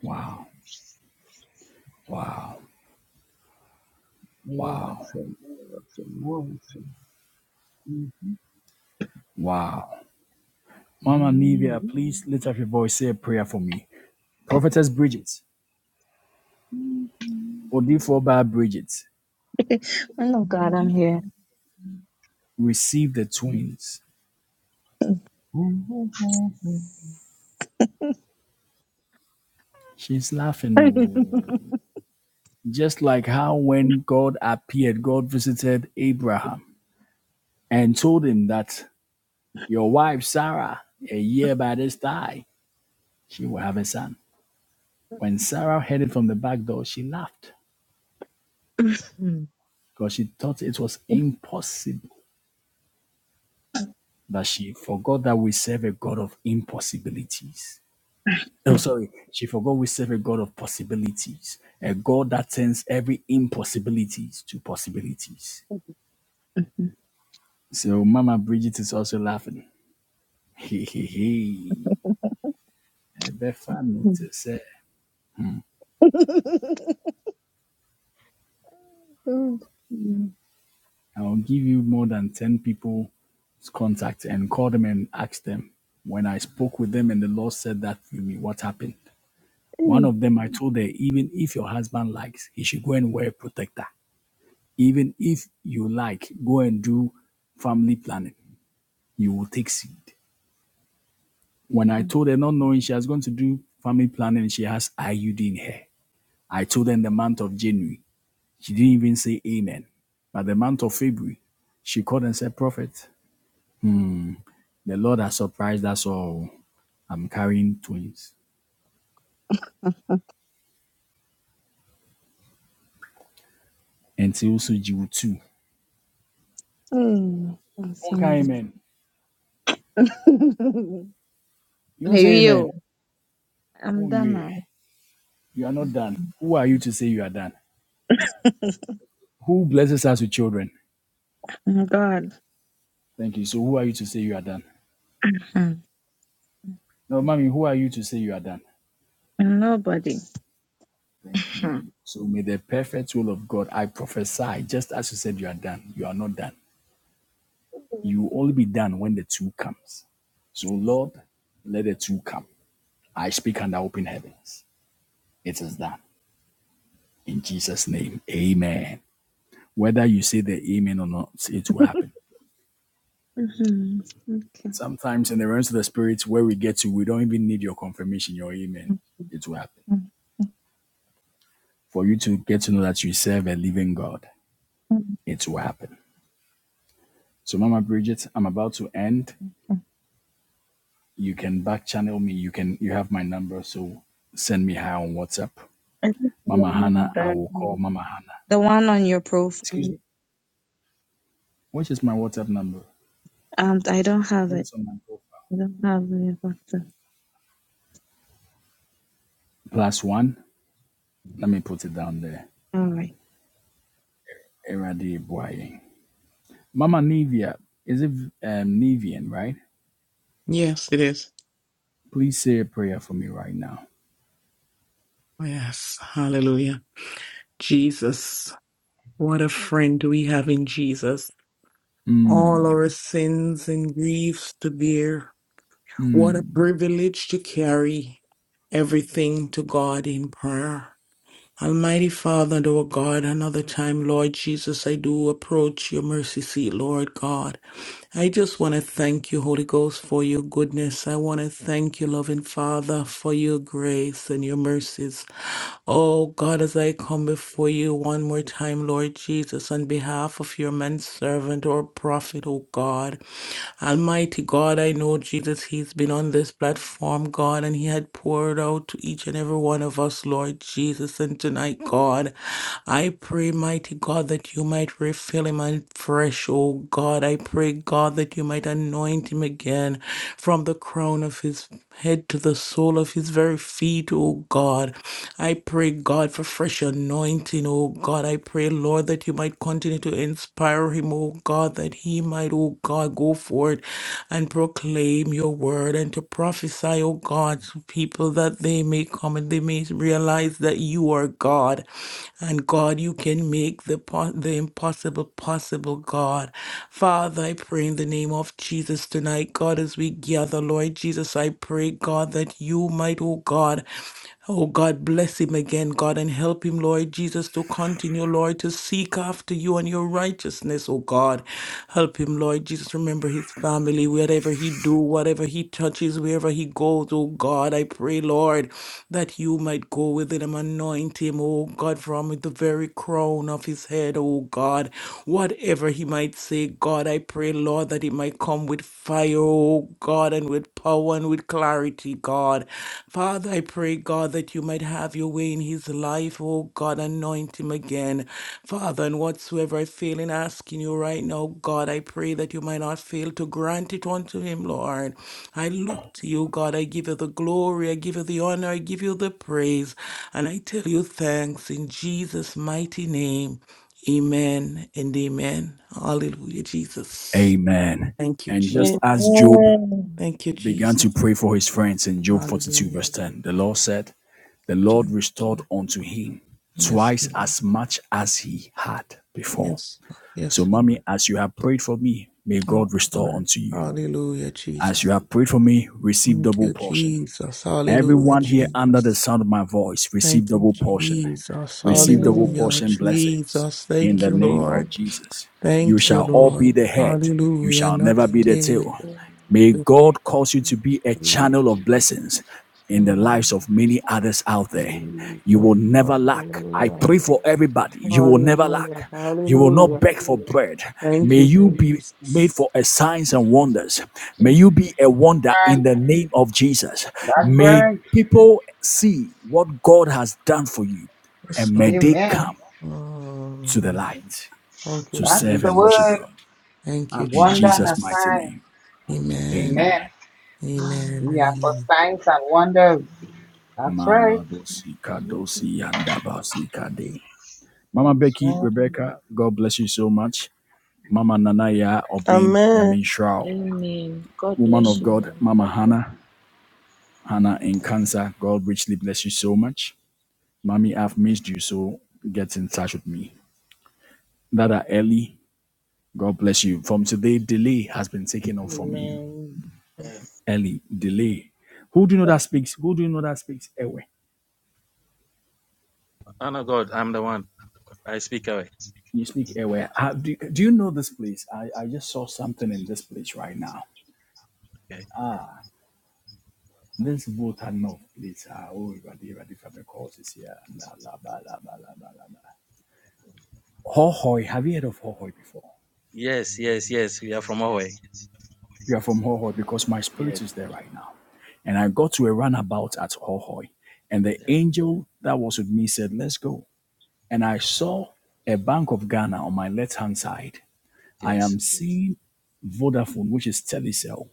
Wow. Wow. Wow. Wow. Mama Nivea, please lift up your voice. Say a prayer for me. Prophetess Bridget, Odifo by Bridget,
Oh, no, God, I'm here.
receive the twins. She's laughing. oh. Just like how when God appeared, God visited Abraham and told him that your wife, Sarah, a year by this time, she will have a son. When Sarah heard it from the back door, she laughed. because she thought it was impossible. But she forgot that we serve a God of impossibilities. Oh, sorry. She forgot we serve a God of possibilities, a God that turns every impossibilities to possibilities. So Mama Bridget is also laughing. Hey, hey, hey. Ebefa notice. eh?
Mm. Mm.
I'll give you more than 10 people's contact and call them and ask them. When I spoke with them and the Lord said that to me, what happened? One of them, I told her, even if your husband likes, he should go and wear a protector. Even if you like, go and do family planning. You will take seed. When I
Mm.
told her, not knowing she was going to do family planning, she has IUD in her. I told her in the month of January, she didn't even say amen. But the month of February, she called and said, Prophet, the Lord has surprised us all. I'm carrying twins. And she also Jew too.
Mm,
Don't
awesome.
carry amen. You don't
Maybe
say amen.
you. I'm
Oh
done
yeah.
now.
You are not done. Who are you to say you are done? Who blesses us with children?
Oh, God.
Thank you. So who are you to say you are done?
Hmm.
No, mommy, who are you to say you are done?
i nobody.
Thank you.
Hmm.
So may the perfect will of God, I prophesy, just as you said you are done, you are not done. You will only be done when the two comes. So Lord, let the two come. I speak under open heavens. It is done. In Jesus' name. Amen. Whether you say the amen or not, it will happen.
Mm-hmm. Okay.
Sometimes in the realms of the spirits where we get to, we don't even need your confirmation, your amen.
Mm,
It will happen.
mm,
For you to get to know that you serve a living God, it will happen. So, Mama Bridget, I'm about to end.
mm.
You can back channel me. You can you have my number, so send me her on WhatsApp.
I think the
Mama
one on
Hannah, I will call
the
Mama Hannah.
the one on your
Excuse
profile.
me. Which is my WhatsApp number?
Um, I don't have
What
it.
is on my profile?
I don't have it. But,
Plus one. Let me put it down there.
uh, all
Eradi Boye. Mama Nivea. Is it um, Nivian, right?
Yes, it is.
Please say a prayer for me right now.
Yes. Hallelujah. Jesus. What a friend we have in Jesus. All
Mm,
our sins and griefs to bear.
mm.
What a privilege to carry everything to God in prayer. Almighty Father, and our God, another time, Lord Jesus, I do approach your mercy seat, Lord God. I just want to thank you, Holy Ghost, for your goodness. I want to thank you, loving Father, for your grace and your mercies. Oh God, as I come before you one more time, Lord Jesus, on behalf of your man servant or prophet, oh God. Almighty God, I know Jesus, He's been on this platform, God, and He had poured out to each and every one of us, Lord Jesus. And tonight, God, I pray, mighty God, that you might refill Him afresh, oh God. I pray, God, that you might anoint Him again from the crown of His head to the sole of His very feet, oh God. I pray, God, for fresh anointing, oh God. I pray, Lord, that you might continue to inspire him, oh God, that he might, oh God, go forth and proclaim your word and to prophesy, oh God, to people that they may come and they may realize that you are God. And God, you can make the, po- the impossible possible, God. Father, I pray in the name of Jesus tonight, God, as we gather, Lord Jesus, I pray, God, that you might, oh God, Oh God, bless him again, God, and help him, Lord Jesus, to continue, Lord, to seek after you and your righteousness, oh God. Help him, Lord Jesus, remember his family, whatever he do, whatever he touches, wherever he goes, oh God. I pray, Lord, that you might go with him, anoint him, oh God, from the very crown of his head, oh God. God. Whatever he might say, God, I pray, Lord, that it might come with fire, oh God, and with power and with clarity, God. Father, I pray, God, that you might have your way in his life, oh God, anoint him again. Father, and whatsoever I fail in asking you right now, God, I pray that you might not fail to grant it unto him, Lord. I look to you, God. I give you the glory. I give you the honor. I give you the praise. And I tell you thanks in Jesus' mighty name. Amen and amen. Hallelujah, Jesus.
Amen.
Thank you,
And just as
Jesus.
Job
Amen.
Thank you,
began to
Jesus.
pray for his friends in Job 42,
Hallelujah.
verse 10, the Lord said, The Lord
Jesus.
restored unto him
Yes,
twice
Lord.
as much as he had before.
Yes, Lord.
So,
yes, Lord.
mommy, as you have prayed for me, may
Oh,
God restore
Father.
unto you.
Hallelujah,
As
Jesus.
you have prayed for me, receive
Thank
double
you,
portion.
Jesus. Hallelujah,
Everyone here under the
Jesus.
sound of my voice, receive
Thank you,
double portion.
Jesus.
receive double
Amen.
Hallelujah,
portion blessings
Jesus.
in
Thank
the
you,
name of
Lord.
Jesus. You
Thank you,
shall all be
Lord.
the head, you
Hallelujah.
shall
Not
never be the tail. May
the
God cause you to be a channel of blessings in the
Jesus,
Amen.
lives of many others out there. You will never lack. I
hallelujah,
pray for everybody. You will never
hallelujah,
lack. You will not
hallelujah.
beg for bread.
Thank
May
you,
you be made
Jesus.
for a signs and wonders. May you be a wonder in
Right.
the name of Jesus.
That's
May
right.
people see what God has done for you
Yes,
and may
Lord.
they
Amen.
come to the
Mm.
light
Thank you,
to
That's
serve
the
and worship
word.
Jesus.
God.
Thank
A
you,
In
wonder and a
Jesus'
Jesus.
mighty
sign.
name,
Amen.
amen.
Amen.
Amen.
We
and
are for
Amen.
signs and wonders. That's right.
Mama
That's
Becky,
right.
Rebecca, God bless you so much. Mama Nanaya Obin
Amen.
Yamin Shrao,
Amen. God
woman
bless
of
you
God,
too.
Mama Hannah, Hannah in cancer, God richly bless you so much. Mommy, I've missed you, so get in touch with me. Dada Ellie, God bless you. From today, delay has been taken off from you.
Amen.
Early delay. Who do you know that speaks? Who do you know that speaks Ewe?
Oh no, God, I'm the one. I speak away.
You speak Ewe. Uh, do, do you know this place? I, I just saw something in this place right now.
Okay.
This boat had no place. Ah, Oh, ready, ready for the courses here. La, la, ba, la, ba, la, ba, la, ba. Hohoi, have you heard of Hohoi before?
Yes, yes, yes. We are from away.
You are from Hohoi because my spirit
Yes.
is there right now. And I got to a runabout at Hohoi. And the
Yeah.
angel that was with me said, Let's go. And I saw a Bank of Ghana on my left hand side. I
Yes.
am seeing Vodafone, which is Telecel.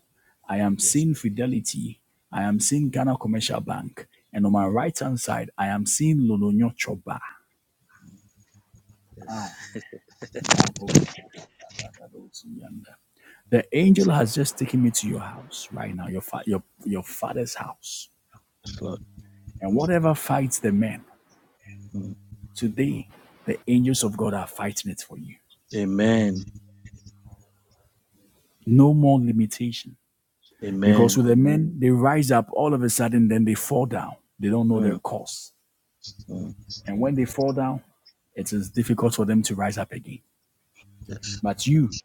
I am
Yes.
seeing Fidelity. I am seeing Ghana Commercial Bank. And on my
Mm.
right hand side, I am seeing Lolonyo Choba.
Yes.
The
yes,
angel
Lord.
has just taken me to your house right now, your, fa- your, your father's house.
Yes, Lord.
And whatever fights the man,
Mm.
today the angels of God are fighting it for you.
Amen.
No more limitation. Because
Amen.
with the men, they rise up all of a sudden, then they fall down. They don't know their
Mm.
cause.
Mm.
And when they fall down, it is difficult for them to rise up again.
Yes.
But you,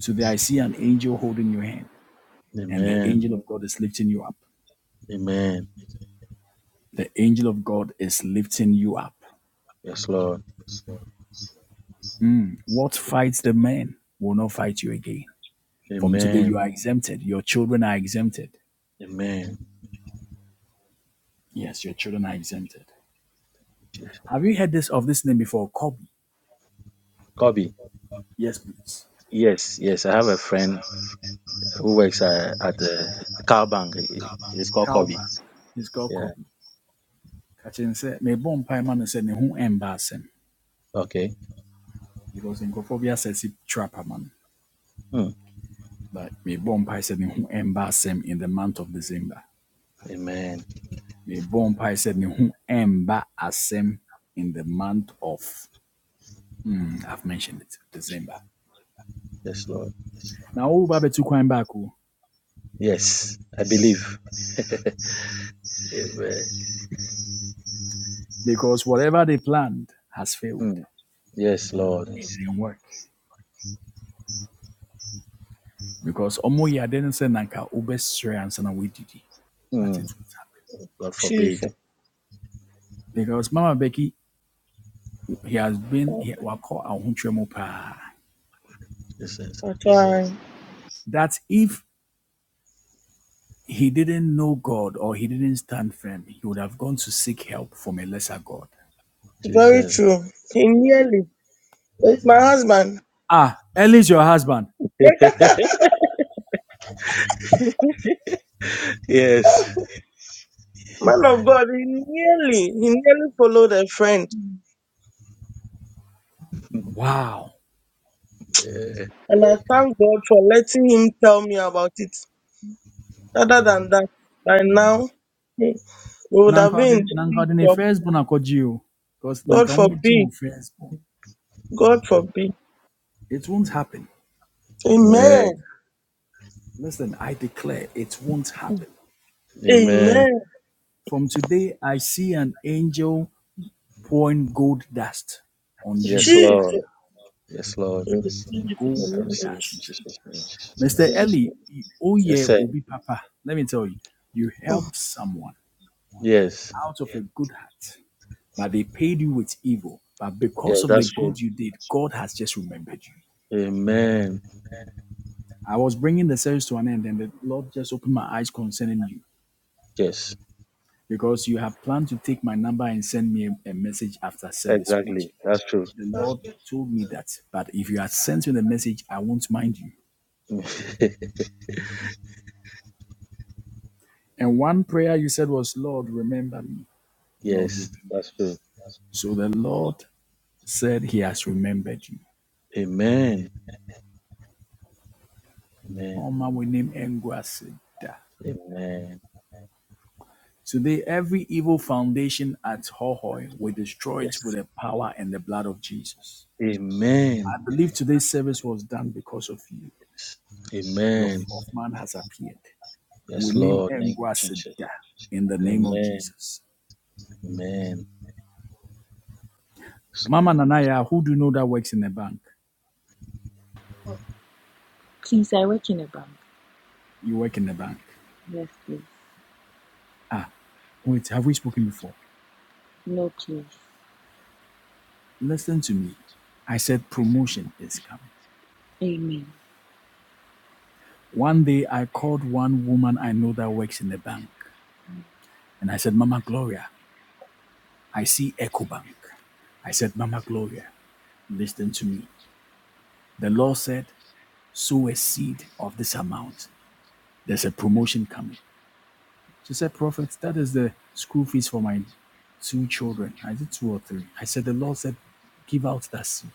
today I see an angel holding your hand, and the
Amen.
angel of God is lifting you up.
Amen.
The angel of God is lifting you up.
Yes, Lord. Yes, Lord.
What fights the man will not fight you again. From today, you
Amen.
are exempted. Your children are exempted.
Amen.
Yes, your children are exempted.
Jesus.
Have you heard this of this name before? Kobe.
Kobe.
Yes, please.
Yes, yes. I have a friend who works uh, at the car bank. It- It's called Kobe.
Kalba. He's called
Yeah.
Kobe. Kachin said, "Me bon pie man said ne ho embarrassing
Okay.
because in Kofobia says he trap man.
Mm.
But me bɔ mpae said ne ho ɛmba asɛm in the month of December.
Amen.
Me bɔ mpae said ne ho ɛmba asɛm in the month of mm, I've mentioned it December.
Yes, Lord.
Now all babetu kwan back o,
Yes, I believe. Amen.
because whatever they planned has failed.
Mm. Yes, Lord.
It didn't work because Omo yɛ didn't say nanka wobɛsrɛ ansa we woadidi but
Mm.
it won't happen.
God
Jesus.
forbid.
Because Mama Becky, he has been he wakɔ ahontwerɛ mu paa.
Jesus.
That's right.
That if he didn't know God or he didn't stand firm, he would have gone to seek help from a lesser God.
Very
Jesus.
true. He
Yes,
nearly, like my
my husband.
husband,
Ah, Ellie's your husband.
Yes.
man
Man
of
of
God,
God,
he nearly, he
really.
nearly followed a friend.
Wow.
Yeah.
And
And I
I
thank God
thank God for
for letting
letting
me
him tell me about it. Other
rather
than
than
that, by
now
now,
we
we would
would
have
Nanka
have been
been in
ɔde-
the
nanka
big
ɔde ne
trouble.
firstborn akɔgye o. Because
God
God
nanka
for
ɔmmɛgye
forbid.
mo firstborn.
God
God for
forbid.
It won't happen.
Amen.
It
Amen.
Amen.
listen, I declare it won't happen.
Amen.
From today, I see an angel pouring gold dust on you.
Yes,
Jesus.
Lord. Yes, Lord. Amen. I
Gold
receive it in
dust.
Jesus' name.
Mr.
Amen.
Ellie, oh
Yes,
yeah,
sir.
Obi Papa. Let me tell you, you
Mm.
helped someone.
Yes.
out of a good heart, but they paid you with evil. But
Yes,
because of the
that's true.
good you did, God has just remembered you.
Amen.
I was bringing the service to an end, and the Lord just opened my eyes concerning you
Yes.
because you have planned to take my number and send me a, a message after service, which
Exactly. That's true.
the Lord told me that. But if you had sent me the message, I won't mind you. And one prayer you said was, Lord, remember me. Lord,
yes,
remember me.
that's true.
So the Lord said, He has remembered you.
Amen. Amen.
Oma we name Engwaseda.
Amen.
Today, every evil foundation at Hohoi we destroy
Yes.
it with the power and the blood of Jesus.
Amen.
I believe today's service was done because of you. Your
Amen.
fourth man has appeared. We
Yes,
name
Lord. Thank you, Jesus.
Engwasida in the name of
Amen.
Jesus.
Amen. Yes,
Mama
Lord.
Nanaya, who do you know that works in a bank?
Please, I work in a bank.
You work in a bank.
Yes, please.
Ah, wait, have we spoken before?
No, please.
Listen to me. I said promotion is coming.
Amen.
One day I called one woman I know that works in the bank. And I said, Mama Gloria, I see EcoBank. I said, Mama Gloria, listen to me. The Lord said, sow a seed of this amount. There's a promotion coming. She said, Prophet, that is the school fees for my two children. I said, two or three. I said, the Lord said, give out that seed.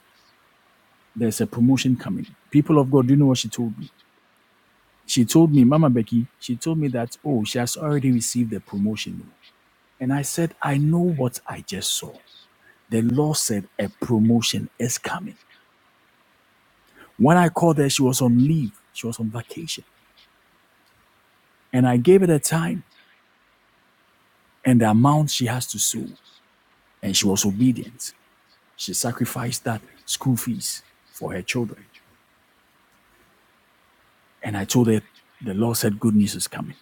There's a promotion coming. People of God, do you know what she told me? She told me, Mama Becky, she told me that, oh, she has already received the promotion. oh." And I said, I know what I just saw. The Lord said, a promotion is coming. When I called her, she was on leave. She was on vacation. And I gave her the time and the amount she has to sue. And she was obedient. She sacrificed that school fees for her children. And I told her the Lord said good news is coming.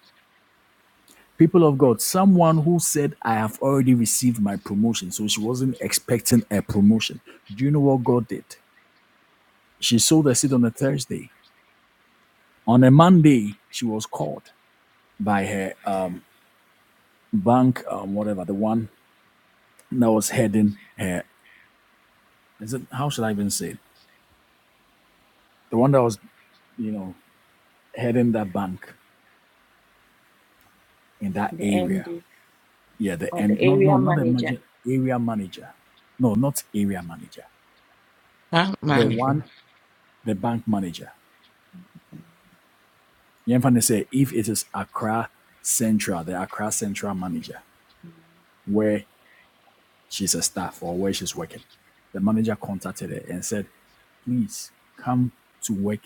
People of God, someone who said, I have already received my promotion. So she wasn't expecting a promotion. Do you know what God did? She sold her seat on a Thursday. On a Monday, she was called by her um, bank, um, whatever, the one that was heading her is it how should I even say it? The one that was, you know, heading that bank in that
The
area.
MD
Yeah, the
or the
and no no
area
not the
manager.
manager, area manager. No, not area manager.
Ah,
The one
Monica.
the bank manager. You understand say if it is Accra Central, the Accra Central manager, where she's a staff or where she's working, the manager contacted her and said, please come to work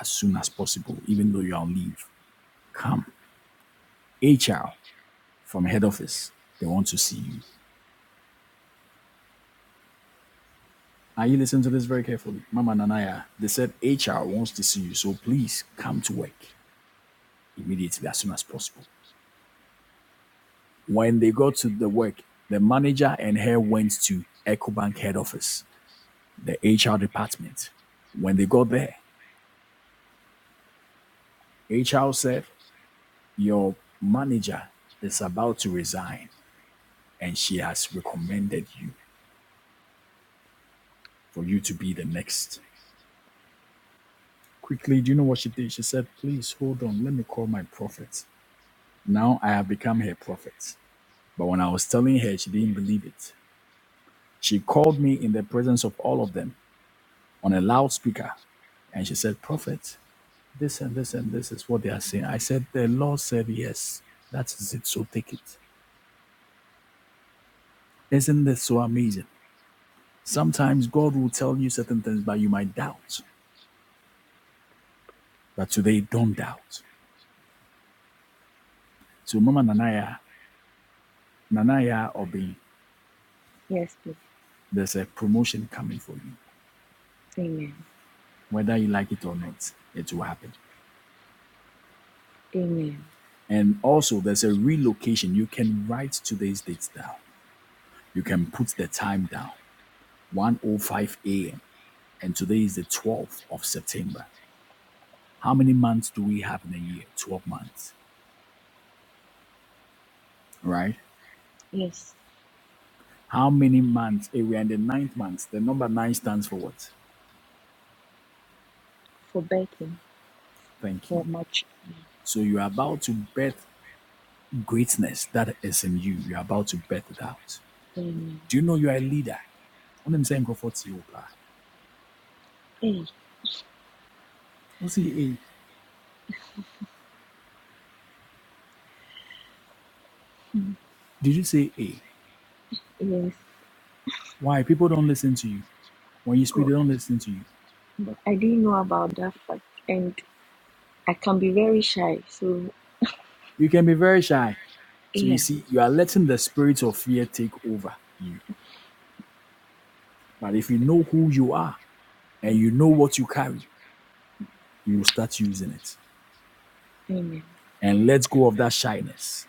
as soon as possible, even though you're on leave. Come. HR from head office, they want to see you. Now you listen to this very carefully. Mama Nanaya, they said HR wants to see you, so please come to work immediately as soon as possible. When they got to the work, the manager and her went to EcoBank head office, the HR department. When they got there, HR said, Your manager is about to resign and she has recommended you for you to be the next. Quickly, do you know what she did? She said, Please hold on, let me call my prophet. Now I have become her prophet. But when I was telling her, she didn't believe it. She called me in the presence of all of them on a loudspeaker and she said, Prophet, this and this and this is what they are saying. I said, The Lord said yes. That is it. So take it. Isn't this so amazing? Sometimes God will tell you certain things, but you might doubt. But today, don't doubt. So, Mama Nanaya, Nanaya Obin,
Yes, please.
there's a promotion coming for you.
Amen.
Whether you like it or not, it will happen.
Amen.
And also, there's a relocation. You can write today's dates down. You can put the time down, 1:05 a.m. And today is the 12th of September. How many months do we have in a year? 12 months, right?
Yes.
How many months? Eh, we are in the ninth month. The number nine stands for what?
For betting.
Thank
For
you.
much.
So you are about to birth greatness that is in you. You are about to birth it out.
Amen.
Do you know you are a leader? What I'm saying, Crawford, to you, pa.
Hey,
What's the A? Did you say A?
yes.
Why people don't listen to you when you speak?
Oh,
They don't listen to you.
but I didn't know about that fact. And I can be very shy. So,
You can be very shy. So you
yeah.
see, you are letting the spirit of fear take over you. But if you know who you are and you know what you carry, you will start using it
Amen.
and let go of that shyness.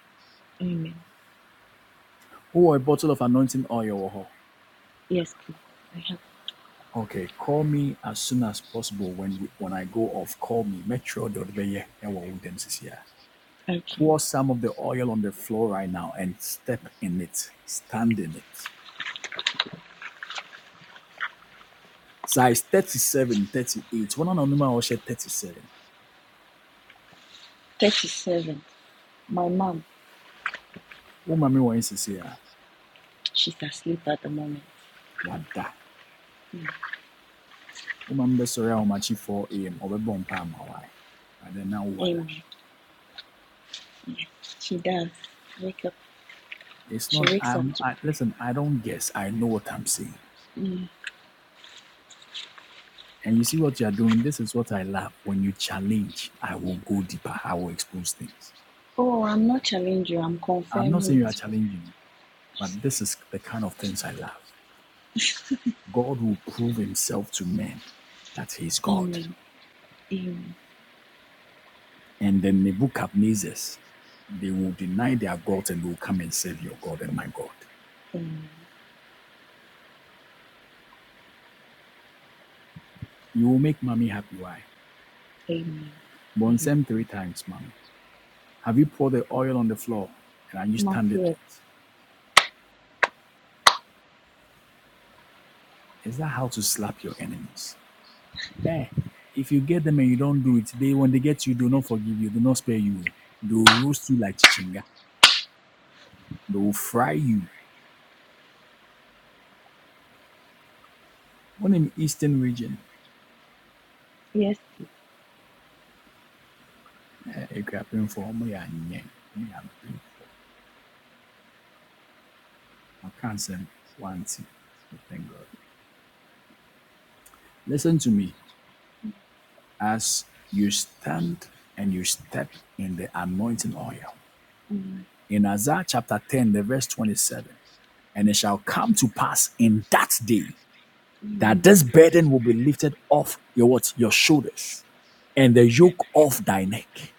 Amen.
Oh, a bottle of anointing oil. oh, oh.
Yes, please. I have.
Okay, call me as soon as possible when we, when I go off. Call me. Metro.
Okay.
Pour some of the oil on the floor right now and step in it. Stand in it. Size 37, 38. One anonymous 37.
37. My mom,
Oh, mommy, what is this here?
she's asleep at the moment.
What that? uma mbesori a umachi 4 a.m. or bomb palm Hawaii. But then now what?
Amen. She does. Wake up.
It's
She
not
wakes up
I'm
to
I,
pray.
listen, I don't guess. I know what I'm saying.
Mm.
And you see what you're doing. This is what I love. When you challenge, I will go deeper. I will expose things.
Oh, I'm not challenging you. I'm
I'm not saying
confirming
you are
it for you.
challenging, but this is the kind of things I love. God will prove himself to men that he is God.
Amen. Amen.
And then Nebuchadnezzar's, they will deny their God and will come and save your God and my God.
Amen.
You will make mommy happy. Why?
Amen. Amen.
Bonsem three times, mommy. Have you poured the oil on the floor and are you
Not
standing
yet.
it? Is that how to slap your enemies? Hey, If you get them and you don't do it, they when they get you, do not forgive you, do not spare you. They will roast you like chichinga. They will fry you. When in eastern region,
Yes.
eh, it could for me and yeah, me and people. I can't send one thing. but Thank God. Listen to me. As you stand and you step in the anointing oil.
Mm.
In Isaiah chapter 10, the verse 27. And it shall come to pass in that day that
Amen.
this burden will be lifted off your what? Your shoulders and the yoke off thy neck.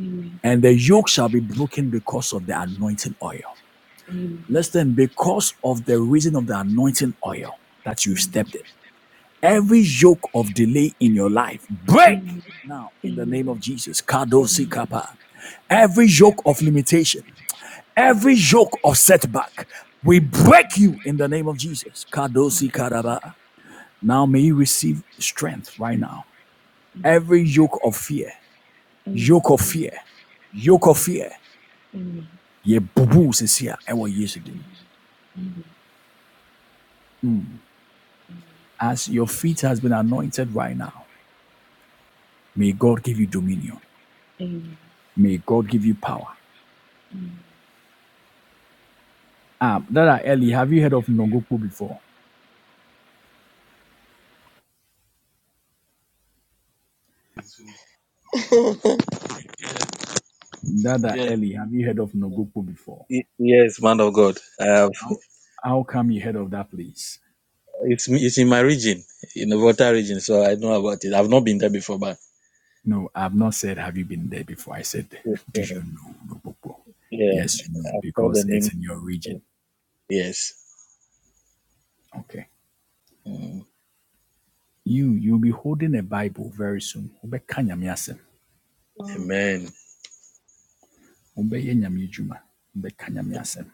Amen.
And the yoke shall be broken because of the anointing oil.
Amen.
Listen, because of the reason of the anointing oil that you've
Mm.
stepped in.
Mm.
Every yoke of delay in your life, break
Amen.
now
Amen. Amen. Amen.
in the name of Jesus.
Amen.
Kadosi kapa. Every yoke of limitation, every yoke of setback, we break you in the name of Jesus. Kadosi karaba. Now may you receive strength right now. Every yoke of fear,
Amen.
yoke of fear, yoke of fear.
Amen.
Ye bubu says here, I will use it. As your feet has been anointed right now, may God give you dominion.
Amen.
May God give you power.
Amen.
Ah, Dada Eli, have you heard of Nogoku before? Dada
Yes,
Eli, have you heard of Nogoku before?
y- yes, man of God.
How, how come you heard of that place?
It's it's in my region, in the Volta region, so I know about it. I've not been there before, but
No, I've not said, have you been there before? I said,
yeah,
do you know Nogoku?
yeah,
Yes, you know,
I've heard the
because it's
name.
in your region.
Yes.
Okay.
Mm.
You, you'll be holding a Bible very soon. Wobɛka Nyame asɛm.
Wow. Amen.
Wobɛyɛ Nyame adwuma. Wobɛka Nyame asɛm.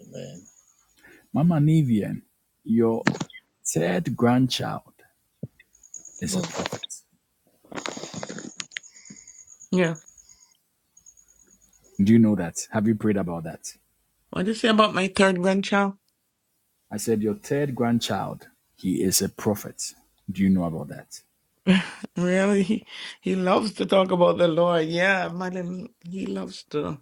Amen.
Mama Nivian, your third grandchild is a prophet.
Yeah.
Do you know that? Have you prayed about that?
What do you say about my third grandchild?
I said, Your third grandchild, he is a prophet. Do you know about that?
Really, he, he loves to talk about the Lord. Yeah, madam, he loves to.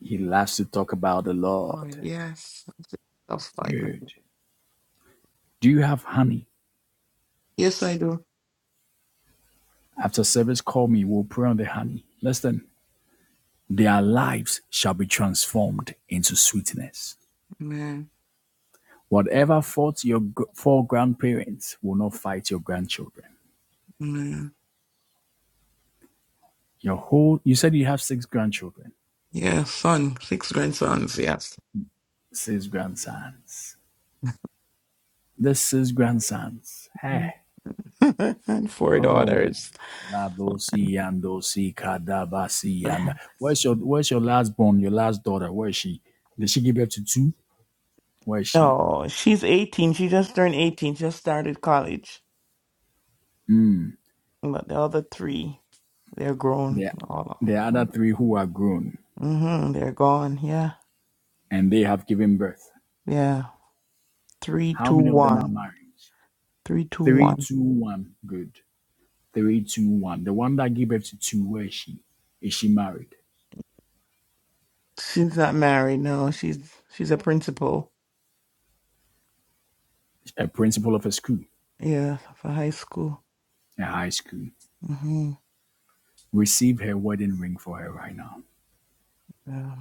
He loves to talk about the
Lord,
Lord.
yes, stuff like that.
Good. Do you have honey?
Yes, I do.
After service, call me. We'll pray on the honey. Listen, their lives shall be transformed into sweetness
Amen.
Whatever faults your gr- four grandparents will not fight your grandchildren.
Amen.
Your whole, you said you have six grandchildren,
Yeah, son, six grandsons, yes.
six grandsons. This six grandsons. Hey,
and four
oh,
daughters.
labosi yandosi kadabasi yanda. Where's your Where's your last born? Your last daughter? Where is she? Did she give birth to two? Where is she?
No, she's 18. She just turned 18, just started college. But the other three, they're grown.
The
All
the other three who are grown
mm-hmm, they're gone. Yeah,
and they have given birth.
yeah. Three,
How
two,
many of them are
one.
married?
Three, two,
Three,
one.
two, one. Good. Three, two, one. The one that gave birth to two, where is she? Is she married?
She's not married. No, she's she's a principal.
A principal of a school,
Yeah, for high school.
a high school.
Mm-hmm.
Receive her wedding ring for her right now.
Yeah.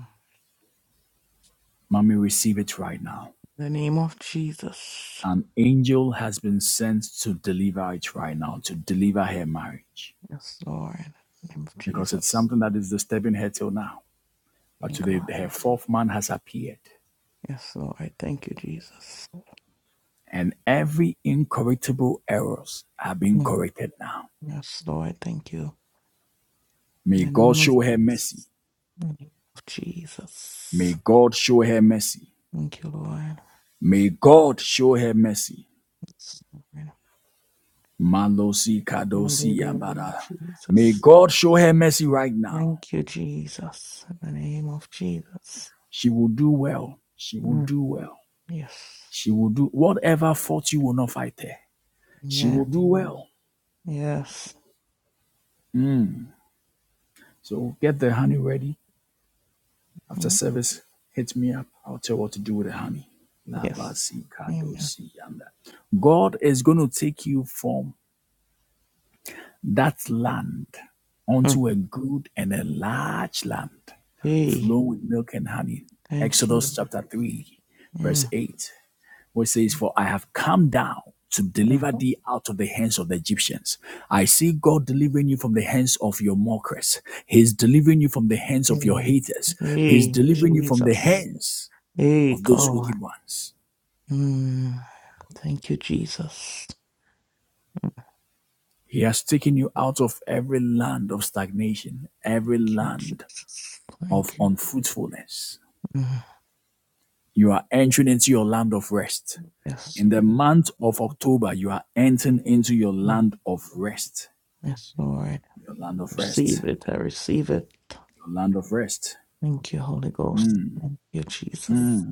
Mommy, receive it right now.
The name of Jesus.
An angel has been sent to deliver it right now, to deliver her marriage.
Yes, Lord. In the name of
Because it's
Jesus.
something that is disturbing her till now. But
Thank you,
today,
Lord.
her fourth man has appeared.
Yes, Lord. Thank you, Jesus.
And every incorrigible errors are being
Yeah.
corrected now.
Yes, Lord. Thank you. In
May
the
God
name of
show her mercy.
Jesus. In the name of
May
Jesus.
God show her mercy.
Thank you, Lord.
May God show her mercy.
Yes, Lord.
Malosi kadosi
Hallelujah,
yambara. May
Jesus.
God show her mercy right now.
Thank you, Jesus. In the name of Jesus.
She will do well. She will
Mm.
do well.
Yes.
She will do whatever fault you will not fight her. She will
Amen.
do well.
Yes.
So get the honey ready. After
Mm.
service, hit me up. I'll tell you what to do with the honey.
Yes.
Labasi
Amen.
kadosi yanda. God is going to take you from that land
Mm.
onto a good and a large land.
Hey.
flow with milk and honey.
Thank you.
Exodus
Lord.
chapter 3, verse
Mm.
8, where it says, For I have come down to
mm.
deliver thee out of the hands of the Egyptians. I see God delivering you from the hands of your mockers. He's delivering you from the hands of your
Mm.
haters. He's
Hey,
delivering you from the
Jesus.
hands
Hey,
of those
God.
wicked ones.
Mm. Thank you, Jesus.
He has taken you out of every land of stagnation, every
Thank you,
land
Jesus.
of
Thank you.
unfruitfulness.
Mm.
You are entering into your land of rest.
Yes.
In the
Thank
month of October, you are entering into your
you.
land of rest.
Yes, Lord.
Your land of rest.
Receive it. I receive it.
Your land of rest.
Thank you, Holy Ghost. Thank you, Jesus.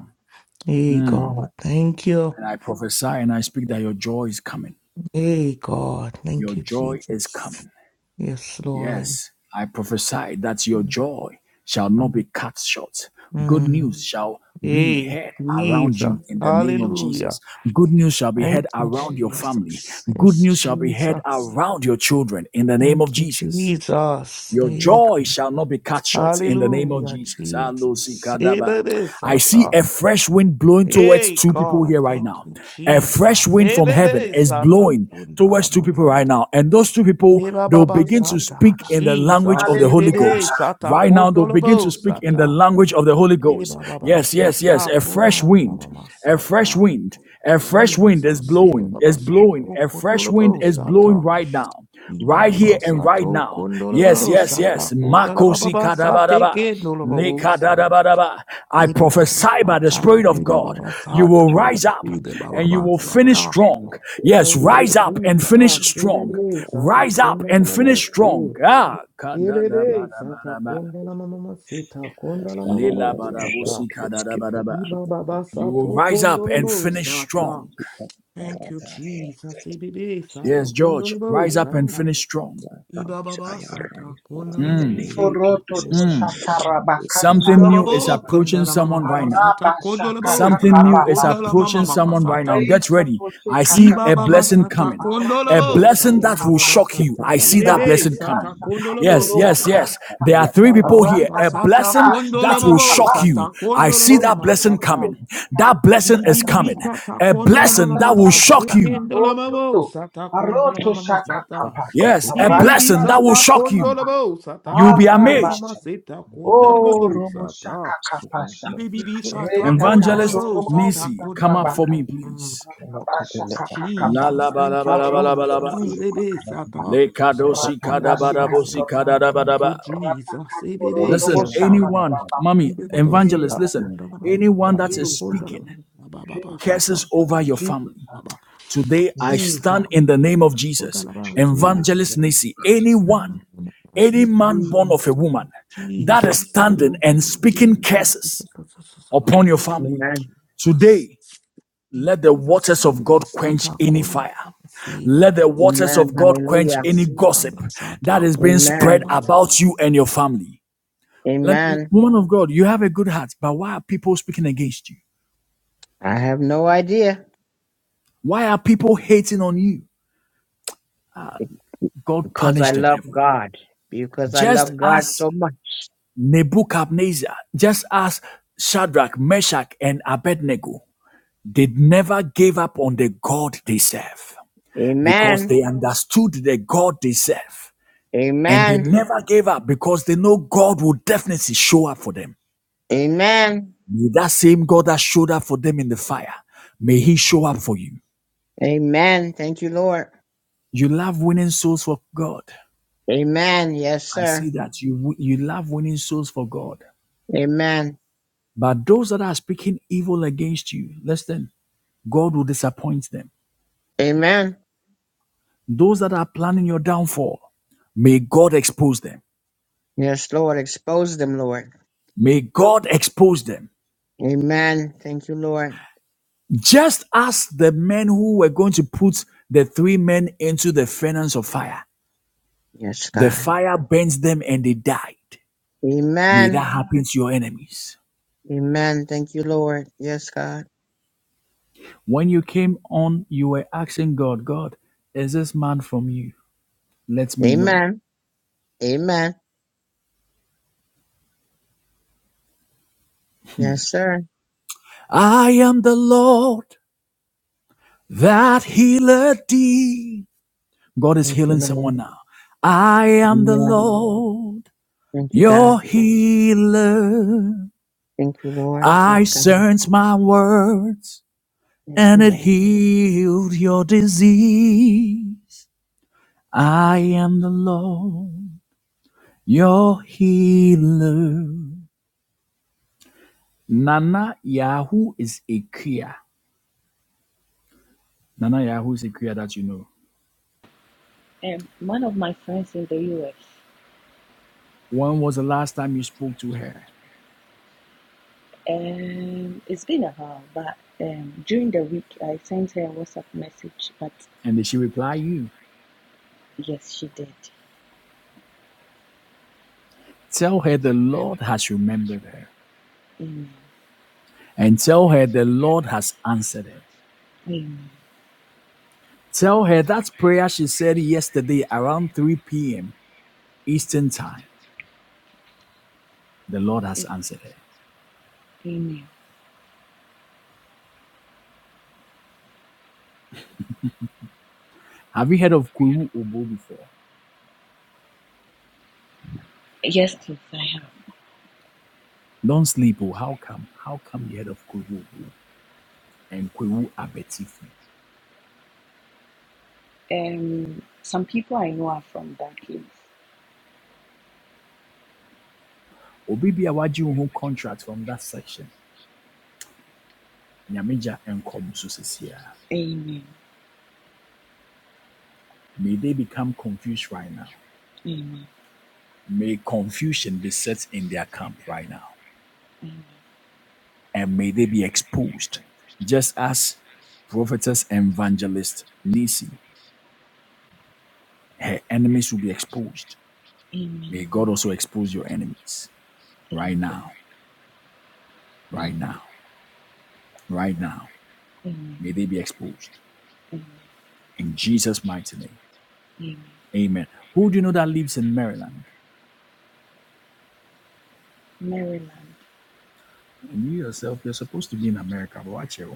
Hey, God. Thank you.
And I prophesy and I speak that your joy is coming.
Hey, God.
Your
Thank you,
joy is
Jesus.
coming.
Yes, Lord.
Yes, I prophesy that your joy
Mm.
shall not be cut short. Good
Mm.
news shall be
Hey,
heard around
Jesus.
you in the name of
Hallelujah.
Jesus. Good news shall be heard
Thank you,
around your family.
Jesus.
Good
Yes,
news shall be heard
Jesus.
around your children in the name
Thank
of
you,
Jesus.
Jesus.
Your
Hey,
joy
God.
shall not be cut short in the name of
Hallelujah,
Jesus.
Jesus. Hey,
Alosikadaba.
baby,
I see
Sata.
a fresh wind blowing towards
Hey,
two people
God.
here right
Thank
now.
you,
A fresh
Jesus.
wind
Hey,
from heaven
baby,
is
Sata.
blowing towards two
Kundalama
people right
Sata.
now. And those two people,
Hey, Baba
they'll begin to
Sata.
speak in the language
Jesus.
of the
Hey,
Holy
Hallelujah.
baby,
Ghost.
Sata.
Right now, they'll begin to
Kundalama
speak in the
Sata.
language of the Holy
Hey,
Ghost.
Baba Baba,
Yes, yes, yes.
Sata.
A fresh wind.
Kundalama
A fresh
Sata.
wind. A fresh wind is
Jesus. Hey,
blowing.
Baba Baba,
Is
Sata.
blowing. A fresh wind
Kundalama
is
Sata.
blowing right now right
Ibaba
here and right
sato
now. Yes,
kondolabo
yes,
sata
yes. Makosi
kotalababa sate
kadabadaba.
ke nolobabo sa.
Lekadadabadaba. I
Ibaba
prophesy by the
sata,
Spirit of God,
ibaba
you will
sato,
rise up and you
ibaba
will finish
sata.
strong. Yes,
Ote
rise up and
kisa,
finish strong.
ibebe sata
Rise up and
kondolamama
finish strong.
si.
Ah,
Ibebe sata
kadadabadabadaba.
kondolamama sita kondolamama sata.
Lelabadabosi kadadabadaba.
Ibaba
You will
sato
rise up and
kondolabo
finish
sata.
strong.
Thank you, Jesus. Ibebe sata
Yes, George,
kondolabo
rise up and
sata.
finish strong.
Ibaba sata kondana mama sata
Orototo
kondana.
Something
Ibaba
new is
shakarabakatarababa.
approaching
kondana mama
someone right
mama
now.
sata kondola bo
Something
sata
new is
Arabashakakakababa.
kondala mama
approaching
mama
someone right
sata.
now. Get ready. I see a
Reitotoshekakata.
Ibaba
blessing
sata
coming.
kondola
A
bo
blessing
sata
that will
baba
Arototoshakaba.
baba
shock you.
sata.
I see that
Ibebe
blessing
sata
coming.
kondola bo
Yes, yes,
sata.
yes.
Ratatasakatoromokakata.
There are three
Ibaba
people here.
baba
A
sata
blessing
kondola
that will
bo
Rantatatashukakakaba.
shock
sata
you. I
kondola
see
mama
that
mama
blessing
sata.
coming. That blessing
Bibi
is
bibi bibi
coming.
Arototoshekaroshakatakata.
sata
A
kondola mama
blessing
mama
that will
sata
shock you.
kondola mama
Rantatatatasakarototo.
sata kondola mama mama sata.
Arotoshakakapa.
Yes, a
BBB
blessing that will
Sata
shock you.
Rantatashikakaraba.
Kondolabo Sata
You'll be amazed.
Kondalamama
Arabasu.
Sata
O
Kondalabo Sata
romoshakakapasha.
BBB Sata
Evangelist
Kondolabo Sata
Nisi, come up for
Rentatasoromosabrabaka.
me,
Kondalamama Mm.
please. La
Rabashakakakapa.
la
Jesus,
ba la
thank
ba
you,
la ba la ba la ba.
Jesus.
Mm.
Ebebe
Arototoshukakakapa.
Sata
Lekadosi
Udababa
kadabarabosi
Ratatashikator.
Sata, thank you,
kadadabadaba.
Jesus. Ebebe
Listen,
Sata
anyone,
Ratakatororoboshakaraba.
mommy,
Ibebaba
Eh,
evangelist,
Sata
listen,
Kondalamama
anyone that
Sata
is
Jesus,
speaking
Kondalamama Baba
Jesus,
Sata
curses over your
Kondalamama
family.
Jesus,
Baba
Today I
Sata
stand
Jesus,
in the
Kondalamama
name of
Sata
Jesus,
kondalamama
Jesus.
evangelist Nisi, anyone, any
sata.
man born
Mm,
of a woman that is
Jesus.
standing
mm,
and speaking curses upon your
mm.
family.
Amen.
Jesus.
Today, Let the
Jesus.
waters of God quench any
Satakonda.
fire.
See.
Let the waters
Amen.
of God quench
Hallelujah.
any
Jesus.
gossip that is being spread
Amen.
Satakonda.
about you and your family. Let,
Amen.
woman of God, you have a good heart, but why are people speaking against you?
I have no idea
Why are people hating on you? God
because I
punished the
love
devil.
God. Because I
Just
love God
as
so much.
Nebuchadnezzar, just as Shadrach, Meshach, and Abednego, they never gave up on the God they serve because
Amen.
they understood the God they serve. And they
Amen.
never gave up because they know God will definitely show up for them.
Amen.
May that same God that showed up for them in the fire, may He show up for you.
Amen. Thank you, Lord.
You love winning souls for God.
Amen. Yes,
I see
sir.
that you you love winning souls for God.
Amen.
But those that are speaking evil against you, listen, God will disappoint them.
Amen.
Those that are planning your downfall, may God expose them.
Yes, Lord. Expose them, Lord.
May God expose them.
Amen. Thank you, Lord.
Just as the men who were going to put the three men into the furnace of fire,
Yes,
The
God.
fire burns them and they died. May
Amen.
that happen to your enemies.
Amen. Thank you, Lord. Yes, God.
When you came on, you were asking God, God, is this man from you? Let me know.
Amen. Amen. Yes, sir.
I am the Lord that healeth thee. God is
Thank you,
healing
Lord.
someone now. I am the
Amen.
Lord,
Thank you, God.
your healer.
Thank you, Lord. Yes,
I
God.
sent my words
Thank you,
and it
Lord.
healed your disease. I am the Lord. Your healer. Nana Yahoo is a Kriya. Nana Yahoo is a Kriya that you know.
Um, one of my friends in the U.S.
When was the last time you spoke to her?
Um, it's been a while, but um, during the week I sent her a WhatsApp message. But
And did she reply you?
yes, she did.
Tell her the Lord has remembered her.
Amen.
And tell her the Lord has answered her.
Amen.
Tell her that prayer she said yesterday around 3 p.m. Eastern Time, the Lord has answered her.
Amen.
Have you heard of Kwewu Obo before?
Yes, please, I have.
Don't sleep. Oh, how come? How come you heard of Kwewu Obo and Kwewu Abetifi?
Um, some people I know are from that place.
obi bi a wagye contract from that section, Nyamija and Kobususisia.
Amen.
May they become confused right now.
Amen.
May confusion be set in their camp right now.
Amen.
And may they be exposed. Just as prophetess and evangelist Nisi, her enemies will be exposed.
Amen.
May God also expose your enemies
Amen.
right now,
Amen.
right now, right now.
Amen.
May they be exposed.
Amen.
In Jesus' mighty name.
Amen.
Amen. Who do you know that lives in Maryland?
Maryland.
And you yourself, you're supposed to be in America, but watch it.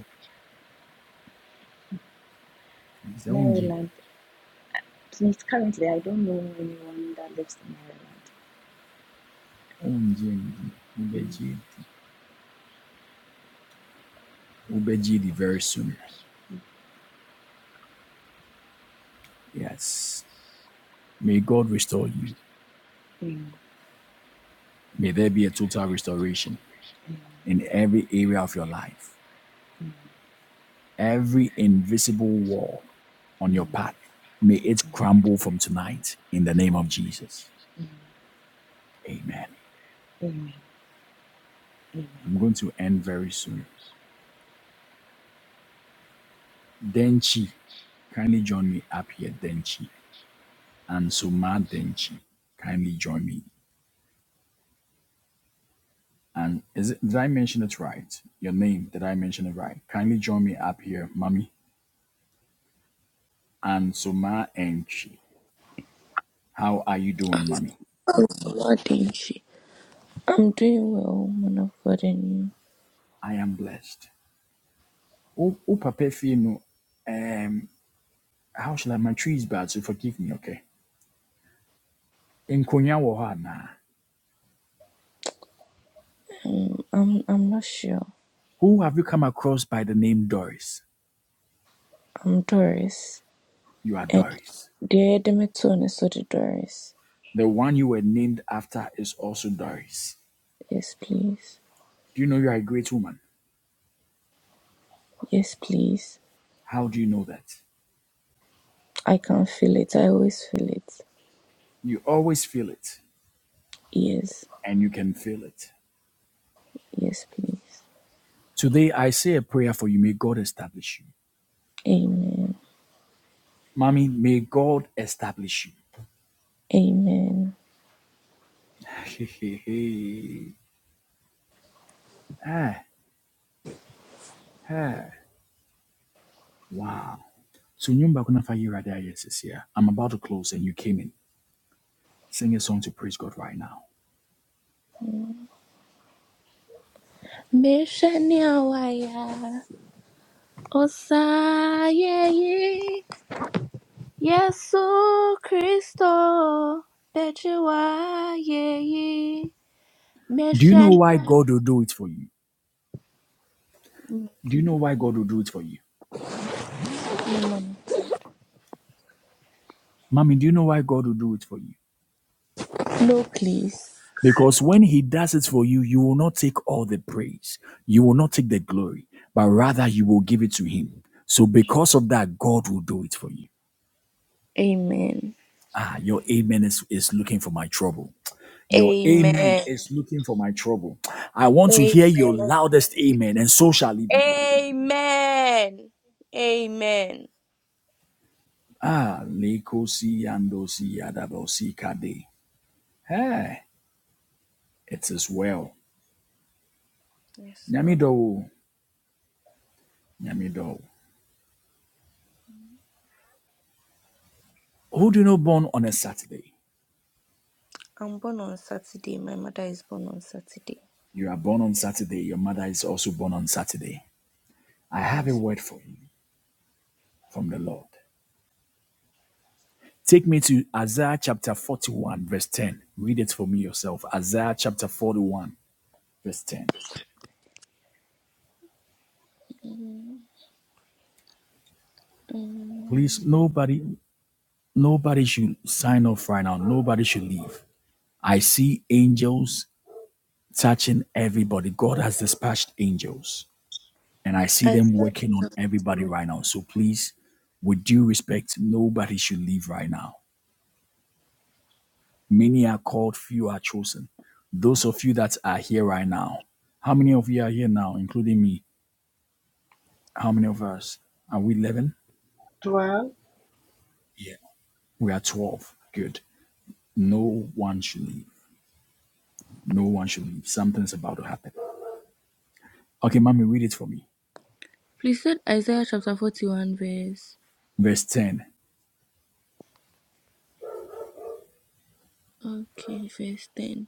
It's only
Maryland. Please, currently, I don't know anyone that lives in Maryland.
Ubejidi very soon. Yes. May God restore you.
Mm. Amen.
May there be a total restoration
Amen.
in every area of your life.
Amen.
Every invisible wall on your
Amen.
path, may it
Amen.
crumble from tonight in the name of
Amen.
Jesus.
Amen.
Amen.
Amen.
I'm going to end very soon. Denchi, kindly join me up here, Denchi. And Suma Denchi, kindly join me. And is it, did I mention it right? Your name, did I mention it right? Kindly join me up here, mommy. And Soma Enchi. How are you doing, mommy?
What did she? I'm doing well, man of God, and you?
I am blessed. Oh, oh papa Fino, Um, how shall I my tree is bad, so forgive me, okay? In Konya Wohana.
Um, I'm I'm not sure.
Who have you come across by the name Doris?
I'm Doris,
You are
and
Doris.
dear Demetone is so the Doris.
The one you were named after is also Doris.
Yes, please.
Do you know you are a great woman?
Yes, please.
How do you know that?
I can feel it. I always feel it.
You always feel it,
Yes,
and you can feel it.
yes, please.
Today, I say a prayer for you. May God establish you.
Amen.
Mommy, may God establish you.
Amen.
ah, ah, wow. So, nyumba kuna fa yira da yes is here. I'm about to close and you came in. Sing a song to praise God right now.
Meshania waya osaye Yesu Kristo bejiwa ye
Do you know
Mission.
why God will do it for you? Do you know why God will do it for you?
name.
Mommy, do you know why God will do it for you?
No, please.
Because when He does it for you, you will not take all the praise, you will not take the glory, but rather you will give it to Him. So, because of that, God will do it for you.
Amen.
Ah, your amen is, is looking for my trouble. Your amen
Amen.
is looking for my trouble. I want to
A-
hear your loudest amen, and so shall it be.
Amen. Amen.
Ah, leko si ando si adabo si kade. Hey, it is well.
Yes, Lord.
Nyamido, nyamido. Who do you know born on a Saturday?
I'm born on Saturday. My mother is born on Saturday.
You are born on Saturday. Your mother is also born on Saturday. I have a
Yes.
word for you from the Lord. Take me to Isaiah chapter 41, verse 10. Read it for me yourself. Isaiah chapter 41 verse 10.
And
Please, nobody, nobody should sign off right now. Nobody should leave. I see angels touching everybody. God has dispatched angels, and I see them
Isaiah,
working on
chapter-
everybody right now. So please, with due respect, nobody should leave right now. Many are called, few are chosen. Those of you that are here right now, how many of you are here now, including me? How many of us? Are we 11? Yeah, We are 12. Good. No one should leave. No one should leave. Something's about to happen. Okay, mommy, read it for me.
please said Isaiah chapter 41, verse.
Verse 10.
Okay, verse 10.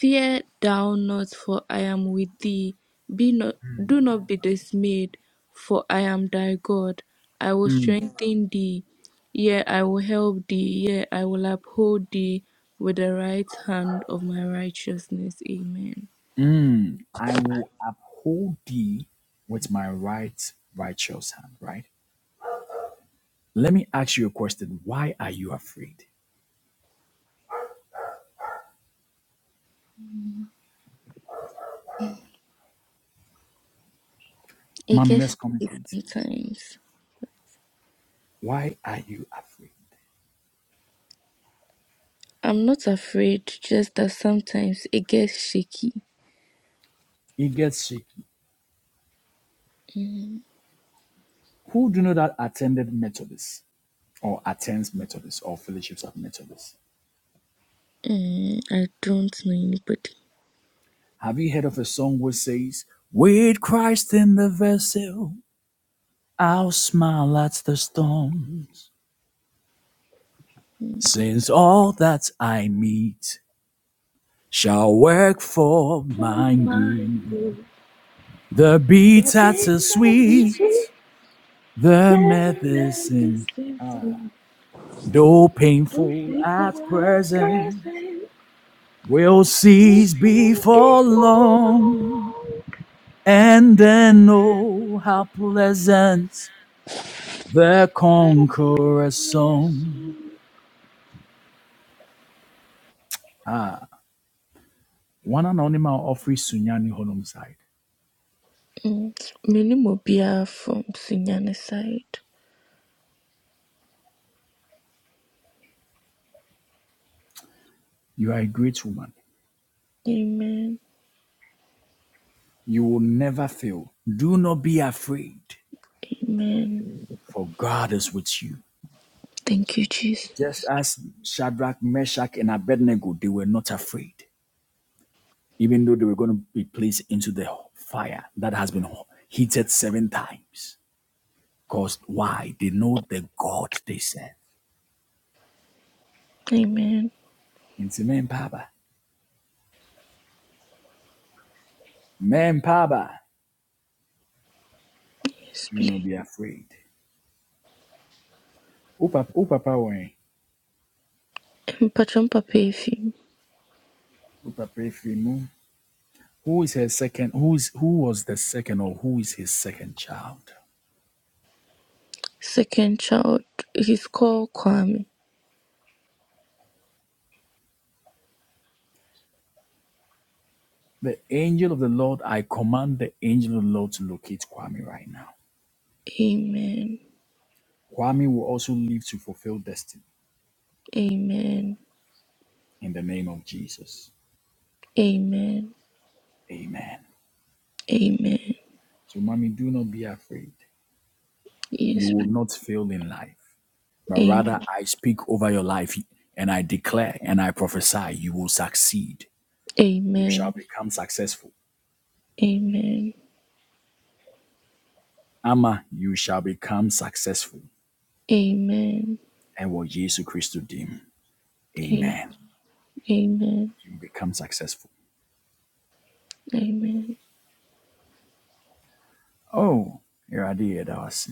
Fear thou not, for I am with thee. Be not, do not be dismayed, for I am thy God. I will
Mm,
strengthen thee. Yea, I will help thee. Yea, I will uphold thee with the right hand of my righteousness. Amen.
mm, I will uphold thee with my right righteous hand, right? Let me ask you a question. Why are you afraid?
It
Mommy,
gets
let's
shaky
communicate.
sometimes.
Why are you afraid?
I'm not afraid, just that sometimes it gets shaky.
It gets shaky.
Mm,
Who do you know that attended Methodist or attends Methodist or fellowships of Methodist?
mm, I don't know anybody.
Have you heard of a song which says, With Christ in the vessel, I'll smile at the storms." since all that I meet shall work for
For
my
my
good.
good,
The
the
bitter to
better
sweet,
receive
the
the
medicine,
medicine from
though
who
painful
think for
at
what
present,
present,
will
who
cease
think
before
before
long,
long,
and then oh, how pleasant the
have you
conqueror's song.
correction?
One anonymous offering Sunyani Holmes
Mm. Me ne from Sunyana side.
You are a great woman.
Amen.
You will never fail. Do not be afraid,
Amen.
for God is with you.
Thank you, Jesus.
Just as Shadrach, Meshach, and Abednego, they were not afraid, even though they were going to be placed into the fire that has been heated seven times. Because why? They know the God they serve.
Amen.
Into men papa, Men papa,
Yes,
Do not
please.
be afraid. Upa papa power.
Mpachompa Pefi,
Upa Who is her second? Who is who was the second or who is his second child?
second child, he's called Kwame.
The angel of the Lord, I command the angel of the Lord to locate Kwame right now.
Amen.
Kwame will also live to fulfill destiny
Amen.
in the name of Jesus.
Amen.
Amen.
Amen.
So, mommy, do not be afraid. You
Yes,
will
please.
not fail in life, but
Amen.
rather I speak over your life and I declare and I prophesy you will succeed. You shall
Amen.
become successful.
Amen.
Ama, you shall become successful.
Amen.
And what Jesus Christ did,
Amen.
Amen. You become successful.
Amen.
Oh, here I did. That was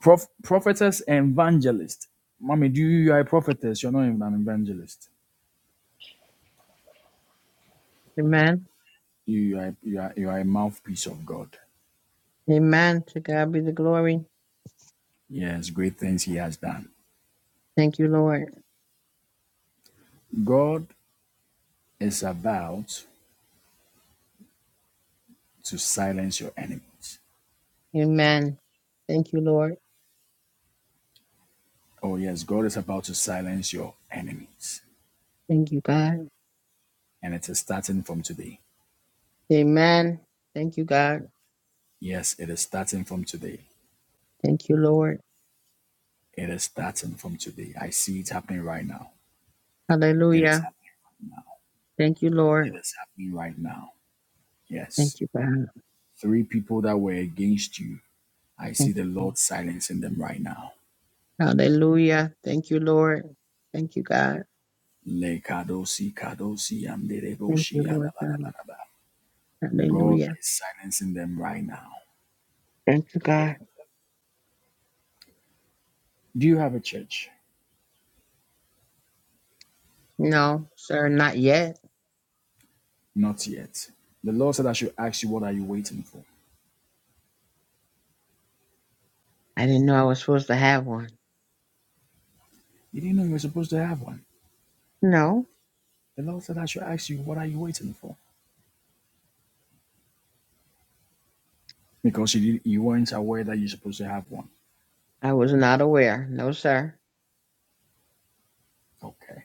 Prof, prophetess and evangelist. Mommy, do you, you are a prophetess? You're not even an evangelist.
Amen.
You, you are you are you are a mouthpiece of God.
Amen. To God be the glory.
Yes, great things He has done.
Thank you, Lord.
God is about to silence your enemies.
Amen. Thank you, Lord.
Oh yes, God is about to silence your enemies,
Thank you, God.
and it is starting from today.
Amen. Thank you, God.
Yes, it is starting from today.
Thank you, Lord.
It is starting from today. I see it happening right now. It is
Hallelujah.
happening right now.
Thank you,
It
Lord.
is happening right now. Yes.
Thank you, God.
Three people that were against you I see
Thank
the
you, Lord.
Lord silencing them right now.
Hallelujah. Thank you, Lord. Thank you, God.
Lekadosi kadosi
Thank
yandereboshi
you, Lord God.
yandabadabadaba. God
Hallelujah.
is silencing them right now.
Thank you, God.
Do you have a church?
No, sir, not yet.
Not yet. The Lord said I should ask you, what are you waiting for?
I didn't know I was supposed to have one.
You didn't know you were supposed to have one.
No,
The Lord said I should ask you, what are you waiting for? Because you, didn't, you weren't aware that you're supposed to have one.
I was not aware. No, sir.
Okay.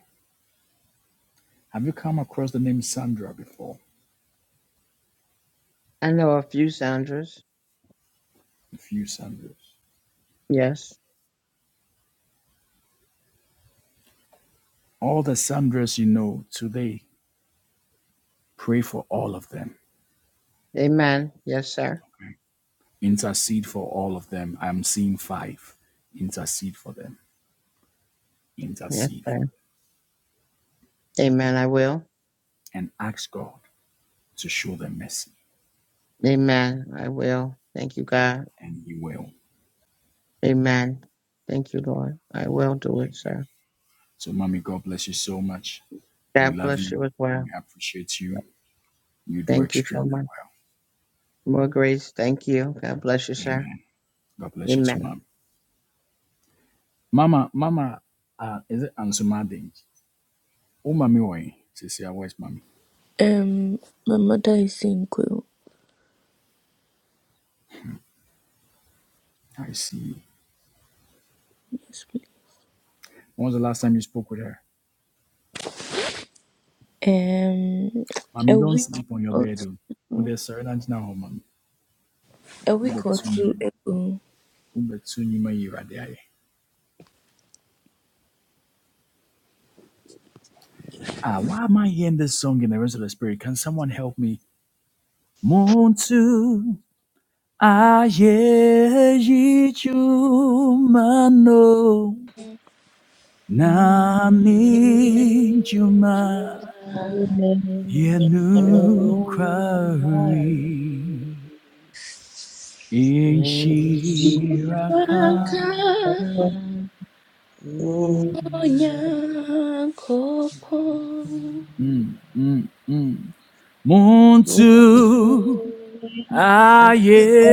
Have you come across the name Sandra before?
I know a few Sandras.
A few Sandras.
Yes.
All the Sandras you know today, pray for all of them.
Amen. Yes, sir.
Intercede for all of them. I'm seeing five. Intercede for them.
Yes,
Intercede
sir.
for them.
Amen. I will.
And ask God to show them mercy.
Amen. I will. Thank you, God.
And He will.
Amen. Thank you, Lord. I will do
He
it,
will.
sir.
So, Mommy, God bless you so much. We
God
love
bless
you.
you as well.
We appreciate you. You do
Thank you so
extremely
much.
well.
More grace. Thank you. God bless you, sir.
Amen. God bless you too,
Amen.
Mom. Mama, Mama, uh, is it Ansuma Ding? Oh, Mommy, why? Cecilia, where's Mommy?
Um, my mother is in Quill.
I see.
Yes, please.
When was the last time you spoke with her?
Um,
Mommy,
a
don't
week
sleep on your
or
bed. Oh, Oh,
two,
there's Serenity now, oh, Mommy.
a
Who
week
bet
or
to
two
you? Umetsu nyuma y'Iwurade ayɛ. Ah, why am I hearing this song in the rest of the spirit? Can someone help me? Muntu ayeyi chumano nani chuma
Amen.
ago.
yenu
Yellow quarry,
kwari
yes, she
Kirako
inshiraka.
Amen.
ran, I
Yakobon,
Mm, mm. Muntu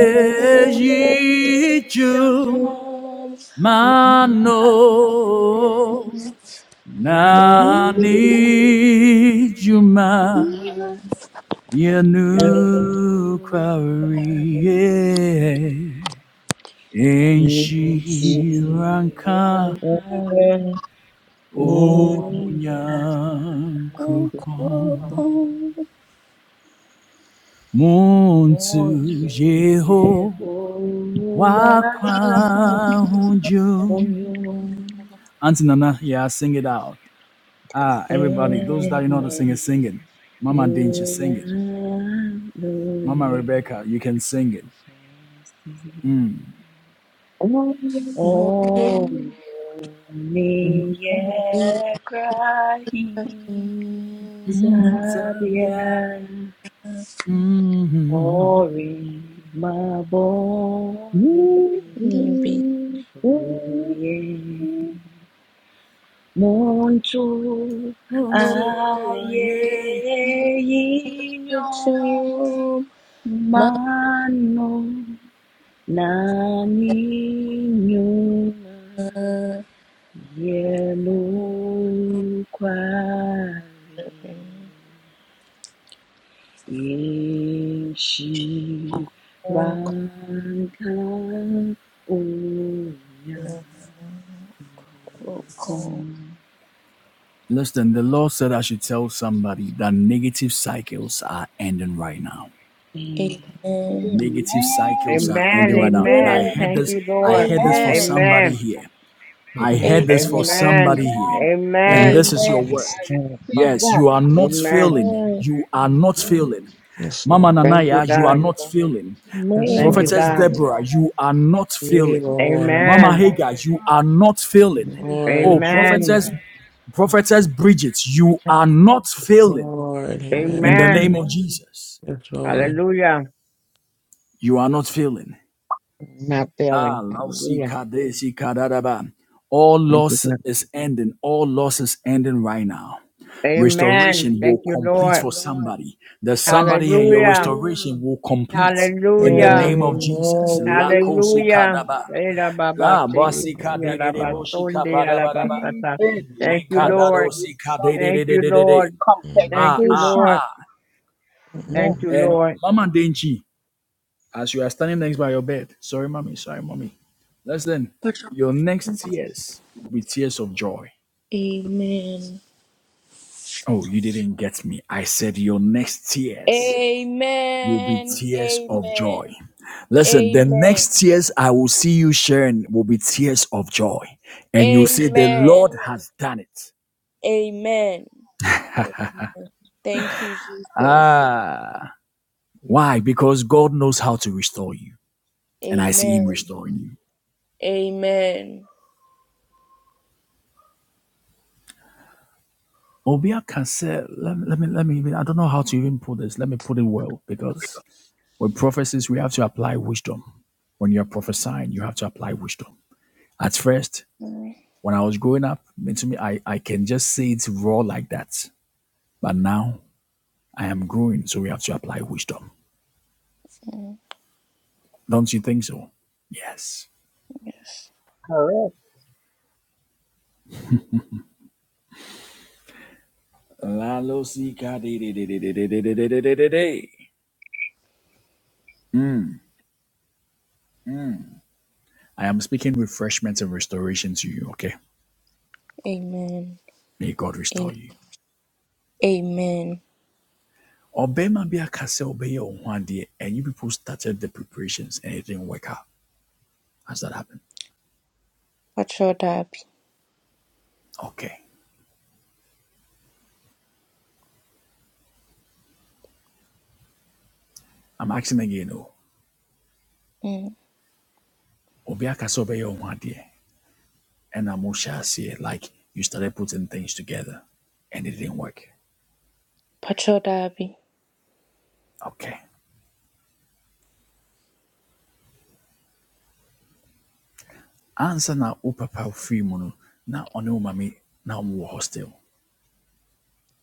I
Yom Yakobon,
know
Mano
Amen.
nani juma yanu kwari enshi ranka
Yeshua,
onyankupon
Yeshua,
muntu
Wotu
jeho
Jehovah kwa
wakwa hunjum. Auntie Nana, yeah, sing it out. Ah, everybody, those that you know how to
uyuseme
sing is singing. Mama Dinch is singing. Mama
yuyanduye
Rebecca, you can sing it.
shesi.
Mm.
Omiye
Moyani,
krahi sabya ori maboni bi.
Nibi
right.
Ye mon Dieu,
Chum,
aye inyo mano na ninyo yellow quarry in she rankan unya
Ma. Roll call.
Listen, the Lord said I should tell somebody that negative cycles are ending right now.
Amen.
Amen.
Negative
Amen.
cycles are
Amen.
ending right now. And I
Amen.
heard
Thank
this,
you,
I
Lord.
heard this for
Amen.
Amen.
somebody
Amen.
here. I heard this for
Amen.
Amen.
somebody
Hallelujah.
here.
Thank
And
you,
Amen.
this is
Amen.
your word.
Jesus.
I receive
Wow.
Yes,
that.
you are not
Amen.
failing. You are not
Mm,
failing.
Yes,
Mama
Lord.
Thank you,
Nanaya, you are
God.
not failing.
Yes,
Thank you,
Lord.
Amen.
Prophetess
God.
Deborah, you are not
Hey,
failing.
Lord.
I
Mama
am
Amen.
Hagar, you are
not.
not failing.
Thank you,
Oh,
Lord.
Amen.
prophetess,
Jesus.
prophetess Bridget, you
Yes,
are not failing.
Lord.
In
Amen.
the
Amen.
name of Jesus,
Yes, Lord.
Hallelujah.
you are not failing.
Not
Ah,
failing.
lausi
Hallelujah.
kadesi kadaraba. All
Thank you,
loss
God.
is ending. All loss is ending right now.
Amen.
Restoration
Thank
will
you,
complete
Lord.
for somebody. There's somebody here. Your
Hallelujah.
restoration will complete in the
Hallelujah.
name of Jesus.
Amen.
Lakosi
Hallelujah.
Amen.
kadaba.
Era baba
La
shiki
masika
ki
de de
ara
de
ba
boshika
sonde
bada bada ba.
Feedback.
Thank you,
Leka
That's the
dado
Lord.
sika
reason.
de de de
Thank
de
you,
de de
The
de.
Lord.
Amen.
Ah
Thank you,
ah
compensation.
Lord.
ah.
Yeah.
Yes,
Thank you,
And
Lord.
Mama Denchi, as you are standing next by your bed, sorry mommy, sorry mommy. Listen,
Put
your next tears will be tears of joy.
Amen.
Oh, you didn't get me. I said your next tears will be
Amen.
tears of
Amen.
joy. Listen, the
Amen.
next tears I will see you sharing will be tears of joy. And you'll say, The
Amen.
Lord has done it.
Amen. Amen. Thank you, Jesus.
Ah. Why? Because God knows how to restore you, and I see Him
Amen.
restoring you.
Amen.
Obia can say, let me, let me, let me, I don't know how to even put this. Let me put it well, because with prophecies, we have to apply wisdom. When you're prophesying, you have to apply wisdom. At first,
Mm,
when I was growing up, to me, I, I can just say it raw like that. But now I am growing, so we have to apply wisdom.
mm,
Don't you think so? Yes.
Yes.
correct.
La lo si ka de de de de de de de de de de de. I am speaking refreshment and restoration to you, okay?
Amen.
May God
Amen.
restore you.
Amen.
Obema be a castle be one day, and you people started the preparations and it didn't work out. How's that happen?
Pacho Dabi.
Okay. I'm asking again, oh,
Mm.
Obi castle be one day, and I'm sure, see like you started putting things together and it didn't work.
Pacho Dabi.
Okay. Answer now, oh, Papa oh, free mono. Now, on your mommy, now i hostel.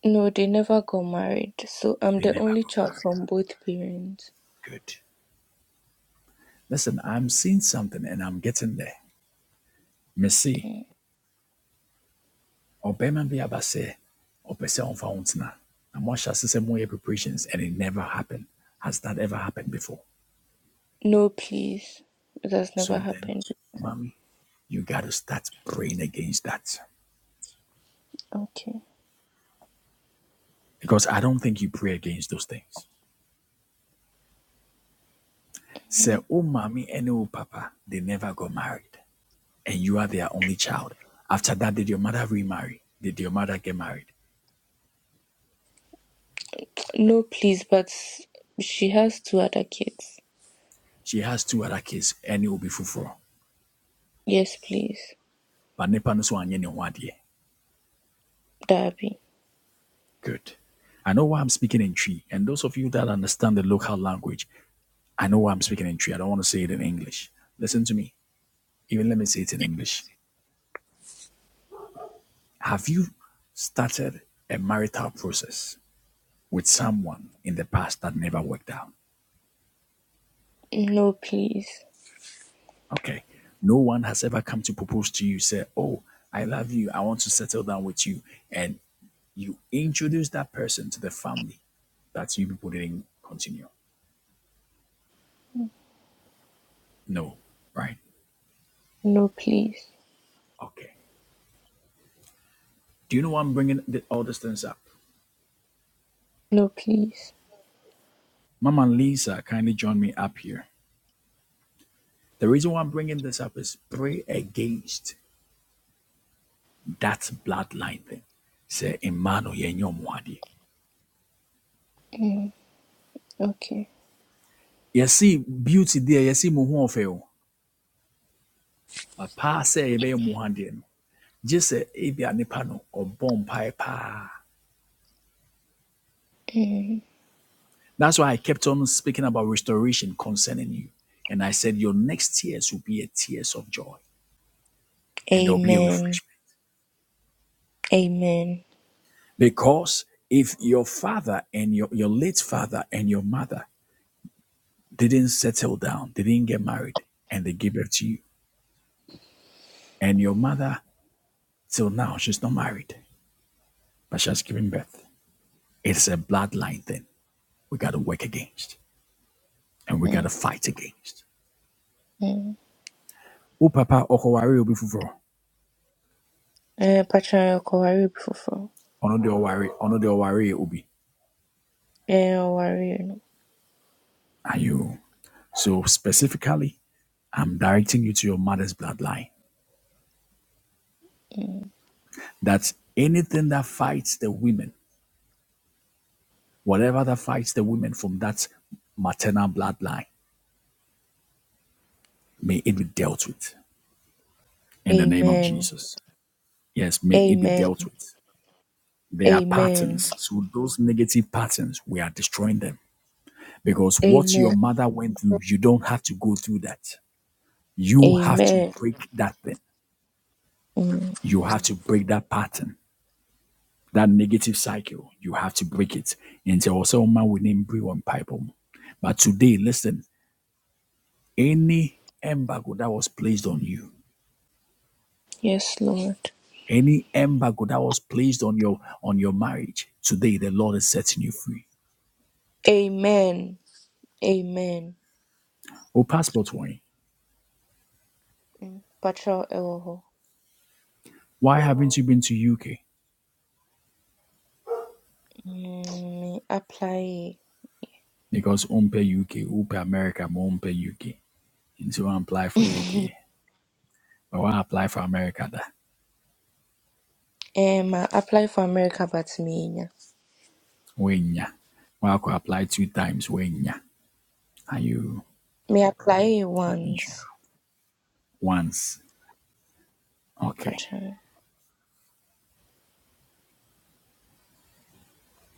No, they never got married, so I'm
They
the
never
only
go back.
child from both parents.
Good. Listen, I'm seeing something and I'm getting there. Messi.
Mm.
ɔbarima bi aba sɛ ɔpɛ sɛ ɔmfa wo ntena na moahyɛ ase sɛ moyɛ preparations and it never happened has that ever happened before
No, please. That's never
so then
happened.
mommy you got to start praying against that
Okay.
because i don't think you pray against those things sɛ oh mommy and oh papa they never got married and you are their only child after that did your mother remarry did your mother get married
No, please, but she has two other kids.
she has two other kids and ɛne obi foforɔ
Yes, please.
but nipa no so anyɛ ne ho adeɛ
Darby.
Good. I know why I'm speaking in Tree. And those of you that understand the local language, I know why I'm speaking in Tree. I don't want to say it in English. Listen to me. Even let me say it in English. Have you started a marital process with someone in the past that never worked out?
No, please.
Okay. No one has ever come to propose to you, say, Oh, I love you. I want to settle down with you. And you introduce that person to the family that you people didn't continue. No, right?
No, please.
Okay. Do you know why I'm bringing th- all these things up?
No, please.
Mama Lisa kindly join me up here. The reason why I'm bringing this up is pray against that bloodline thing. Say, Emmanuel, ye
Mm. Okay.
you see beauty there, you see muhu of you. Papa say, ebe muhandi. Just say, ebia nipa no, or bomb pa.
Mm.
That's why I kept on speaking about restoration concerning you. And I said, your next tears will be a tears of joy and there'll be a
Amen.
refreshment.
Amen.
Because if your father and your, your late father and your mother didn't settle down, they didn't get married, and they gave birth to you, and your mother till now, she's not married, but she has given birth. It's a bloodline thing. We gotta work against and we
Mm.
gotta fight against.
Mm.
Oh papa okowari obi fufuro.
Eh, Patron, you're worried before.
Ono de owari, ono de owari obi.
Eh, you're worried, you know.
Are you so specifically I'm directing you to your mother's bloodline. That's anything that fights the women Whatever that fights the women from that maternal bloodline, may it be dealt with in the name of
Amen.
Jesus. Yes, may it be
Amen.
dealt with. There are
Amen.
patterns. So those negative patterns, we are destroying them. Because what your
Amen.
mother went through, you don't have to go through that. You have to
Amen.
break that thing.
Mm.
You have to break that pattern, that negative cycle. You have to break it. And so also man we name brew on pipe. But today, listen, any embargo that was placed on you,
Yes, Lord.
Any embargo that was placed on your on your marriage, today the Lord is setting you free.
Amen. Amen.
Oh, passport wine.
Mm. Patrol Ewoho.
Why haven't you been to UK?
Mm, Me apply.
Because umpe UK, umpe America, mo umpe UK. and so I apply for UK. But I apply for America da?
um, I apply for America, but me, yeah.
Wenya. Why could apply two times? Wenya. Are you
me apply
Let me show you.
once.
once? Okay.
Patrol.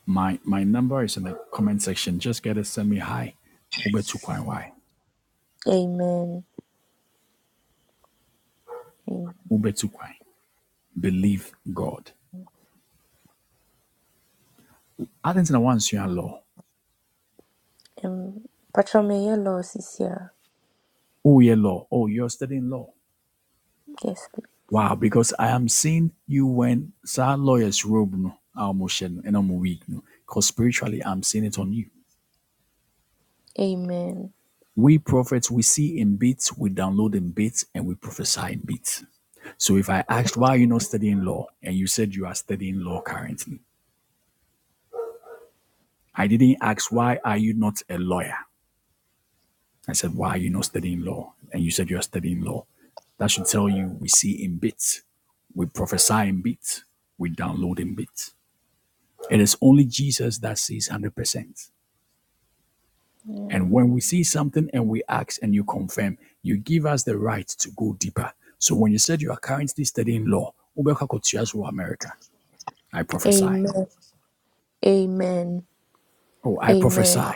My my number is in the comment section. Just get it, send me hi. Ube tukwai why?
Amen. Amen.
Ube tukwai. Believe God. I think na once you are law.
Um, Patrol me yellow this year.
Oh, yeah, law. Oh, you're studying law.
Yes, please.
Wow, because I am seeing you when sir lawyers robe no almotion and I'm weak no. Because spiritually I'm seeing it on you.
Amen.
We prophets, we see in bits, we download in bits, and we prophesy in bits. So if I asked why are you not studying law, and you said you are studying law currently, I didn't ask why are you not a lawyer. I said, Why are you not studying law? And you said you are studying law. That should tell you we see in bits, we prophesy in bits, we download in bits. It is only Jesus that sees 100%.
Yeah.
And when we see something and we ask and you confirm, you give us the right to go deeper. So when you said you are currently studying law, wobɛkɔ akɔtua so America. I prophesy.
Amen. Amen.
Oh, I
Amen.
prophesy.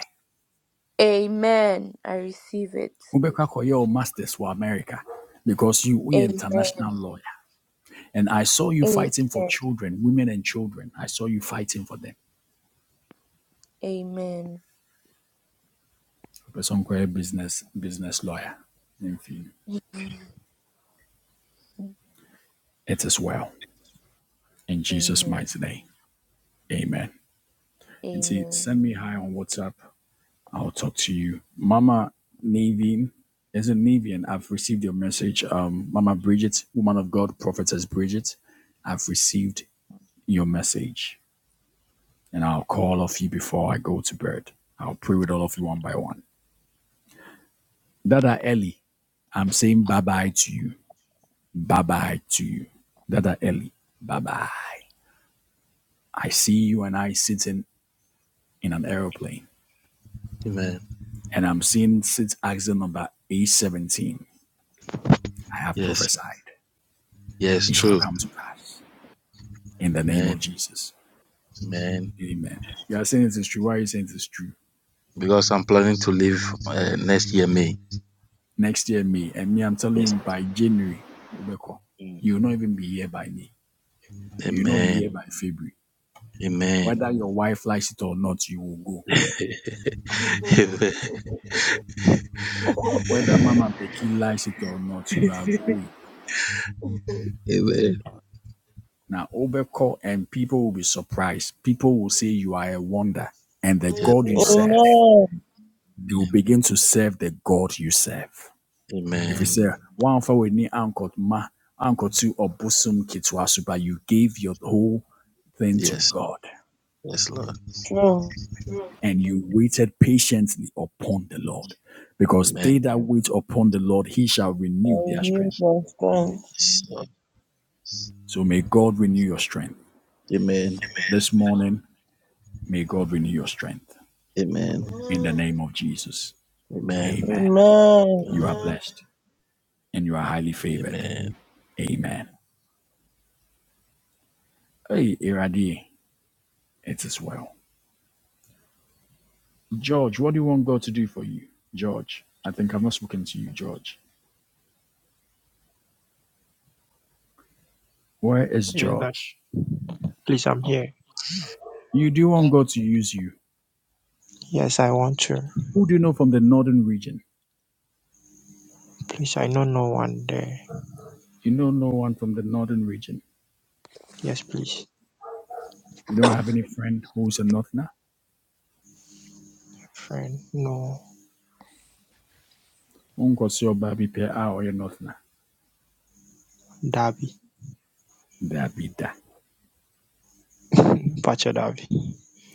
Amen. I receive it.
Wobɛkɔ akɔyɛ wo masters wɔ America because you we international
Amen.
lawyer. And I saw you fighting for
Amen.
children, women and children. I saw you fighting for them.
Amen.
Person called business business lawyer. It is well. In Jesus'
Amen.
mighty name. Amen. Nti
Amen.
send me hi on WhatsApp. I'll talk to you. Mama Navin. Is it Navian? I've received your message. Um, Mama Bridget, woman of God, prophetess Bridget. I've received your message. And I'll call all of you before I go to bed. I'll pray with all of you one by one. Dada Ellie, I'm saying bye bye to you. Bye bye to you. Dada Ellie, bye bye. I see you and I sitting in an aeroplane,
Amen.
and I'm seeing sit axle number A17. I have
Yes.
prophesied.
Yes,
It shall
true.
come to pass in the name
Amen.
of Jesus.
Amen.
Amen. You are saying it is true. Why are you saying it is true?
Because I'm planning to leave uh, next year, May.
Next year, me and me, I'm telling you
Yes.
by January, Ubeko,
Mm.
you will not even be here by me. You will not be
Amen.
here by February. Whether
Amen.
your wife likes it or not, you will go. Whether Mama Becky likes it or not, you are going.
Amen.
Now, Ubeko, and people will be surprised. People will say you are a wonder. And the God you serve, they will begin to serve the God you serve. Ɛfiri
Amen.
sɛ, woamfa w'ani ankɔma ankɔto ɔbosom ketewa so, but you gave your whole thing to
Yes,
God
Lord. Amen. Amen. Yes. Yes, Lord.
Amen.
and you waited patiently upon the Lord. Because they
Amen.
that wait upon the Lord, he shall
I
renew their
renew
strength.
my strength.
Yes, Lord.
So may God renew your strength.
Amen.
This morning, may God renew your strength.
Amen.
In the name of Jesus.
Amen.
Amen.
Amen.
You are
Amen.
blessed and you are highly favored.
Amen.
Amen. Hey, Iradi, it is well. George, what do you want God to do for you? George, I think i am not speaking to you, George. Where is
Is that
George?
cliche?
You do want God to use you. Who do you know from the northern region? You know no one from the northern region.
Yes.
You don't have any friend who's a northerner? Unkwasi Obabi pe a ɔyɛ northerner. There be that.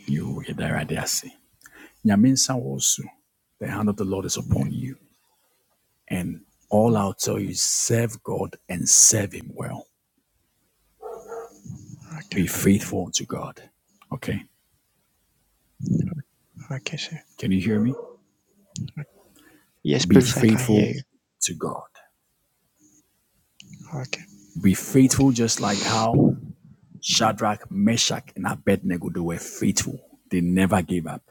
You Idaradiasi. Nyaminsa wosu. The hand of the Lord is upon you. And all I'll tell you is serve God and serve Him well.
Okay,
Be faithful to God. Okay?
okay, sir.
Can you hear me? Be faithful to God.
Okay,
Be faithful just like how Shadrach, Meshach, and Abednego they were faithful. They never gave up.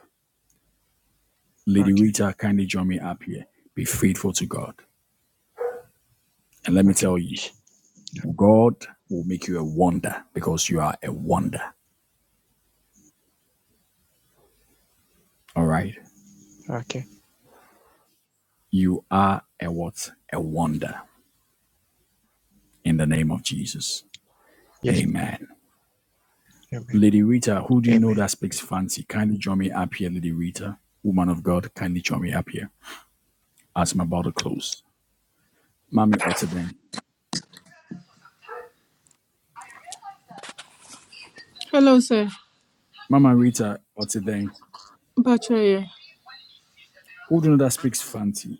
Lady
okay,
Rita, kindly join me up here. Be faithful to God. And let me
okay,
tell you, God will make you a wonder because you are a wonder. All right.
okay.
You are a what? A wonder in the name of Jesus.
Yes,
Amen. Lady Rita, who do you know that speaks fancy? Kindly join me up here, Lady Rita. Woman of God, kindly join me up here as I'm about to close. Mami Otterden,
Hello, sir.
Mama Rita Otterden,
Bachaya.
who do you know that speaks Fanti?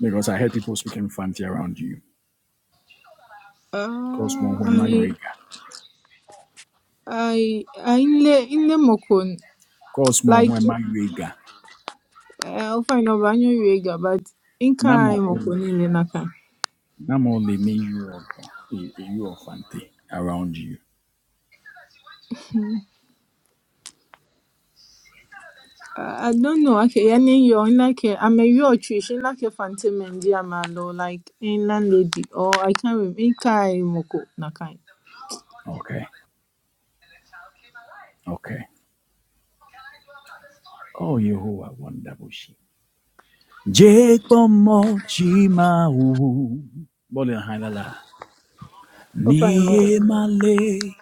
Because I heard people speaking Fanti around you.
Uh,
Cosmo
I,
Wemaiwega.
I, I in le in le mokon
Cosmo
like
Wemaiwega.
I'll find out banyo yoga, but inka kai
Namo
mokon
only.
in naka.
Namo only Neyuoga. You Fanti around you.
Uh, I don't know. Okay, yani yo in like a- I'm a yo trish in like a phantom and diamalo like in landlady or I can't remember in kai moko nakai.
Okay. Okay. Oh, Yehovah, wonderful she. Jake Bomo Chimau. Bole Hanala.
Oh, fine. ma'am.
Ni Male.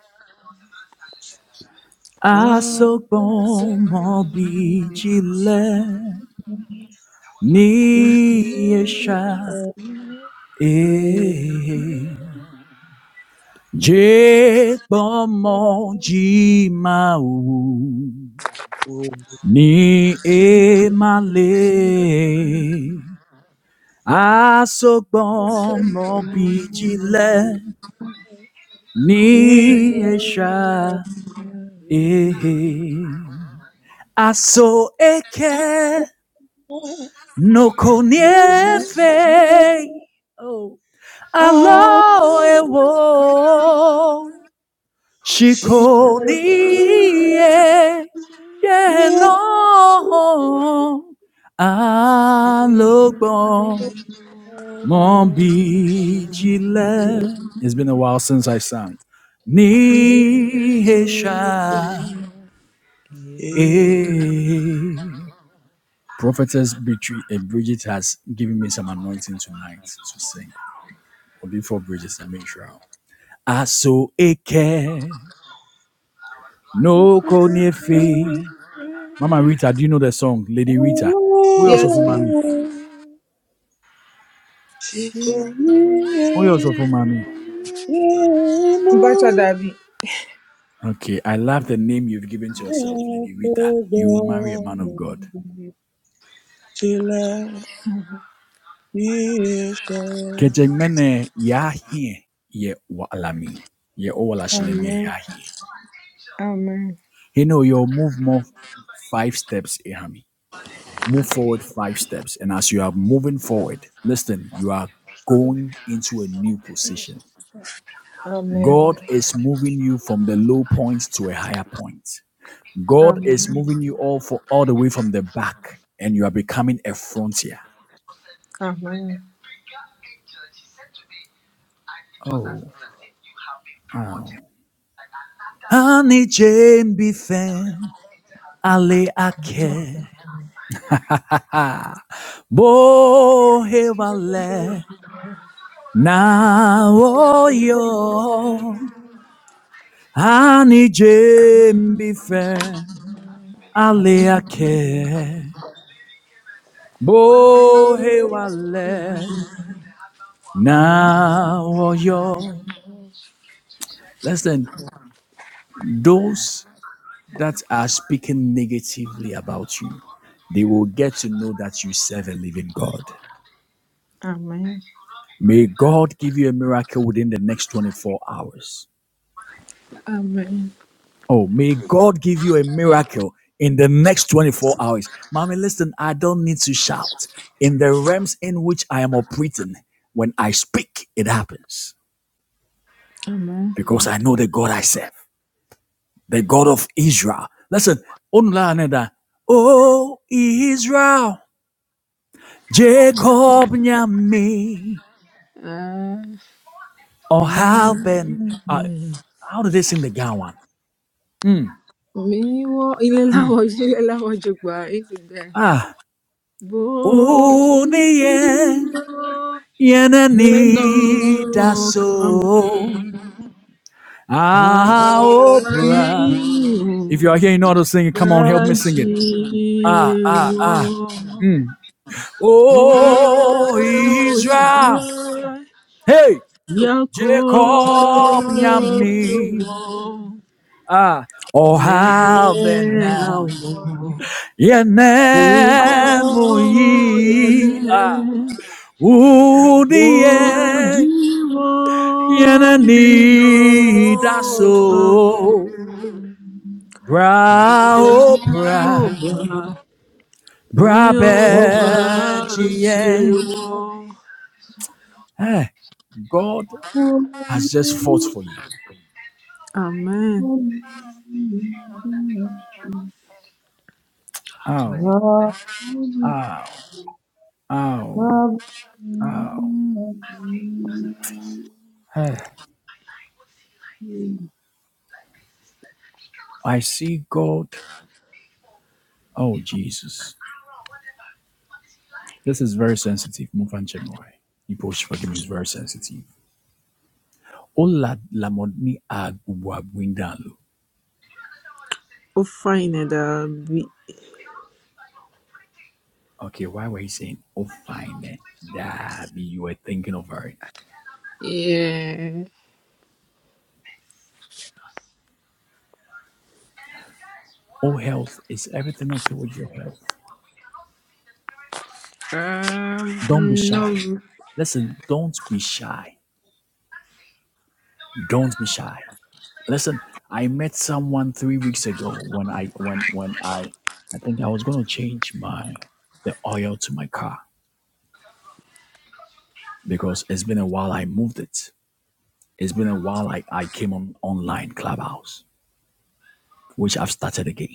I
Asok Bomo Bijile.
see
Ni
what
esha
it
e je
will be.
pomo ji mau
What
ni e male asogbomo bijile
it
ni
will
esha
be.
e aso eke no
faithful.
koniefe
I
alo ewo
see
시코니에
it
예노
will
알로고 몸비질레 It's been a while since I sang.
be. faithful. Oh,
Nihesha eh. Prophetess Bridget, eh, has given me some anointing tonight to sing. Only for Bridges and Mishra. Aso eke no konefe Mama Rita, do you know the song Lady Rita? We also
Yes,
for
please.
mommy.
She
She
called me
We also for mommy.
in, in,
Bacha Davi.
Okay, I love the name you've given to yourself,
I
Lady Rita. You will marry a man
forgot.
of God.
Till I You shall
Kejemene ya here ye walami ye owalashilemi
Amen.
ya here.
Amen.
You know you'll move more five steps, Ihami. Move forward five steps, and as you are moving forward, listen, you are going into a new position.
Amen.
God is moving you from the low point to a higher point. God is
Amen.
moving you all for all the way from the back, and you are becoming a frontier.
Amen.
Oh, oh. Honey Jane Bifen, Ale Ake, Ha, Bo Hevale, Na Oyo, Honey Jane Bifen, Ale Ake, Bo Hewale, Na Oyo. Listen, those that are speaking negatively about you, they will get to know that you serve a living God.
Amen.
May God give you a miracle within the next 24 hours.
Amen.
Oh, may God give you a miracle in the next 24 hours. Mommy, listen, I don't need to shout. In the realms in which I am operating, when I speak, it happens
Amen.
because I know the God I serve, the God of Israel. Listen, Onula Aneda, oh Israel. Jacob Nyami.
Amen.
Or how
Amen.
Ben. Uh, how do they sing the Gawan? Mm.
Mi wọ ilé láwọn ojú ilé láwọn ojú gbà é ti gbà.
Ah.
Bó
Oh,
bí
the end.
ó Gbéná ọkàn mọ́,
so. Ah, Oprah. If you are here, you know how to sing it. Come on, help me sing it.
àárín
Ah, ah, ah.
ìdájíwọ́
Mm.
ó
Oh,
ìdúró
Israel. Hey,
Yakob
Jacob Nyami.
ló wọ́n.
Ah, oh,
May
how
our
Ben. Yenemuia
Ivoyane,
Udien
Bojiwo, Yino,
Yenanida
Oba,
so Bra oh, bra bra
Mioba,
bejien.
Jiwo.
Hey, God has just fought for
Amen.
you.
Amen.
Ow, ow, ow.
God.
Hey, I see God. Oh Jesus. This is very sensitive. Move on, Chemoy. You push forgiveness is very sensitive. Olalamoni Agbuagwindalo.
Oh, fine, it be
Okay, why were you saying oh fine? That you were thinking of her.
Yeah.
Oh health. Is everything okay with your health? Don't be
Um,
shy.
no.
Listen, don't be shy. Don't be shy. Listen, I met someone three weeks ago when I when when I I think I was gonna change my the oil to my car because it's been a while I moved it. It's been a while I, I came on online clubhouse, which I've started again.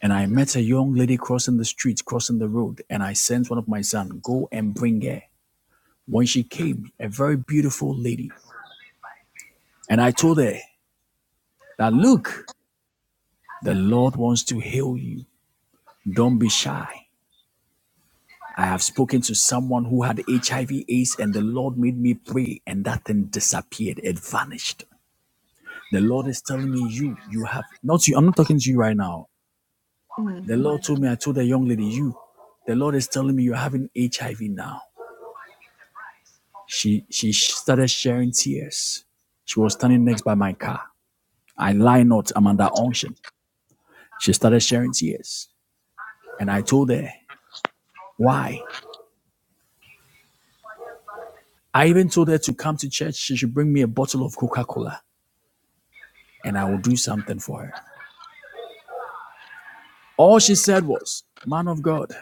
And I met a young lady crossing the street, crossing the road, and I sent one of my sons, go and bring her. When she came, a very beautiful lady, and I told her that, look, the Lord wants to heal you. Don't be shy. I have spoken to someone who had HIV AIDS and the Lord made me pray and that thing disappeared. It vanished. The Lord is telling me you, you have not you. I'm not talking to you right now. The Lord told me, I told the young lady, you, the Lord is telling me you're having HIV now She she started sharing tears. She was standing next by my car. I lie not, I'm under unction. She started sharing tears. And I told her, why? I even told her to come to church. She should bring me a bottle of Coca Cola and I will do something for her. All she said was, Man of God,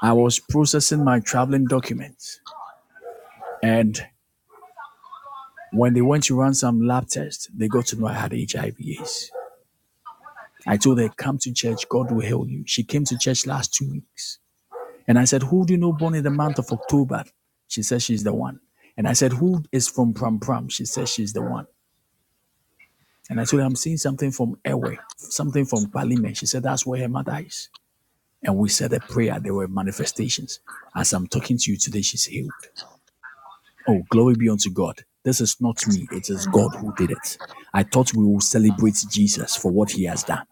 I was processing my traveling documents. And when they went to run some lab tests, they got to know I had HIV. AIDS. I told her, Come to church, God will heal you. She came to church last two weeks. And I said, Who do you know born in the month of October? She said, She's the one. And I said, Who is from Pram Pram? She said, She's the one. And I said, I'm seeing something from Ewe, something from Palime. She said, That's where her mother is. And we said a prayer. There were manifestations. As I'm talking to you today, she's healed. Oh, glory be unto God. This is not me, it is God who did it. I thought we will celebrate Jesus for what he has done.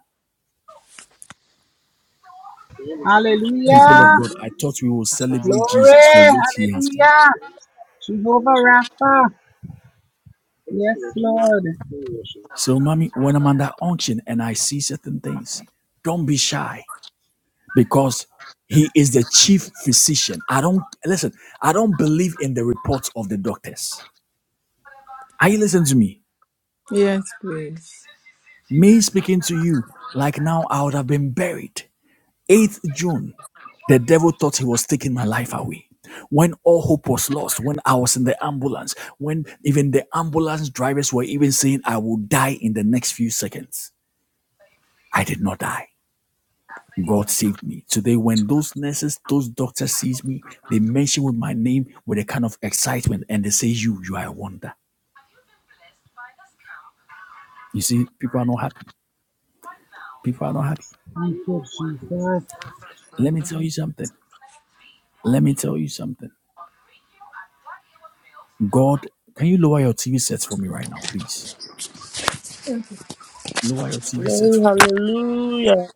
People of
Hallelujah.
God, I thought we will celebrate Jesus for
Glory.
what he has done.
Hallelujah. Jehovah Rapha. Yes, Lord. Thank you,
So, mommy, when I'm under unction and I see certain things, don't be shy because he is the chief physician. I don't listen, I don't believe in the reports of the doctors. Are you listening to me?
Yes, please.
Me speaking to you like now I would have been buried. 8th June, the devil thought he was taking my life away. When all hope was lost, when I was in the ambulance, when even the ambulance drivers were even saying I will die in the next few seconds, I did not die. God saved me. Today, when those nurses, those doctors sees me, they mention with my name with a kind of excitement and they say, you, you are a wonder. You see, people are not happy. People are not happy.
Jesus.
Let me tell you something. Let me tell you something. God, can you lower your TV sets for me right now, please? Lower your TV set
glory,
for me.
hallelujah.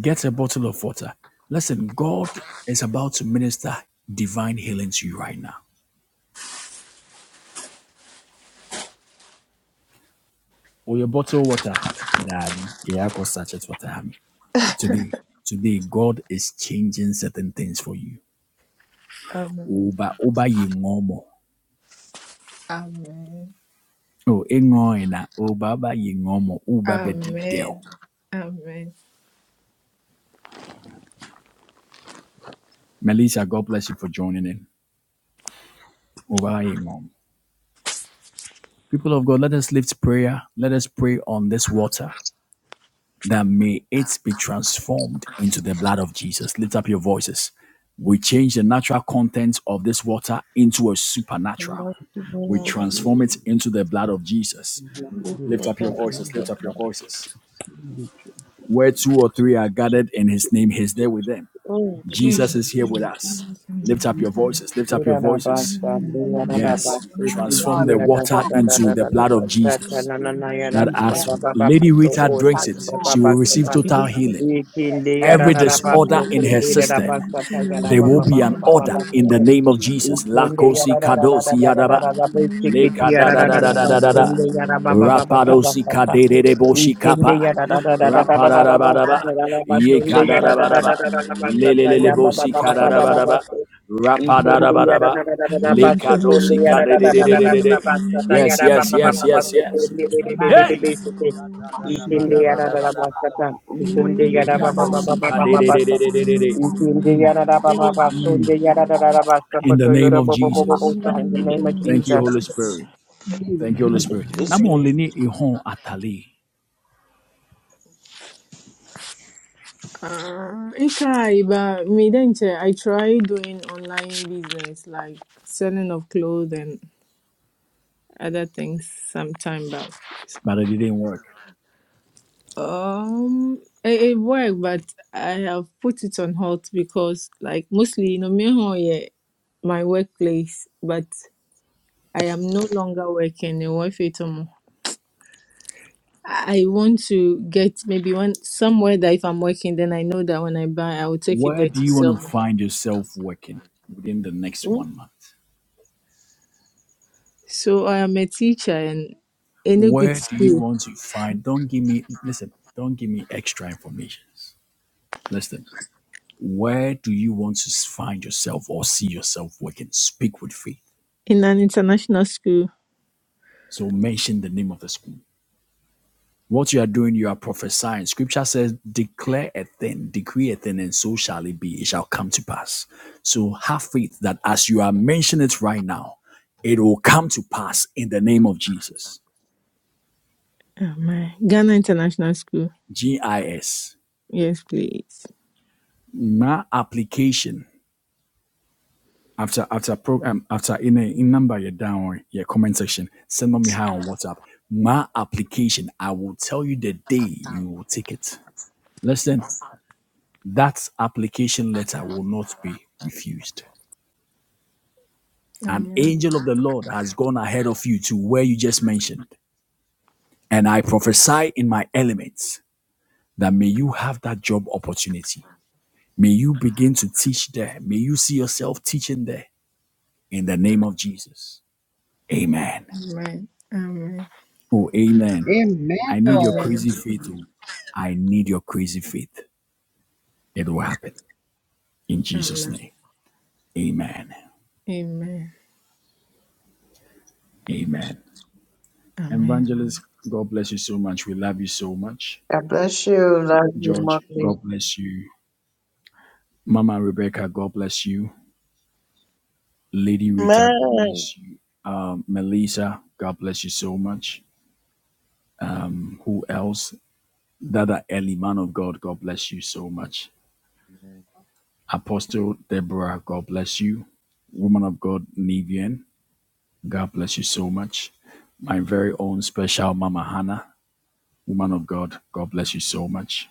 Get a bottle of water. Listen, God is about to minister divine healing to you right now. Or your bottle of water, Daddy. Yeah, I could such it water. Today, today, God is changing certain things for you.
Amen.
Oba, Oba, yingomo.
Amen.
Oh, ingoina. Uba, uba yingomo. Uba bedidel.
Amen. Amen.
Melissa, God bless you for joining in. Oba, yingomo. People of God, let us lift prayer. Let us pray on this water that may it be transformed into the blood of Jesus. Lift up your voices. We change the natural contents of this water into a
And
supernatural.
that's the name
We
of Jesus.
transform it into the blood of Jesus.
We will
Lift
work
up your
out and
voices.
stuff
Lift up your
like,
voices. Where two or three are gathered in his name, he's there with them.
Oh,
Jesus is
Jesus.
here with
Thank
us. Lift up
you,
your voices.
Jesus.
Lift up your
Ikindi
voices.
Yeah, for
Yes.
my God,
Transform the
I
water
perform.
into the blood
People
of
are natural
Jesus.
blood of
That
Jesus.
as
But
Lady Rita
they be
drinks it,
transformed.
she will
I
receive
think
He
be
total
didn't just
healing.
transformed. What I should
like
do.
Every disorder
Should
in
be
her system,
chosen women.
there will
Yes,
be an
Lord
order in the name of Jesus.
Jesus, in the
Lakosi
order.
kadosi yadaba.
In the name of
Leka
Jesus.
da da da da da da da da.
Jesus. We be
Rapadosi
disordered.
kadere boshi kapa.
Let God. We can be
Rapadadabadaba.
aligned. We can be aligned. We
Yekadadabadaba.
can be aligned. We can be
Lelelele
aligned.
bosi
With
kadadabadaba.
Jesus. We can Be aligned. in the name
Rapadadabadaba.
of Jesus. We can Be aligned.
Lekadosi
Jesus.
kadededededede. Yes,
Be aligned. Be
yes, yes, yes, yes.
aligned. We can Be aligned.
Hey!
Mashukuru
Lekadosika de de de de de de de.
He didn't even
in the name of Jesus.
like it.
in the
He
name of
Thank you,
Jesus.
Holy Spirit. Thank you, Holy
didn't
Spirit.
just
Nam
like
ihon atali,
Uh, Ikai, but me then che, I try doing online business like selling of clothes and other things sometime back.
but it didn't work.
Um, it, it worked, but I have put it on hold because like mostly you know me ho yeah, my workplace, but I am no longer working in Wifetum. I want to get maybe one somewhere that if I'm working, then I know that when I buy, I will take it
Where
there
do
to
you want
sell.
to
more.
find yourself working within the next
it.
one month?
So I am a teacher and in a good
Where do you
school,
want to find? Don't give me listen. Don't give me extra information. Listen. Where do you want to find yourself or see yourself working? Speak with faith.
in an international school,
So mention the name of the school. What you are doing, you are prophesying. Scripture says, declare a thing, decree a thing, and so shall it be. It shall come to pass. So have faith that as you are mentioning it right now, it will come to pass in the name of Jesus.
Amen. Ghana International School.
GIS.
Yes, please.
My application after after program after in a in number your down or your comment section. Send me hi on WhatsApp. My application. I will tell you the day you will take it. Listen, that application letter will not be refused An
Amen.
angel of the Lord has gone ahead of you to where you just mentioned. And I prophesy in my elements that may you have that job opportunity. May you begin to teach there. May you see yourself teaching there in the name of Jesus. Amen.
Amen. Amen.
Oh, amen.
Amen,
I need your
Lord.
Amen.
crazy faith. oh. I need your crazy faith. It will happen in Jesus'
Amen.
name. Amen.
Amen.
Amen.
Amen.
Evangelist, God bless you so much. We love you so much.
God bless you. Love you,
George,
Mark
God bless you. Mama Rebecca, God bless you. Lady Rita, God
Amen.
bless you. Um, Melissa, God bless you so much. Who else? Dada Ellie, man of God, God bless you so much. Apostle Deborah, God bless you. Woman of God, Nivian, God bless you so much. My very own special Mama Hannah, woman of God, God bless you so much.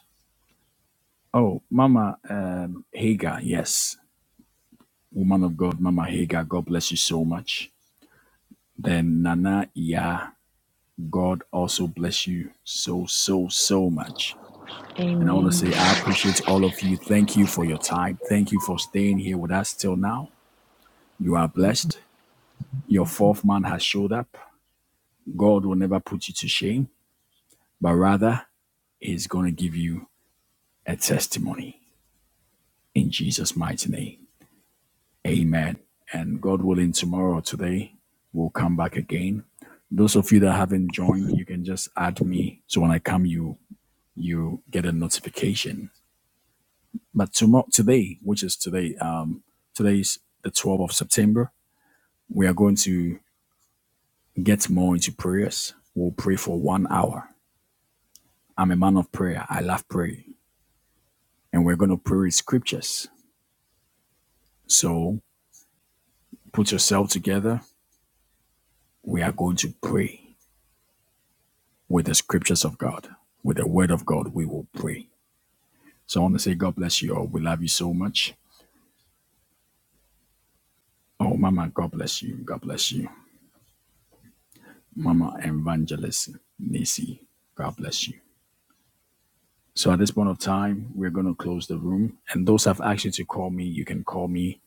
Oh, Mama um, Hagar, yes. Woman of God, Mama Hagar, God bless you so much. Then Nana Yah. God also bless you so, so, so much. And I want to
Amen.
say, I appreciate all of you. Thank you for your time. Thank you for staying here with us till now. You are blessed. Your fourth man has showed up. God will never put you to shame, but rather, He's going to give you a testimony in Jesus' mighty name. Amen. And God willing, tomorrow or today, we'll come back again. Those of you that haven't joined, you can just add me. So when I come, you you get a notification But tomorrow, today, which is today, um, today's the 12th of September, we are going to get more into prayers. We'll pray for one hour. I'm a man of prayer. I love praying. And we're going to pray scriptures. So put yourself together. We are going to pray with the scriptures of God. With the word of God, we will pray. So I want to say, God bless you all. We love you so much. Oh, Mama, God bless you. God bless you. Mama Evangelist Nisi, God bless you. So at this point of time, we're going to close the room. And those have asked you to call me, you can call me.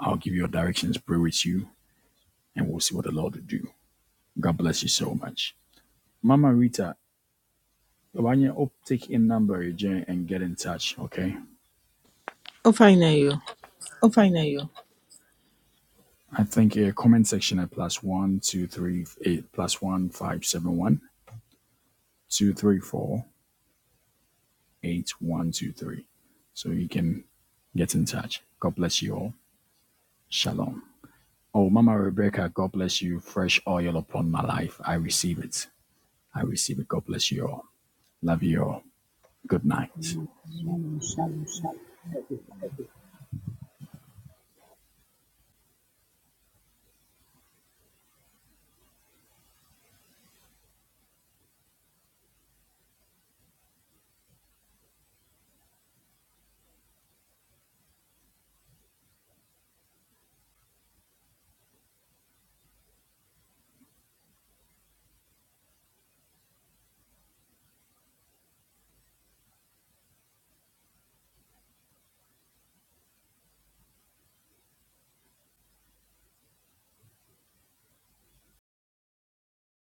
I'll give you your directions, pray with you, and we'll see what the Lord will do. God bless you so much. Mama Rita, when you up, take in number again and get in touch, okay?
Oh, fine, are you?
I think a comment section at plus one, two, three, eight, plus one, five, seven, one, two, three, four, eight, one, two, three. So you can get in touch. God bless you all. Shalom. Oh, Mama Rebecca, God bless you. Fresh oil upon my life. I receive it. I receive it. God bless you all. Love you all. Good night.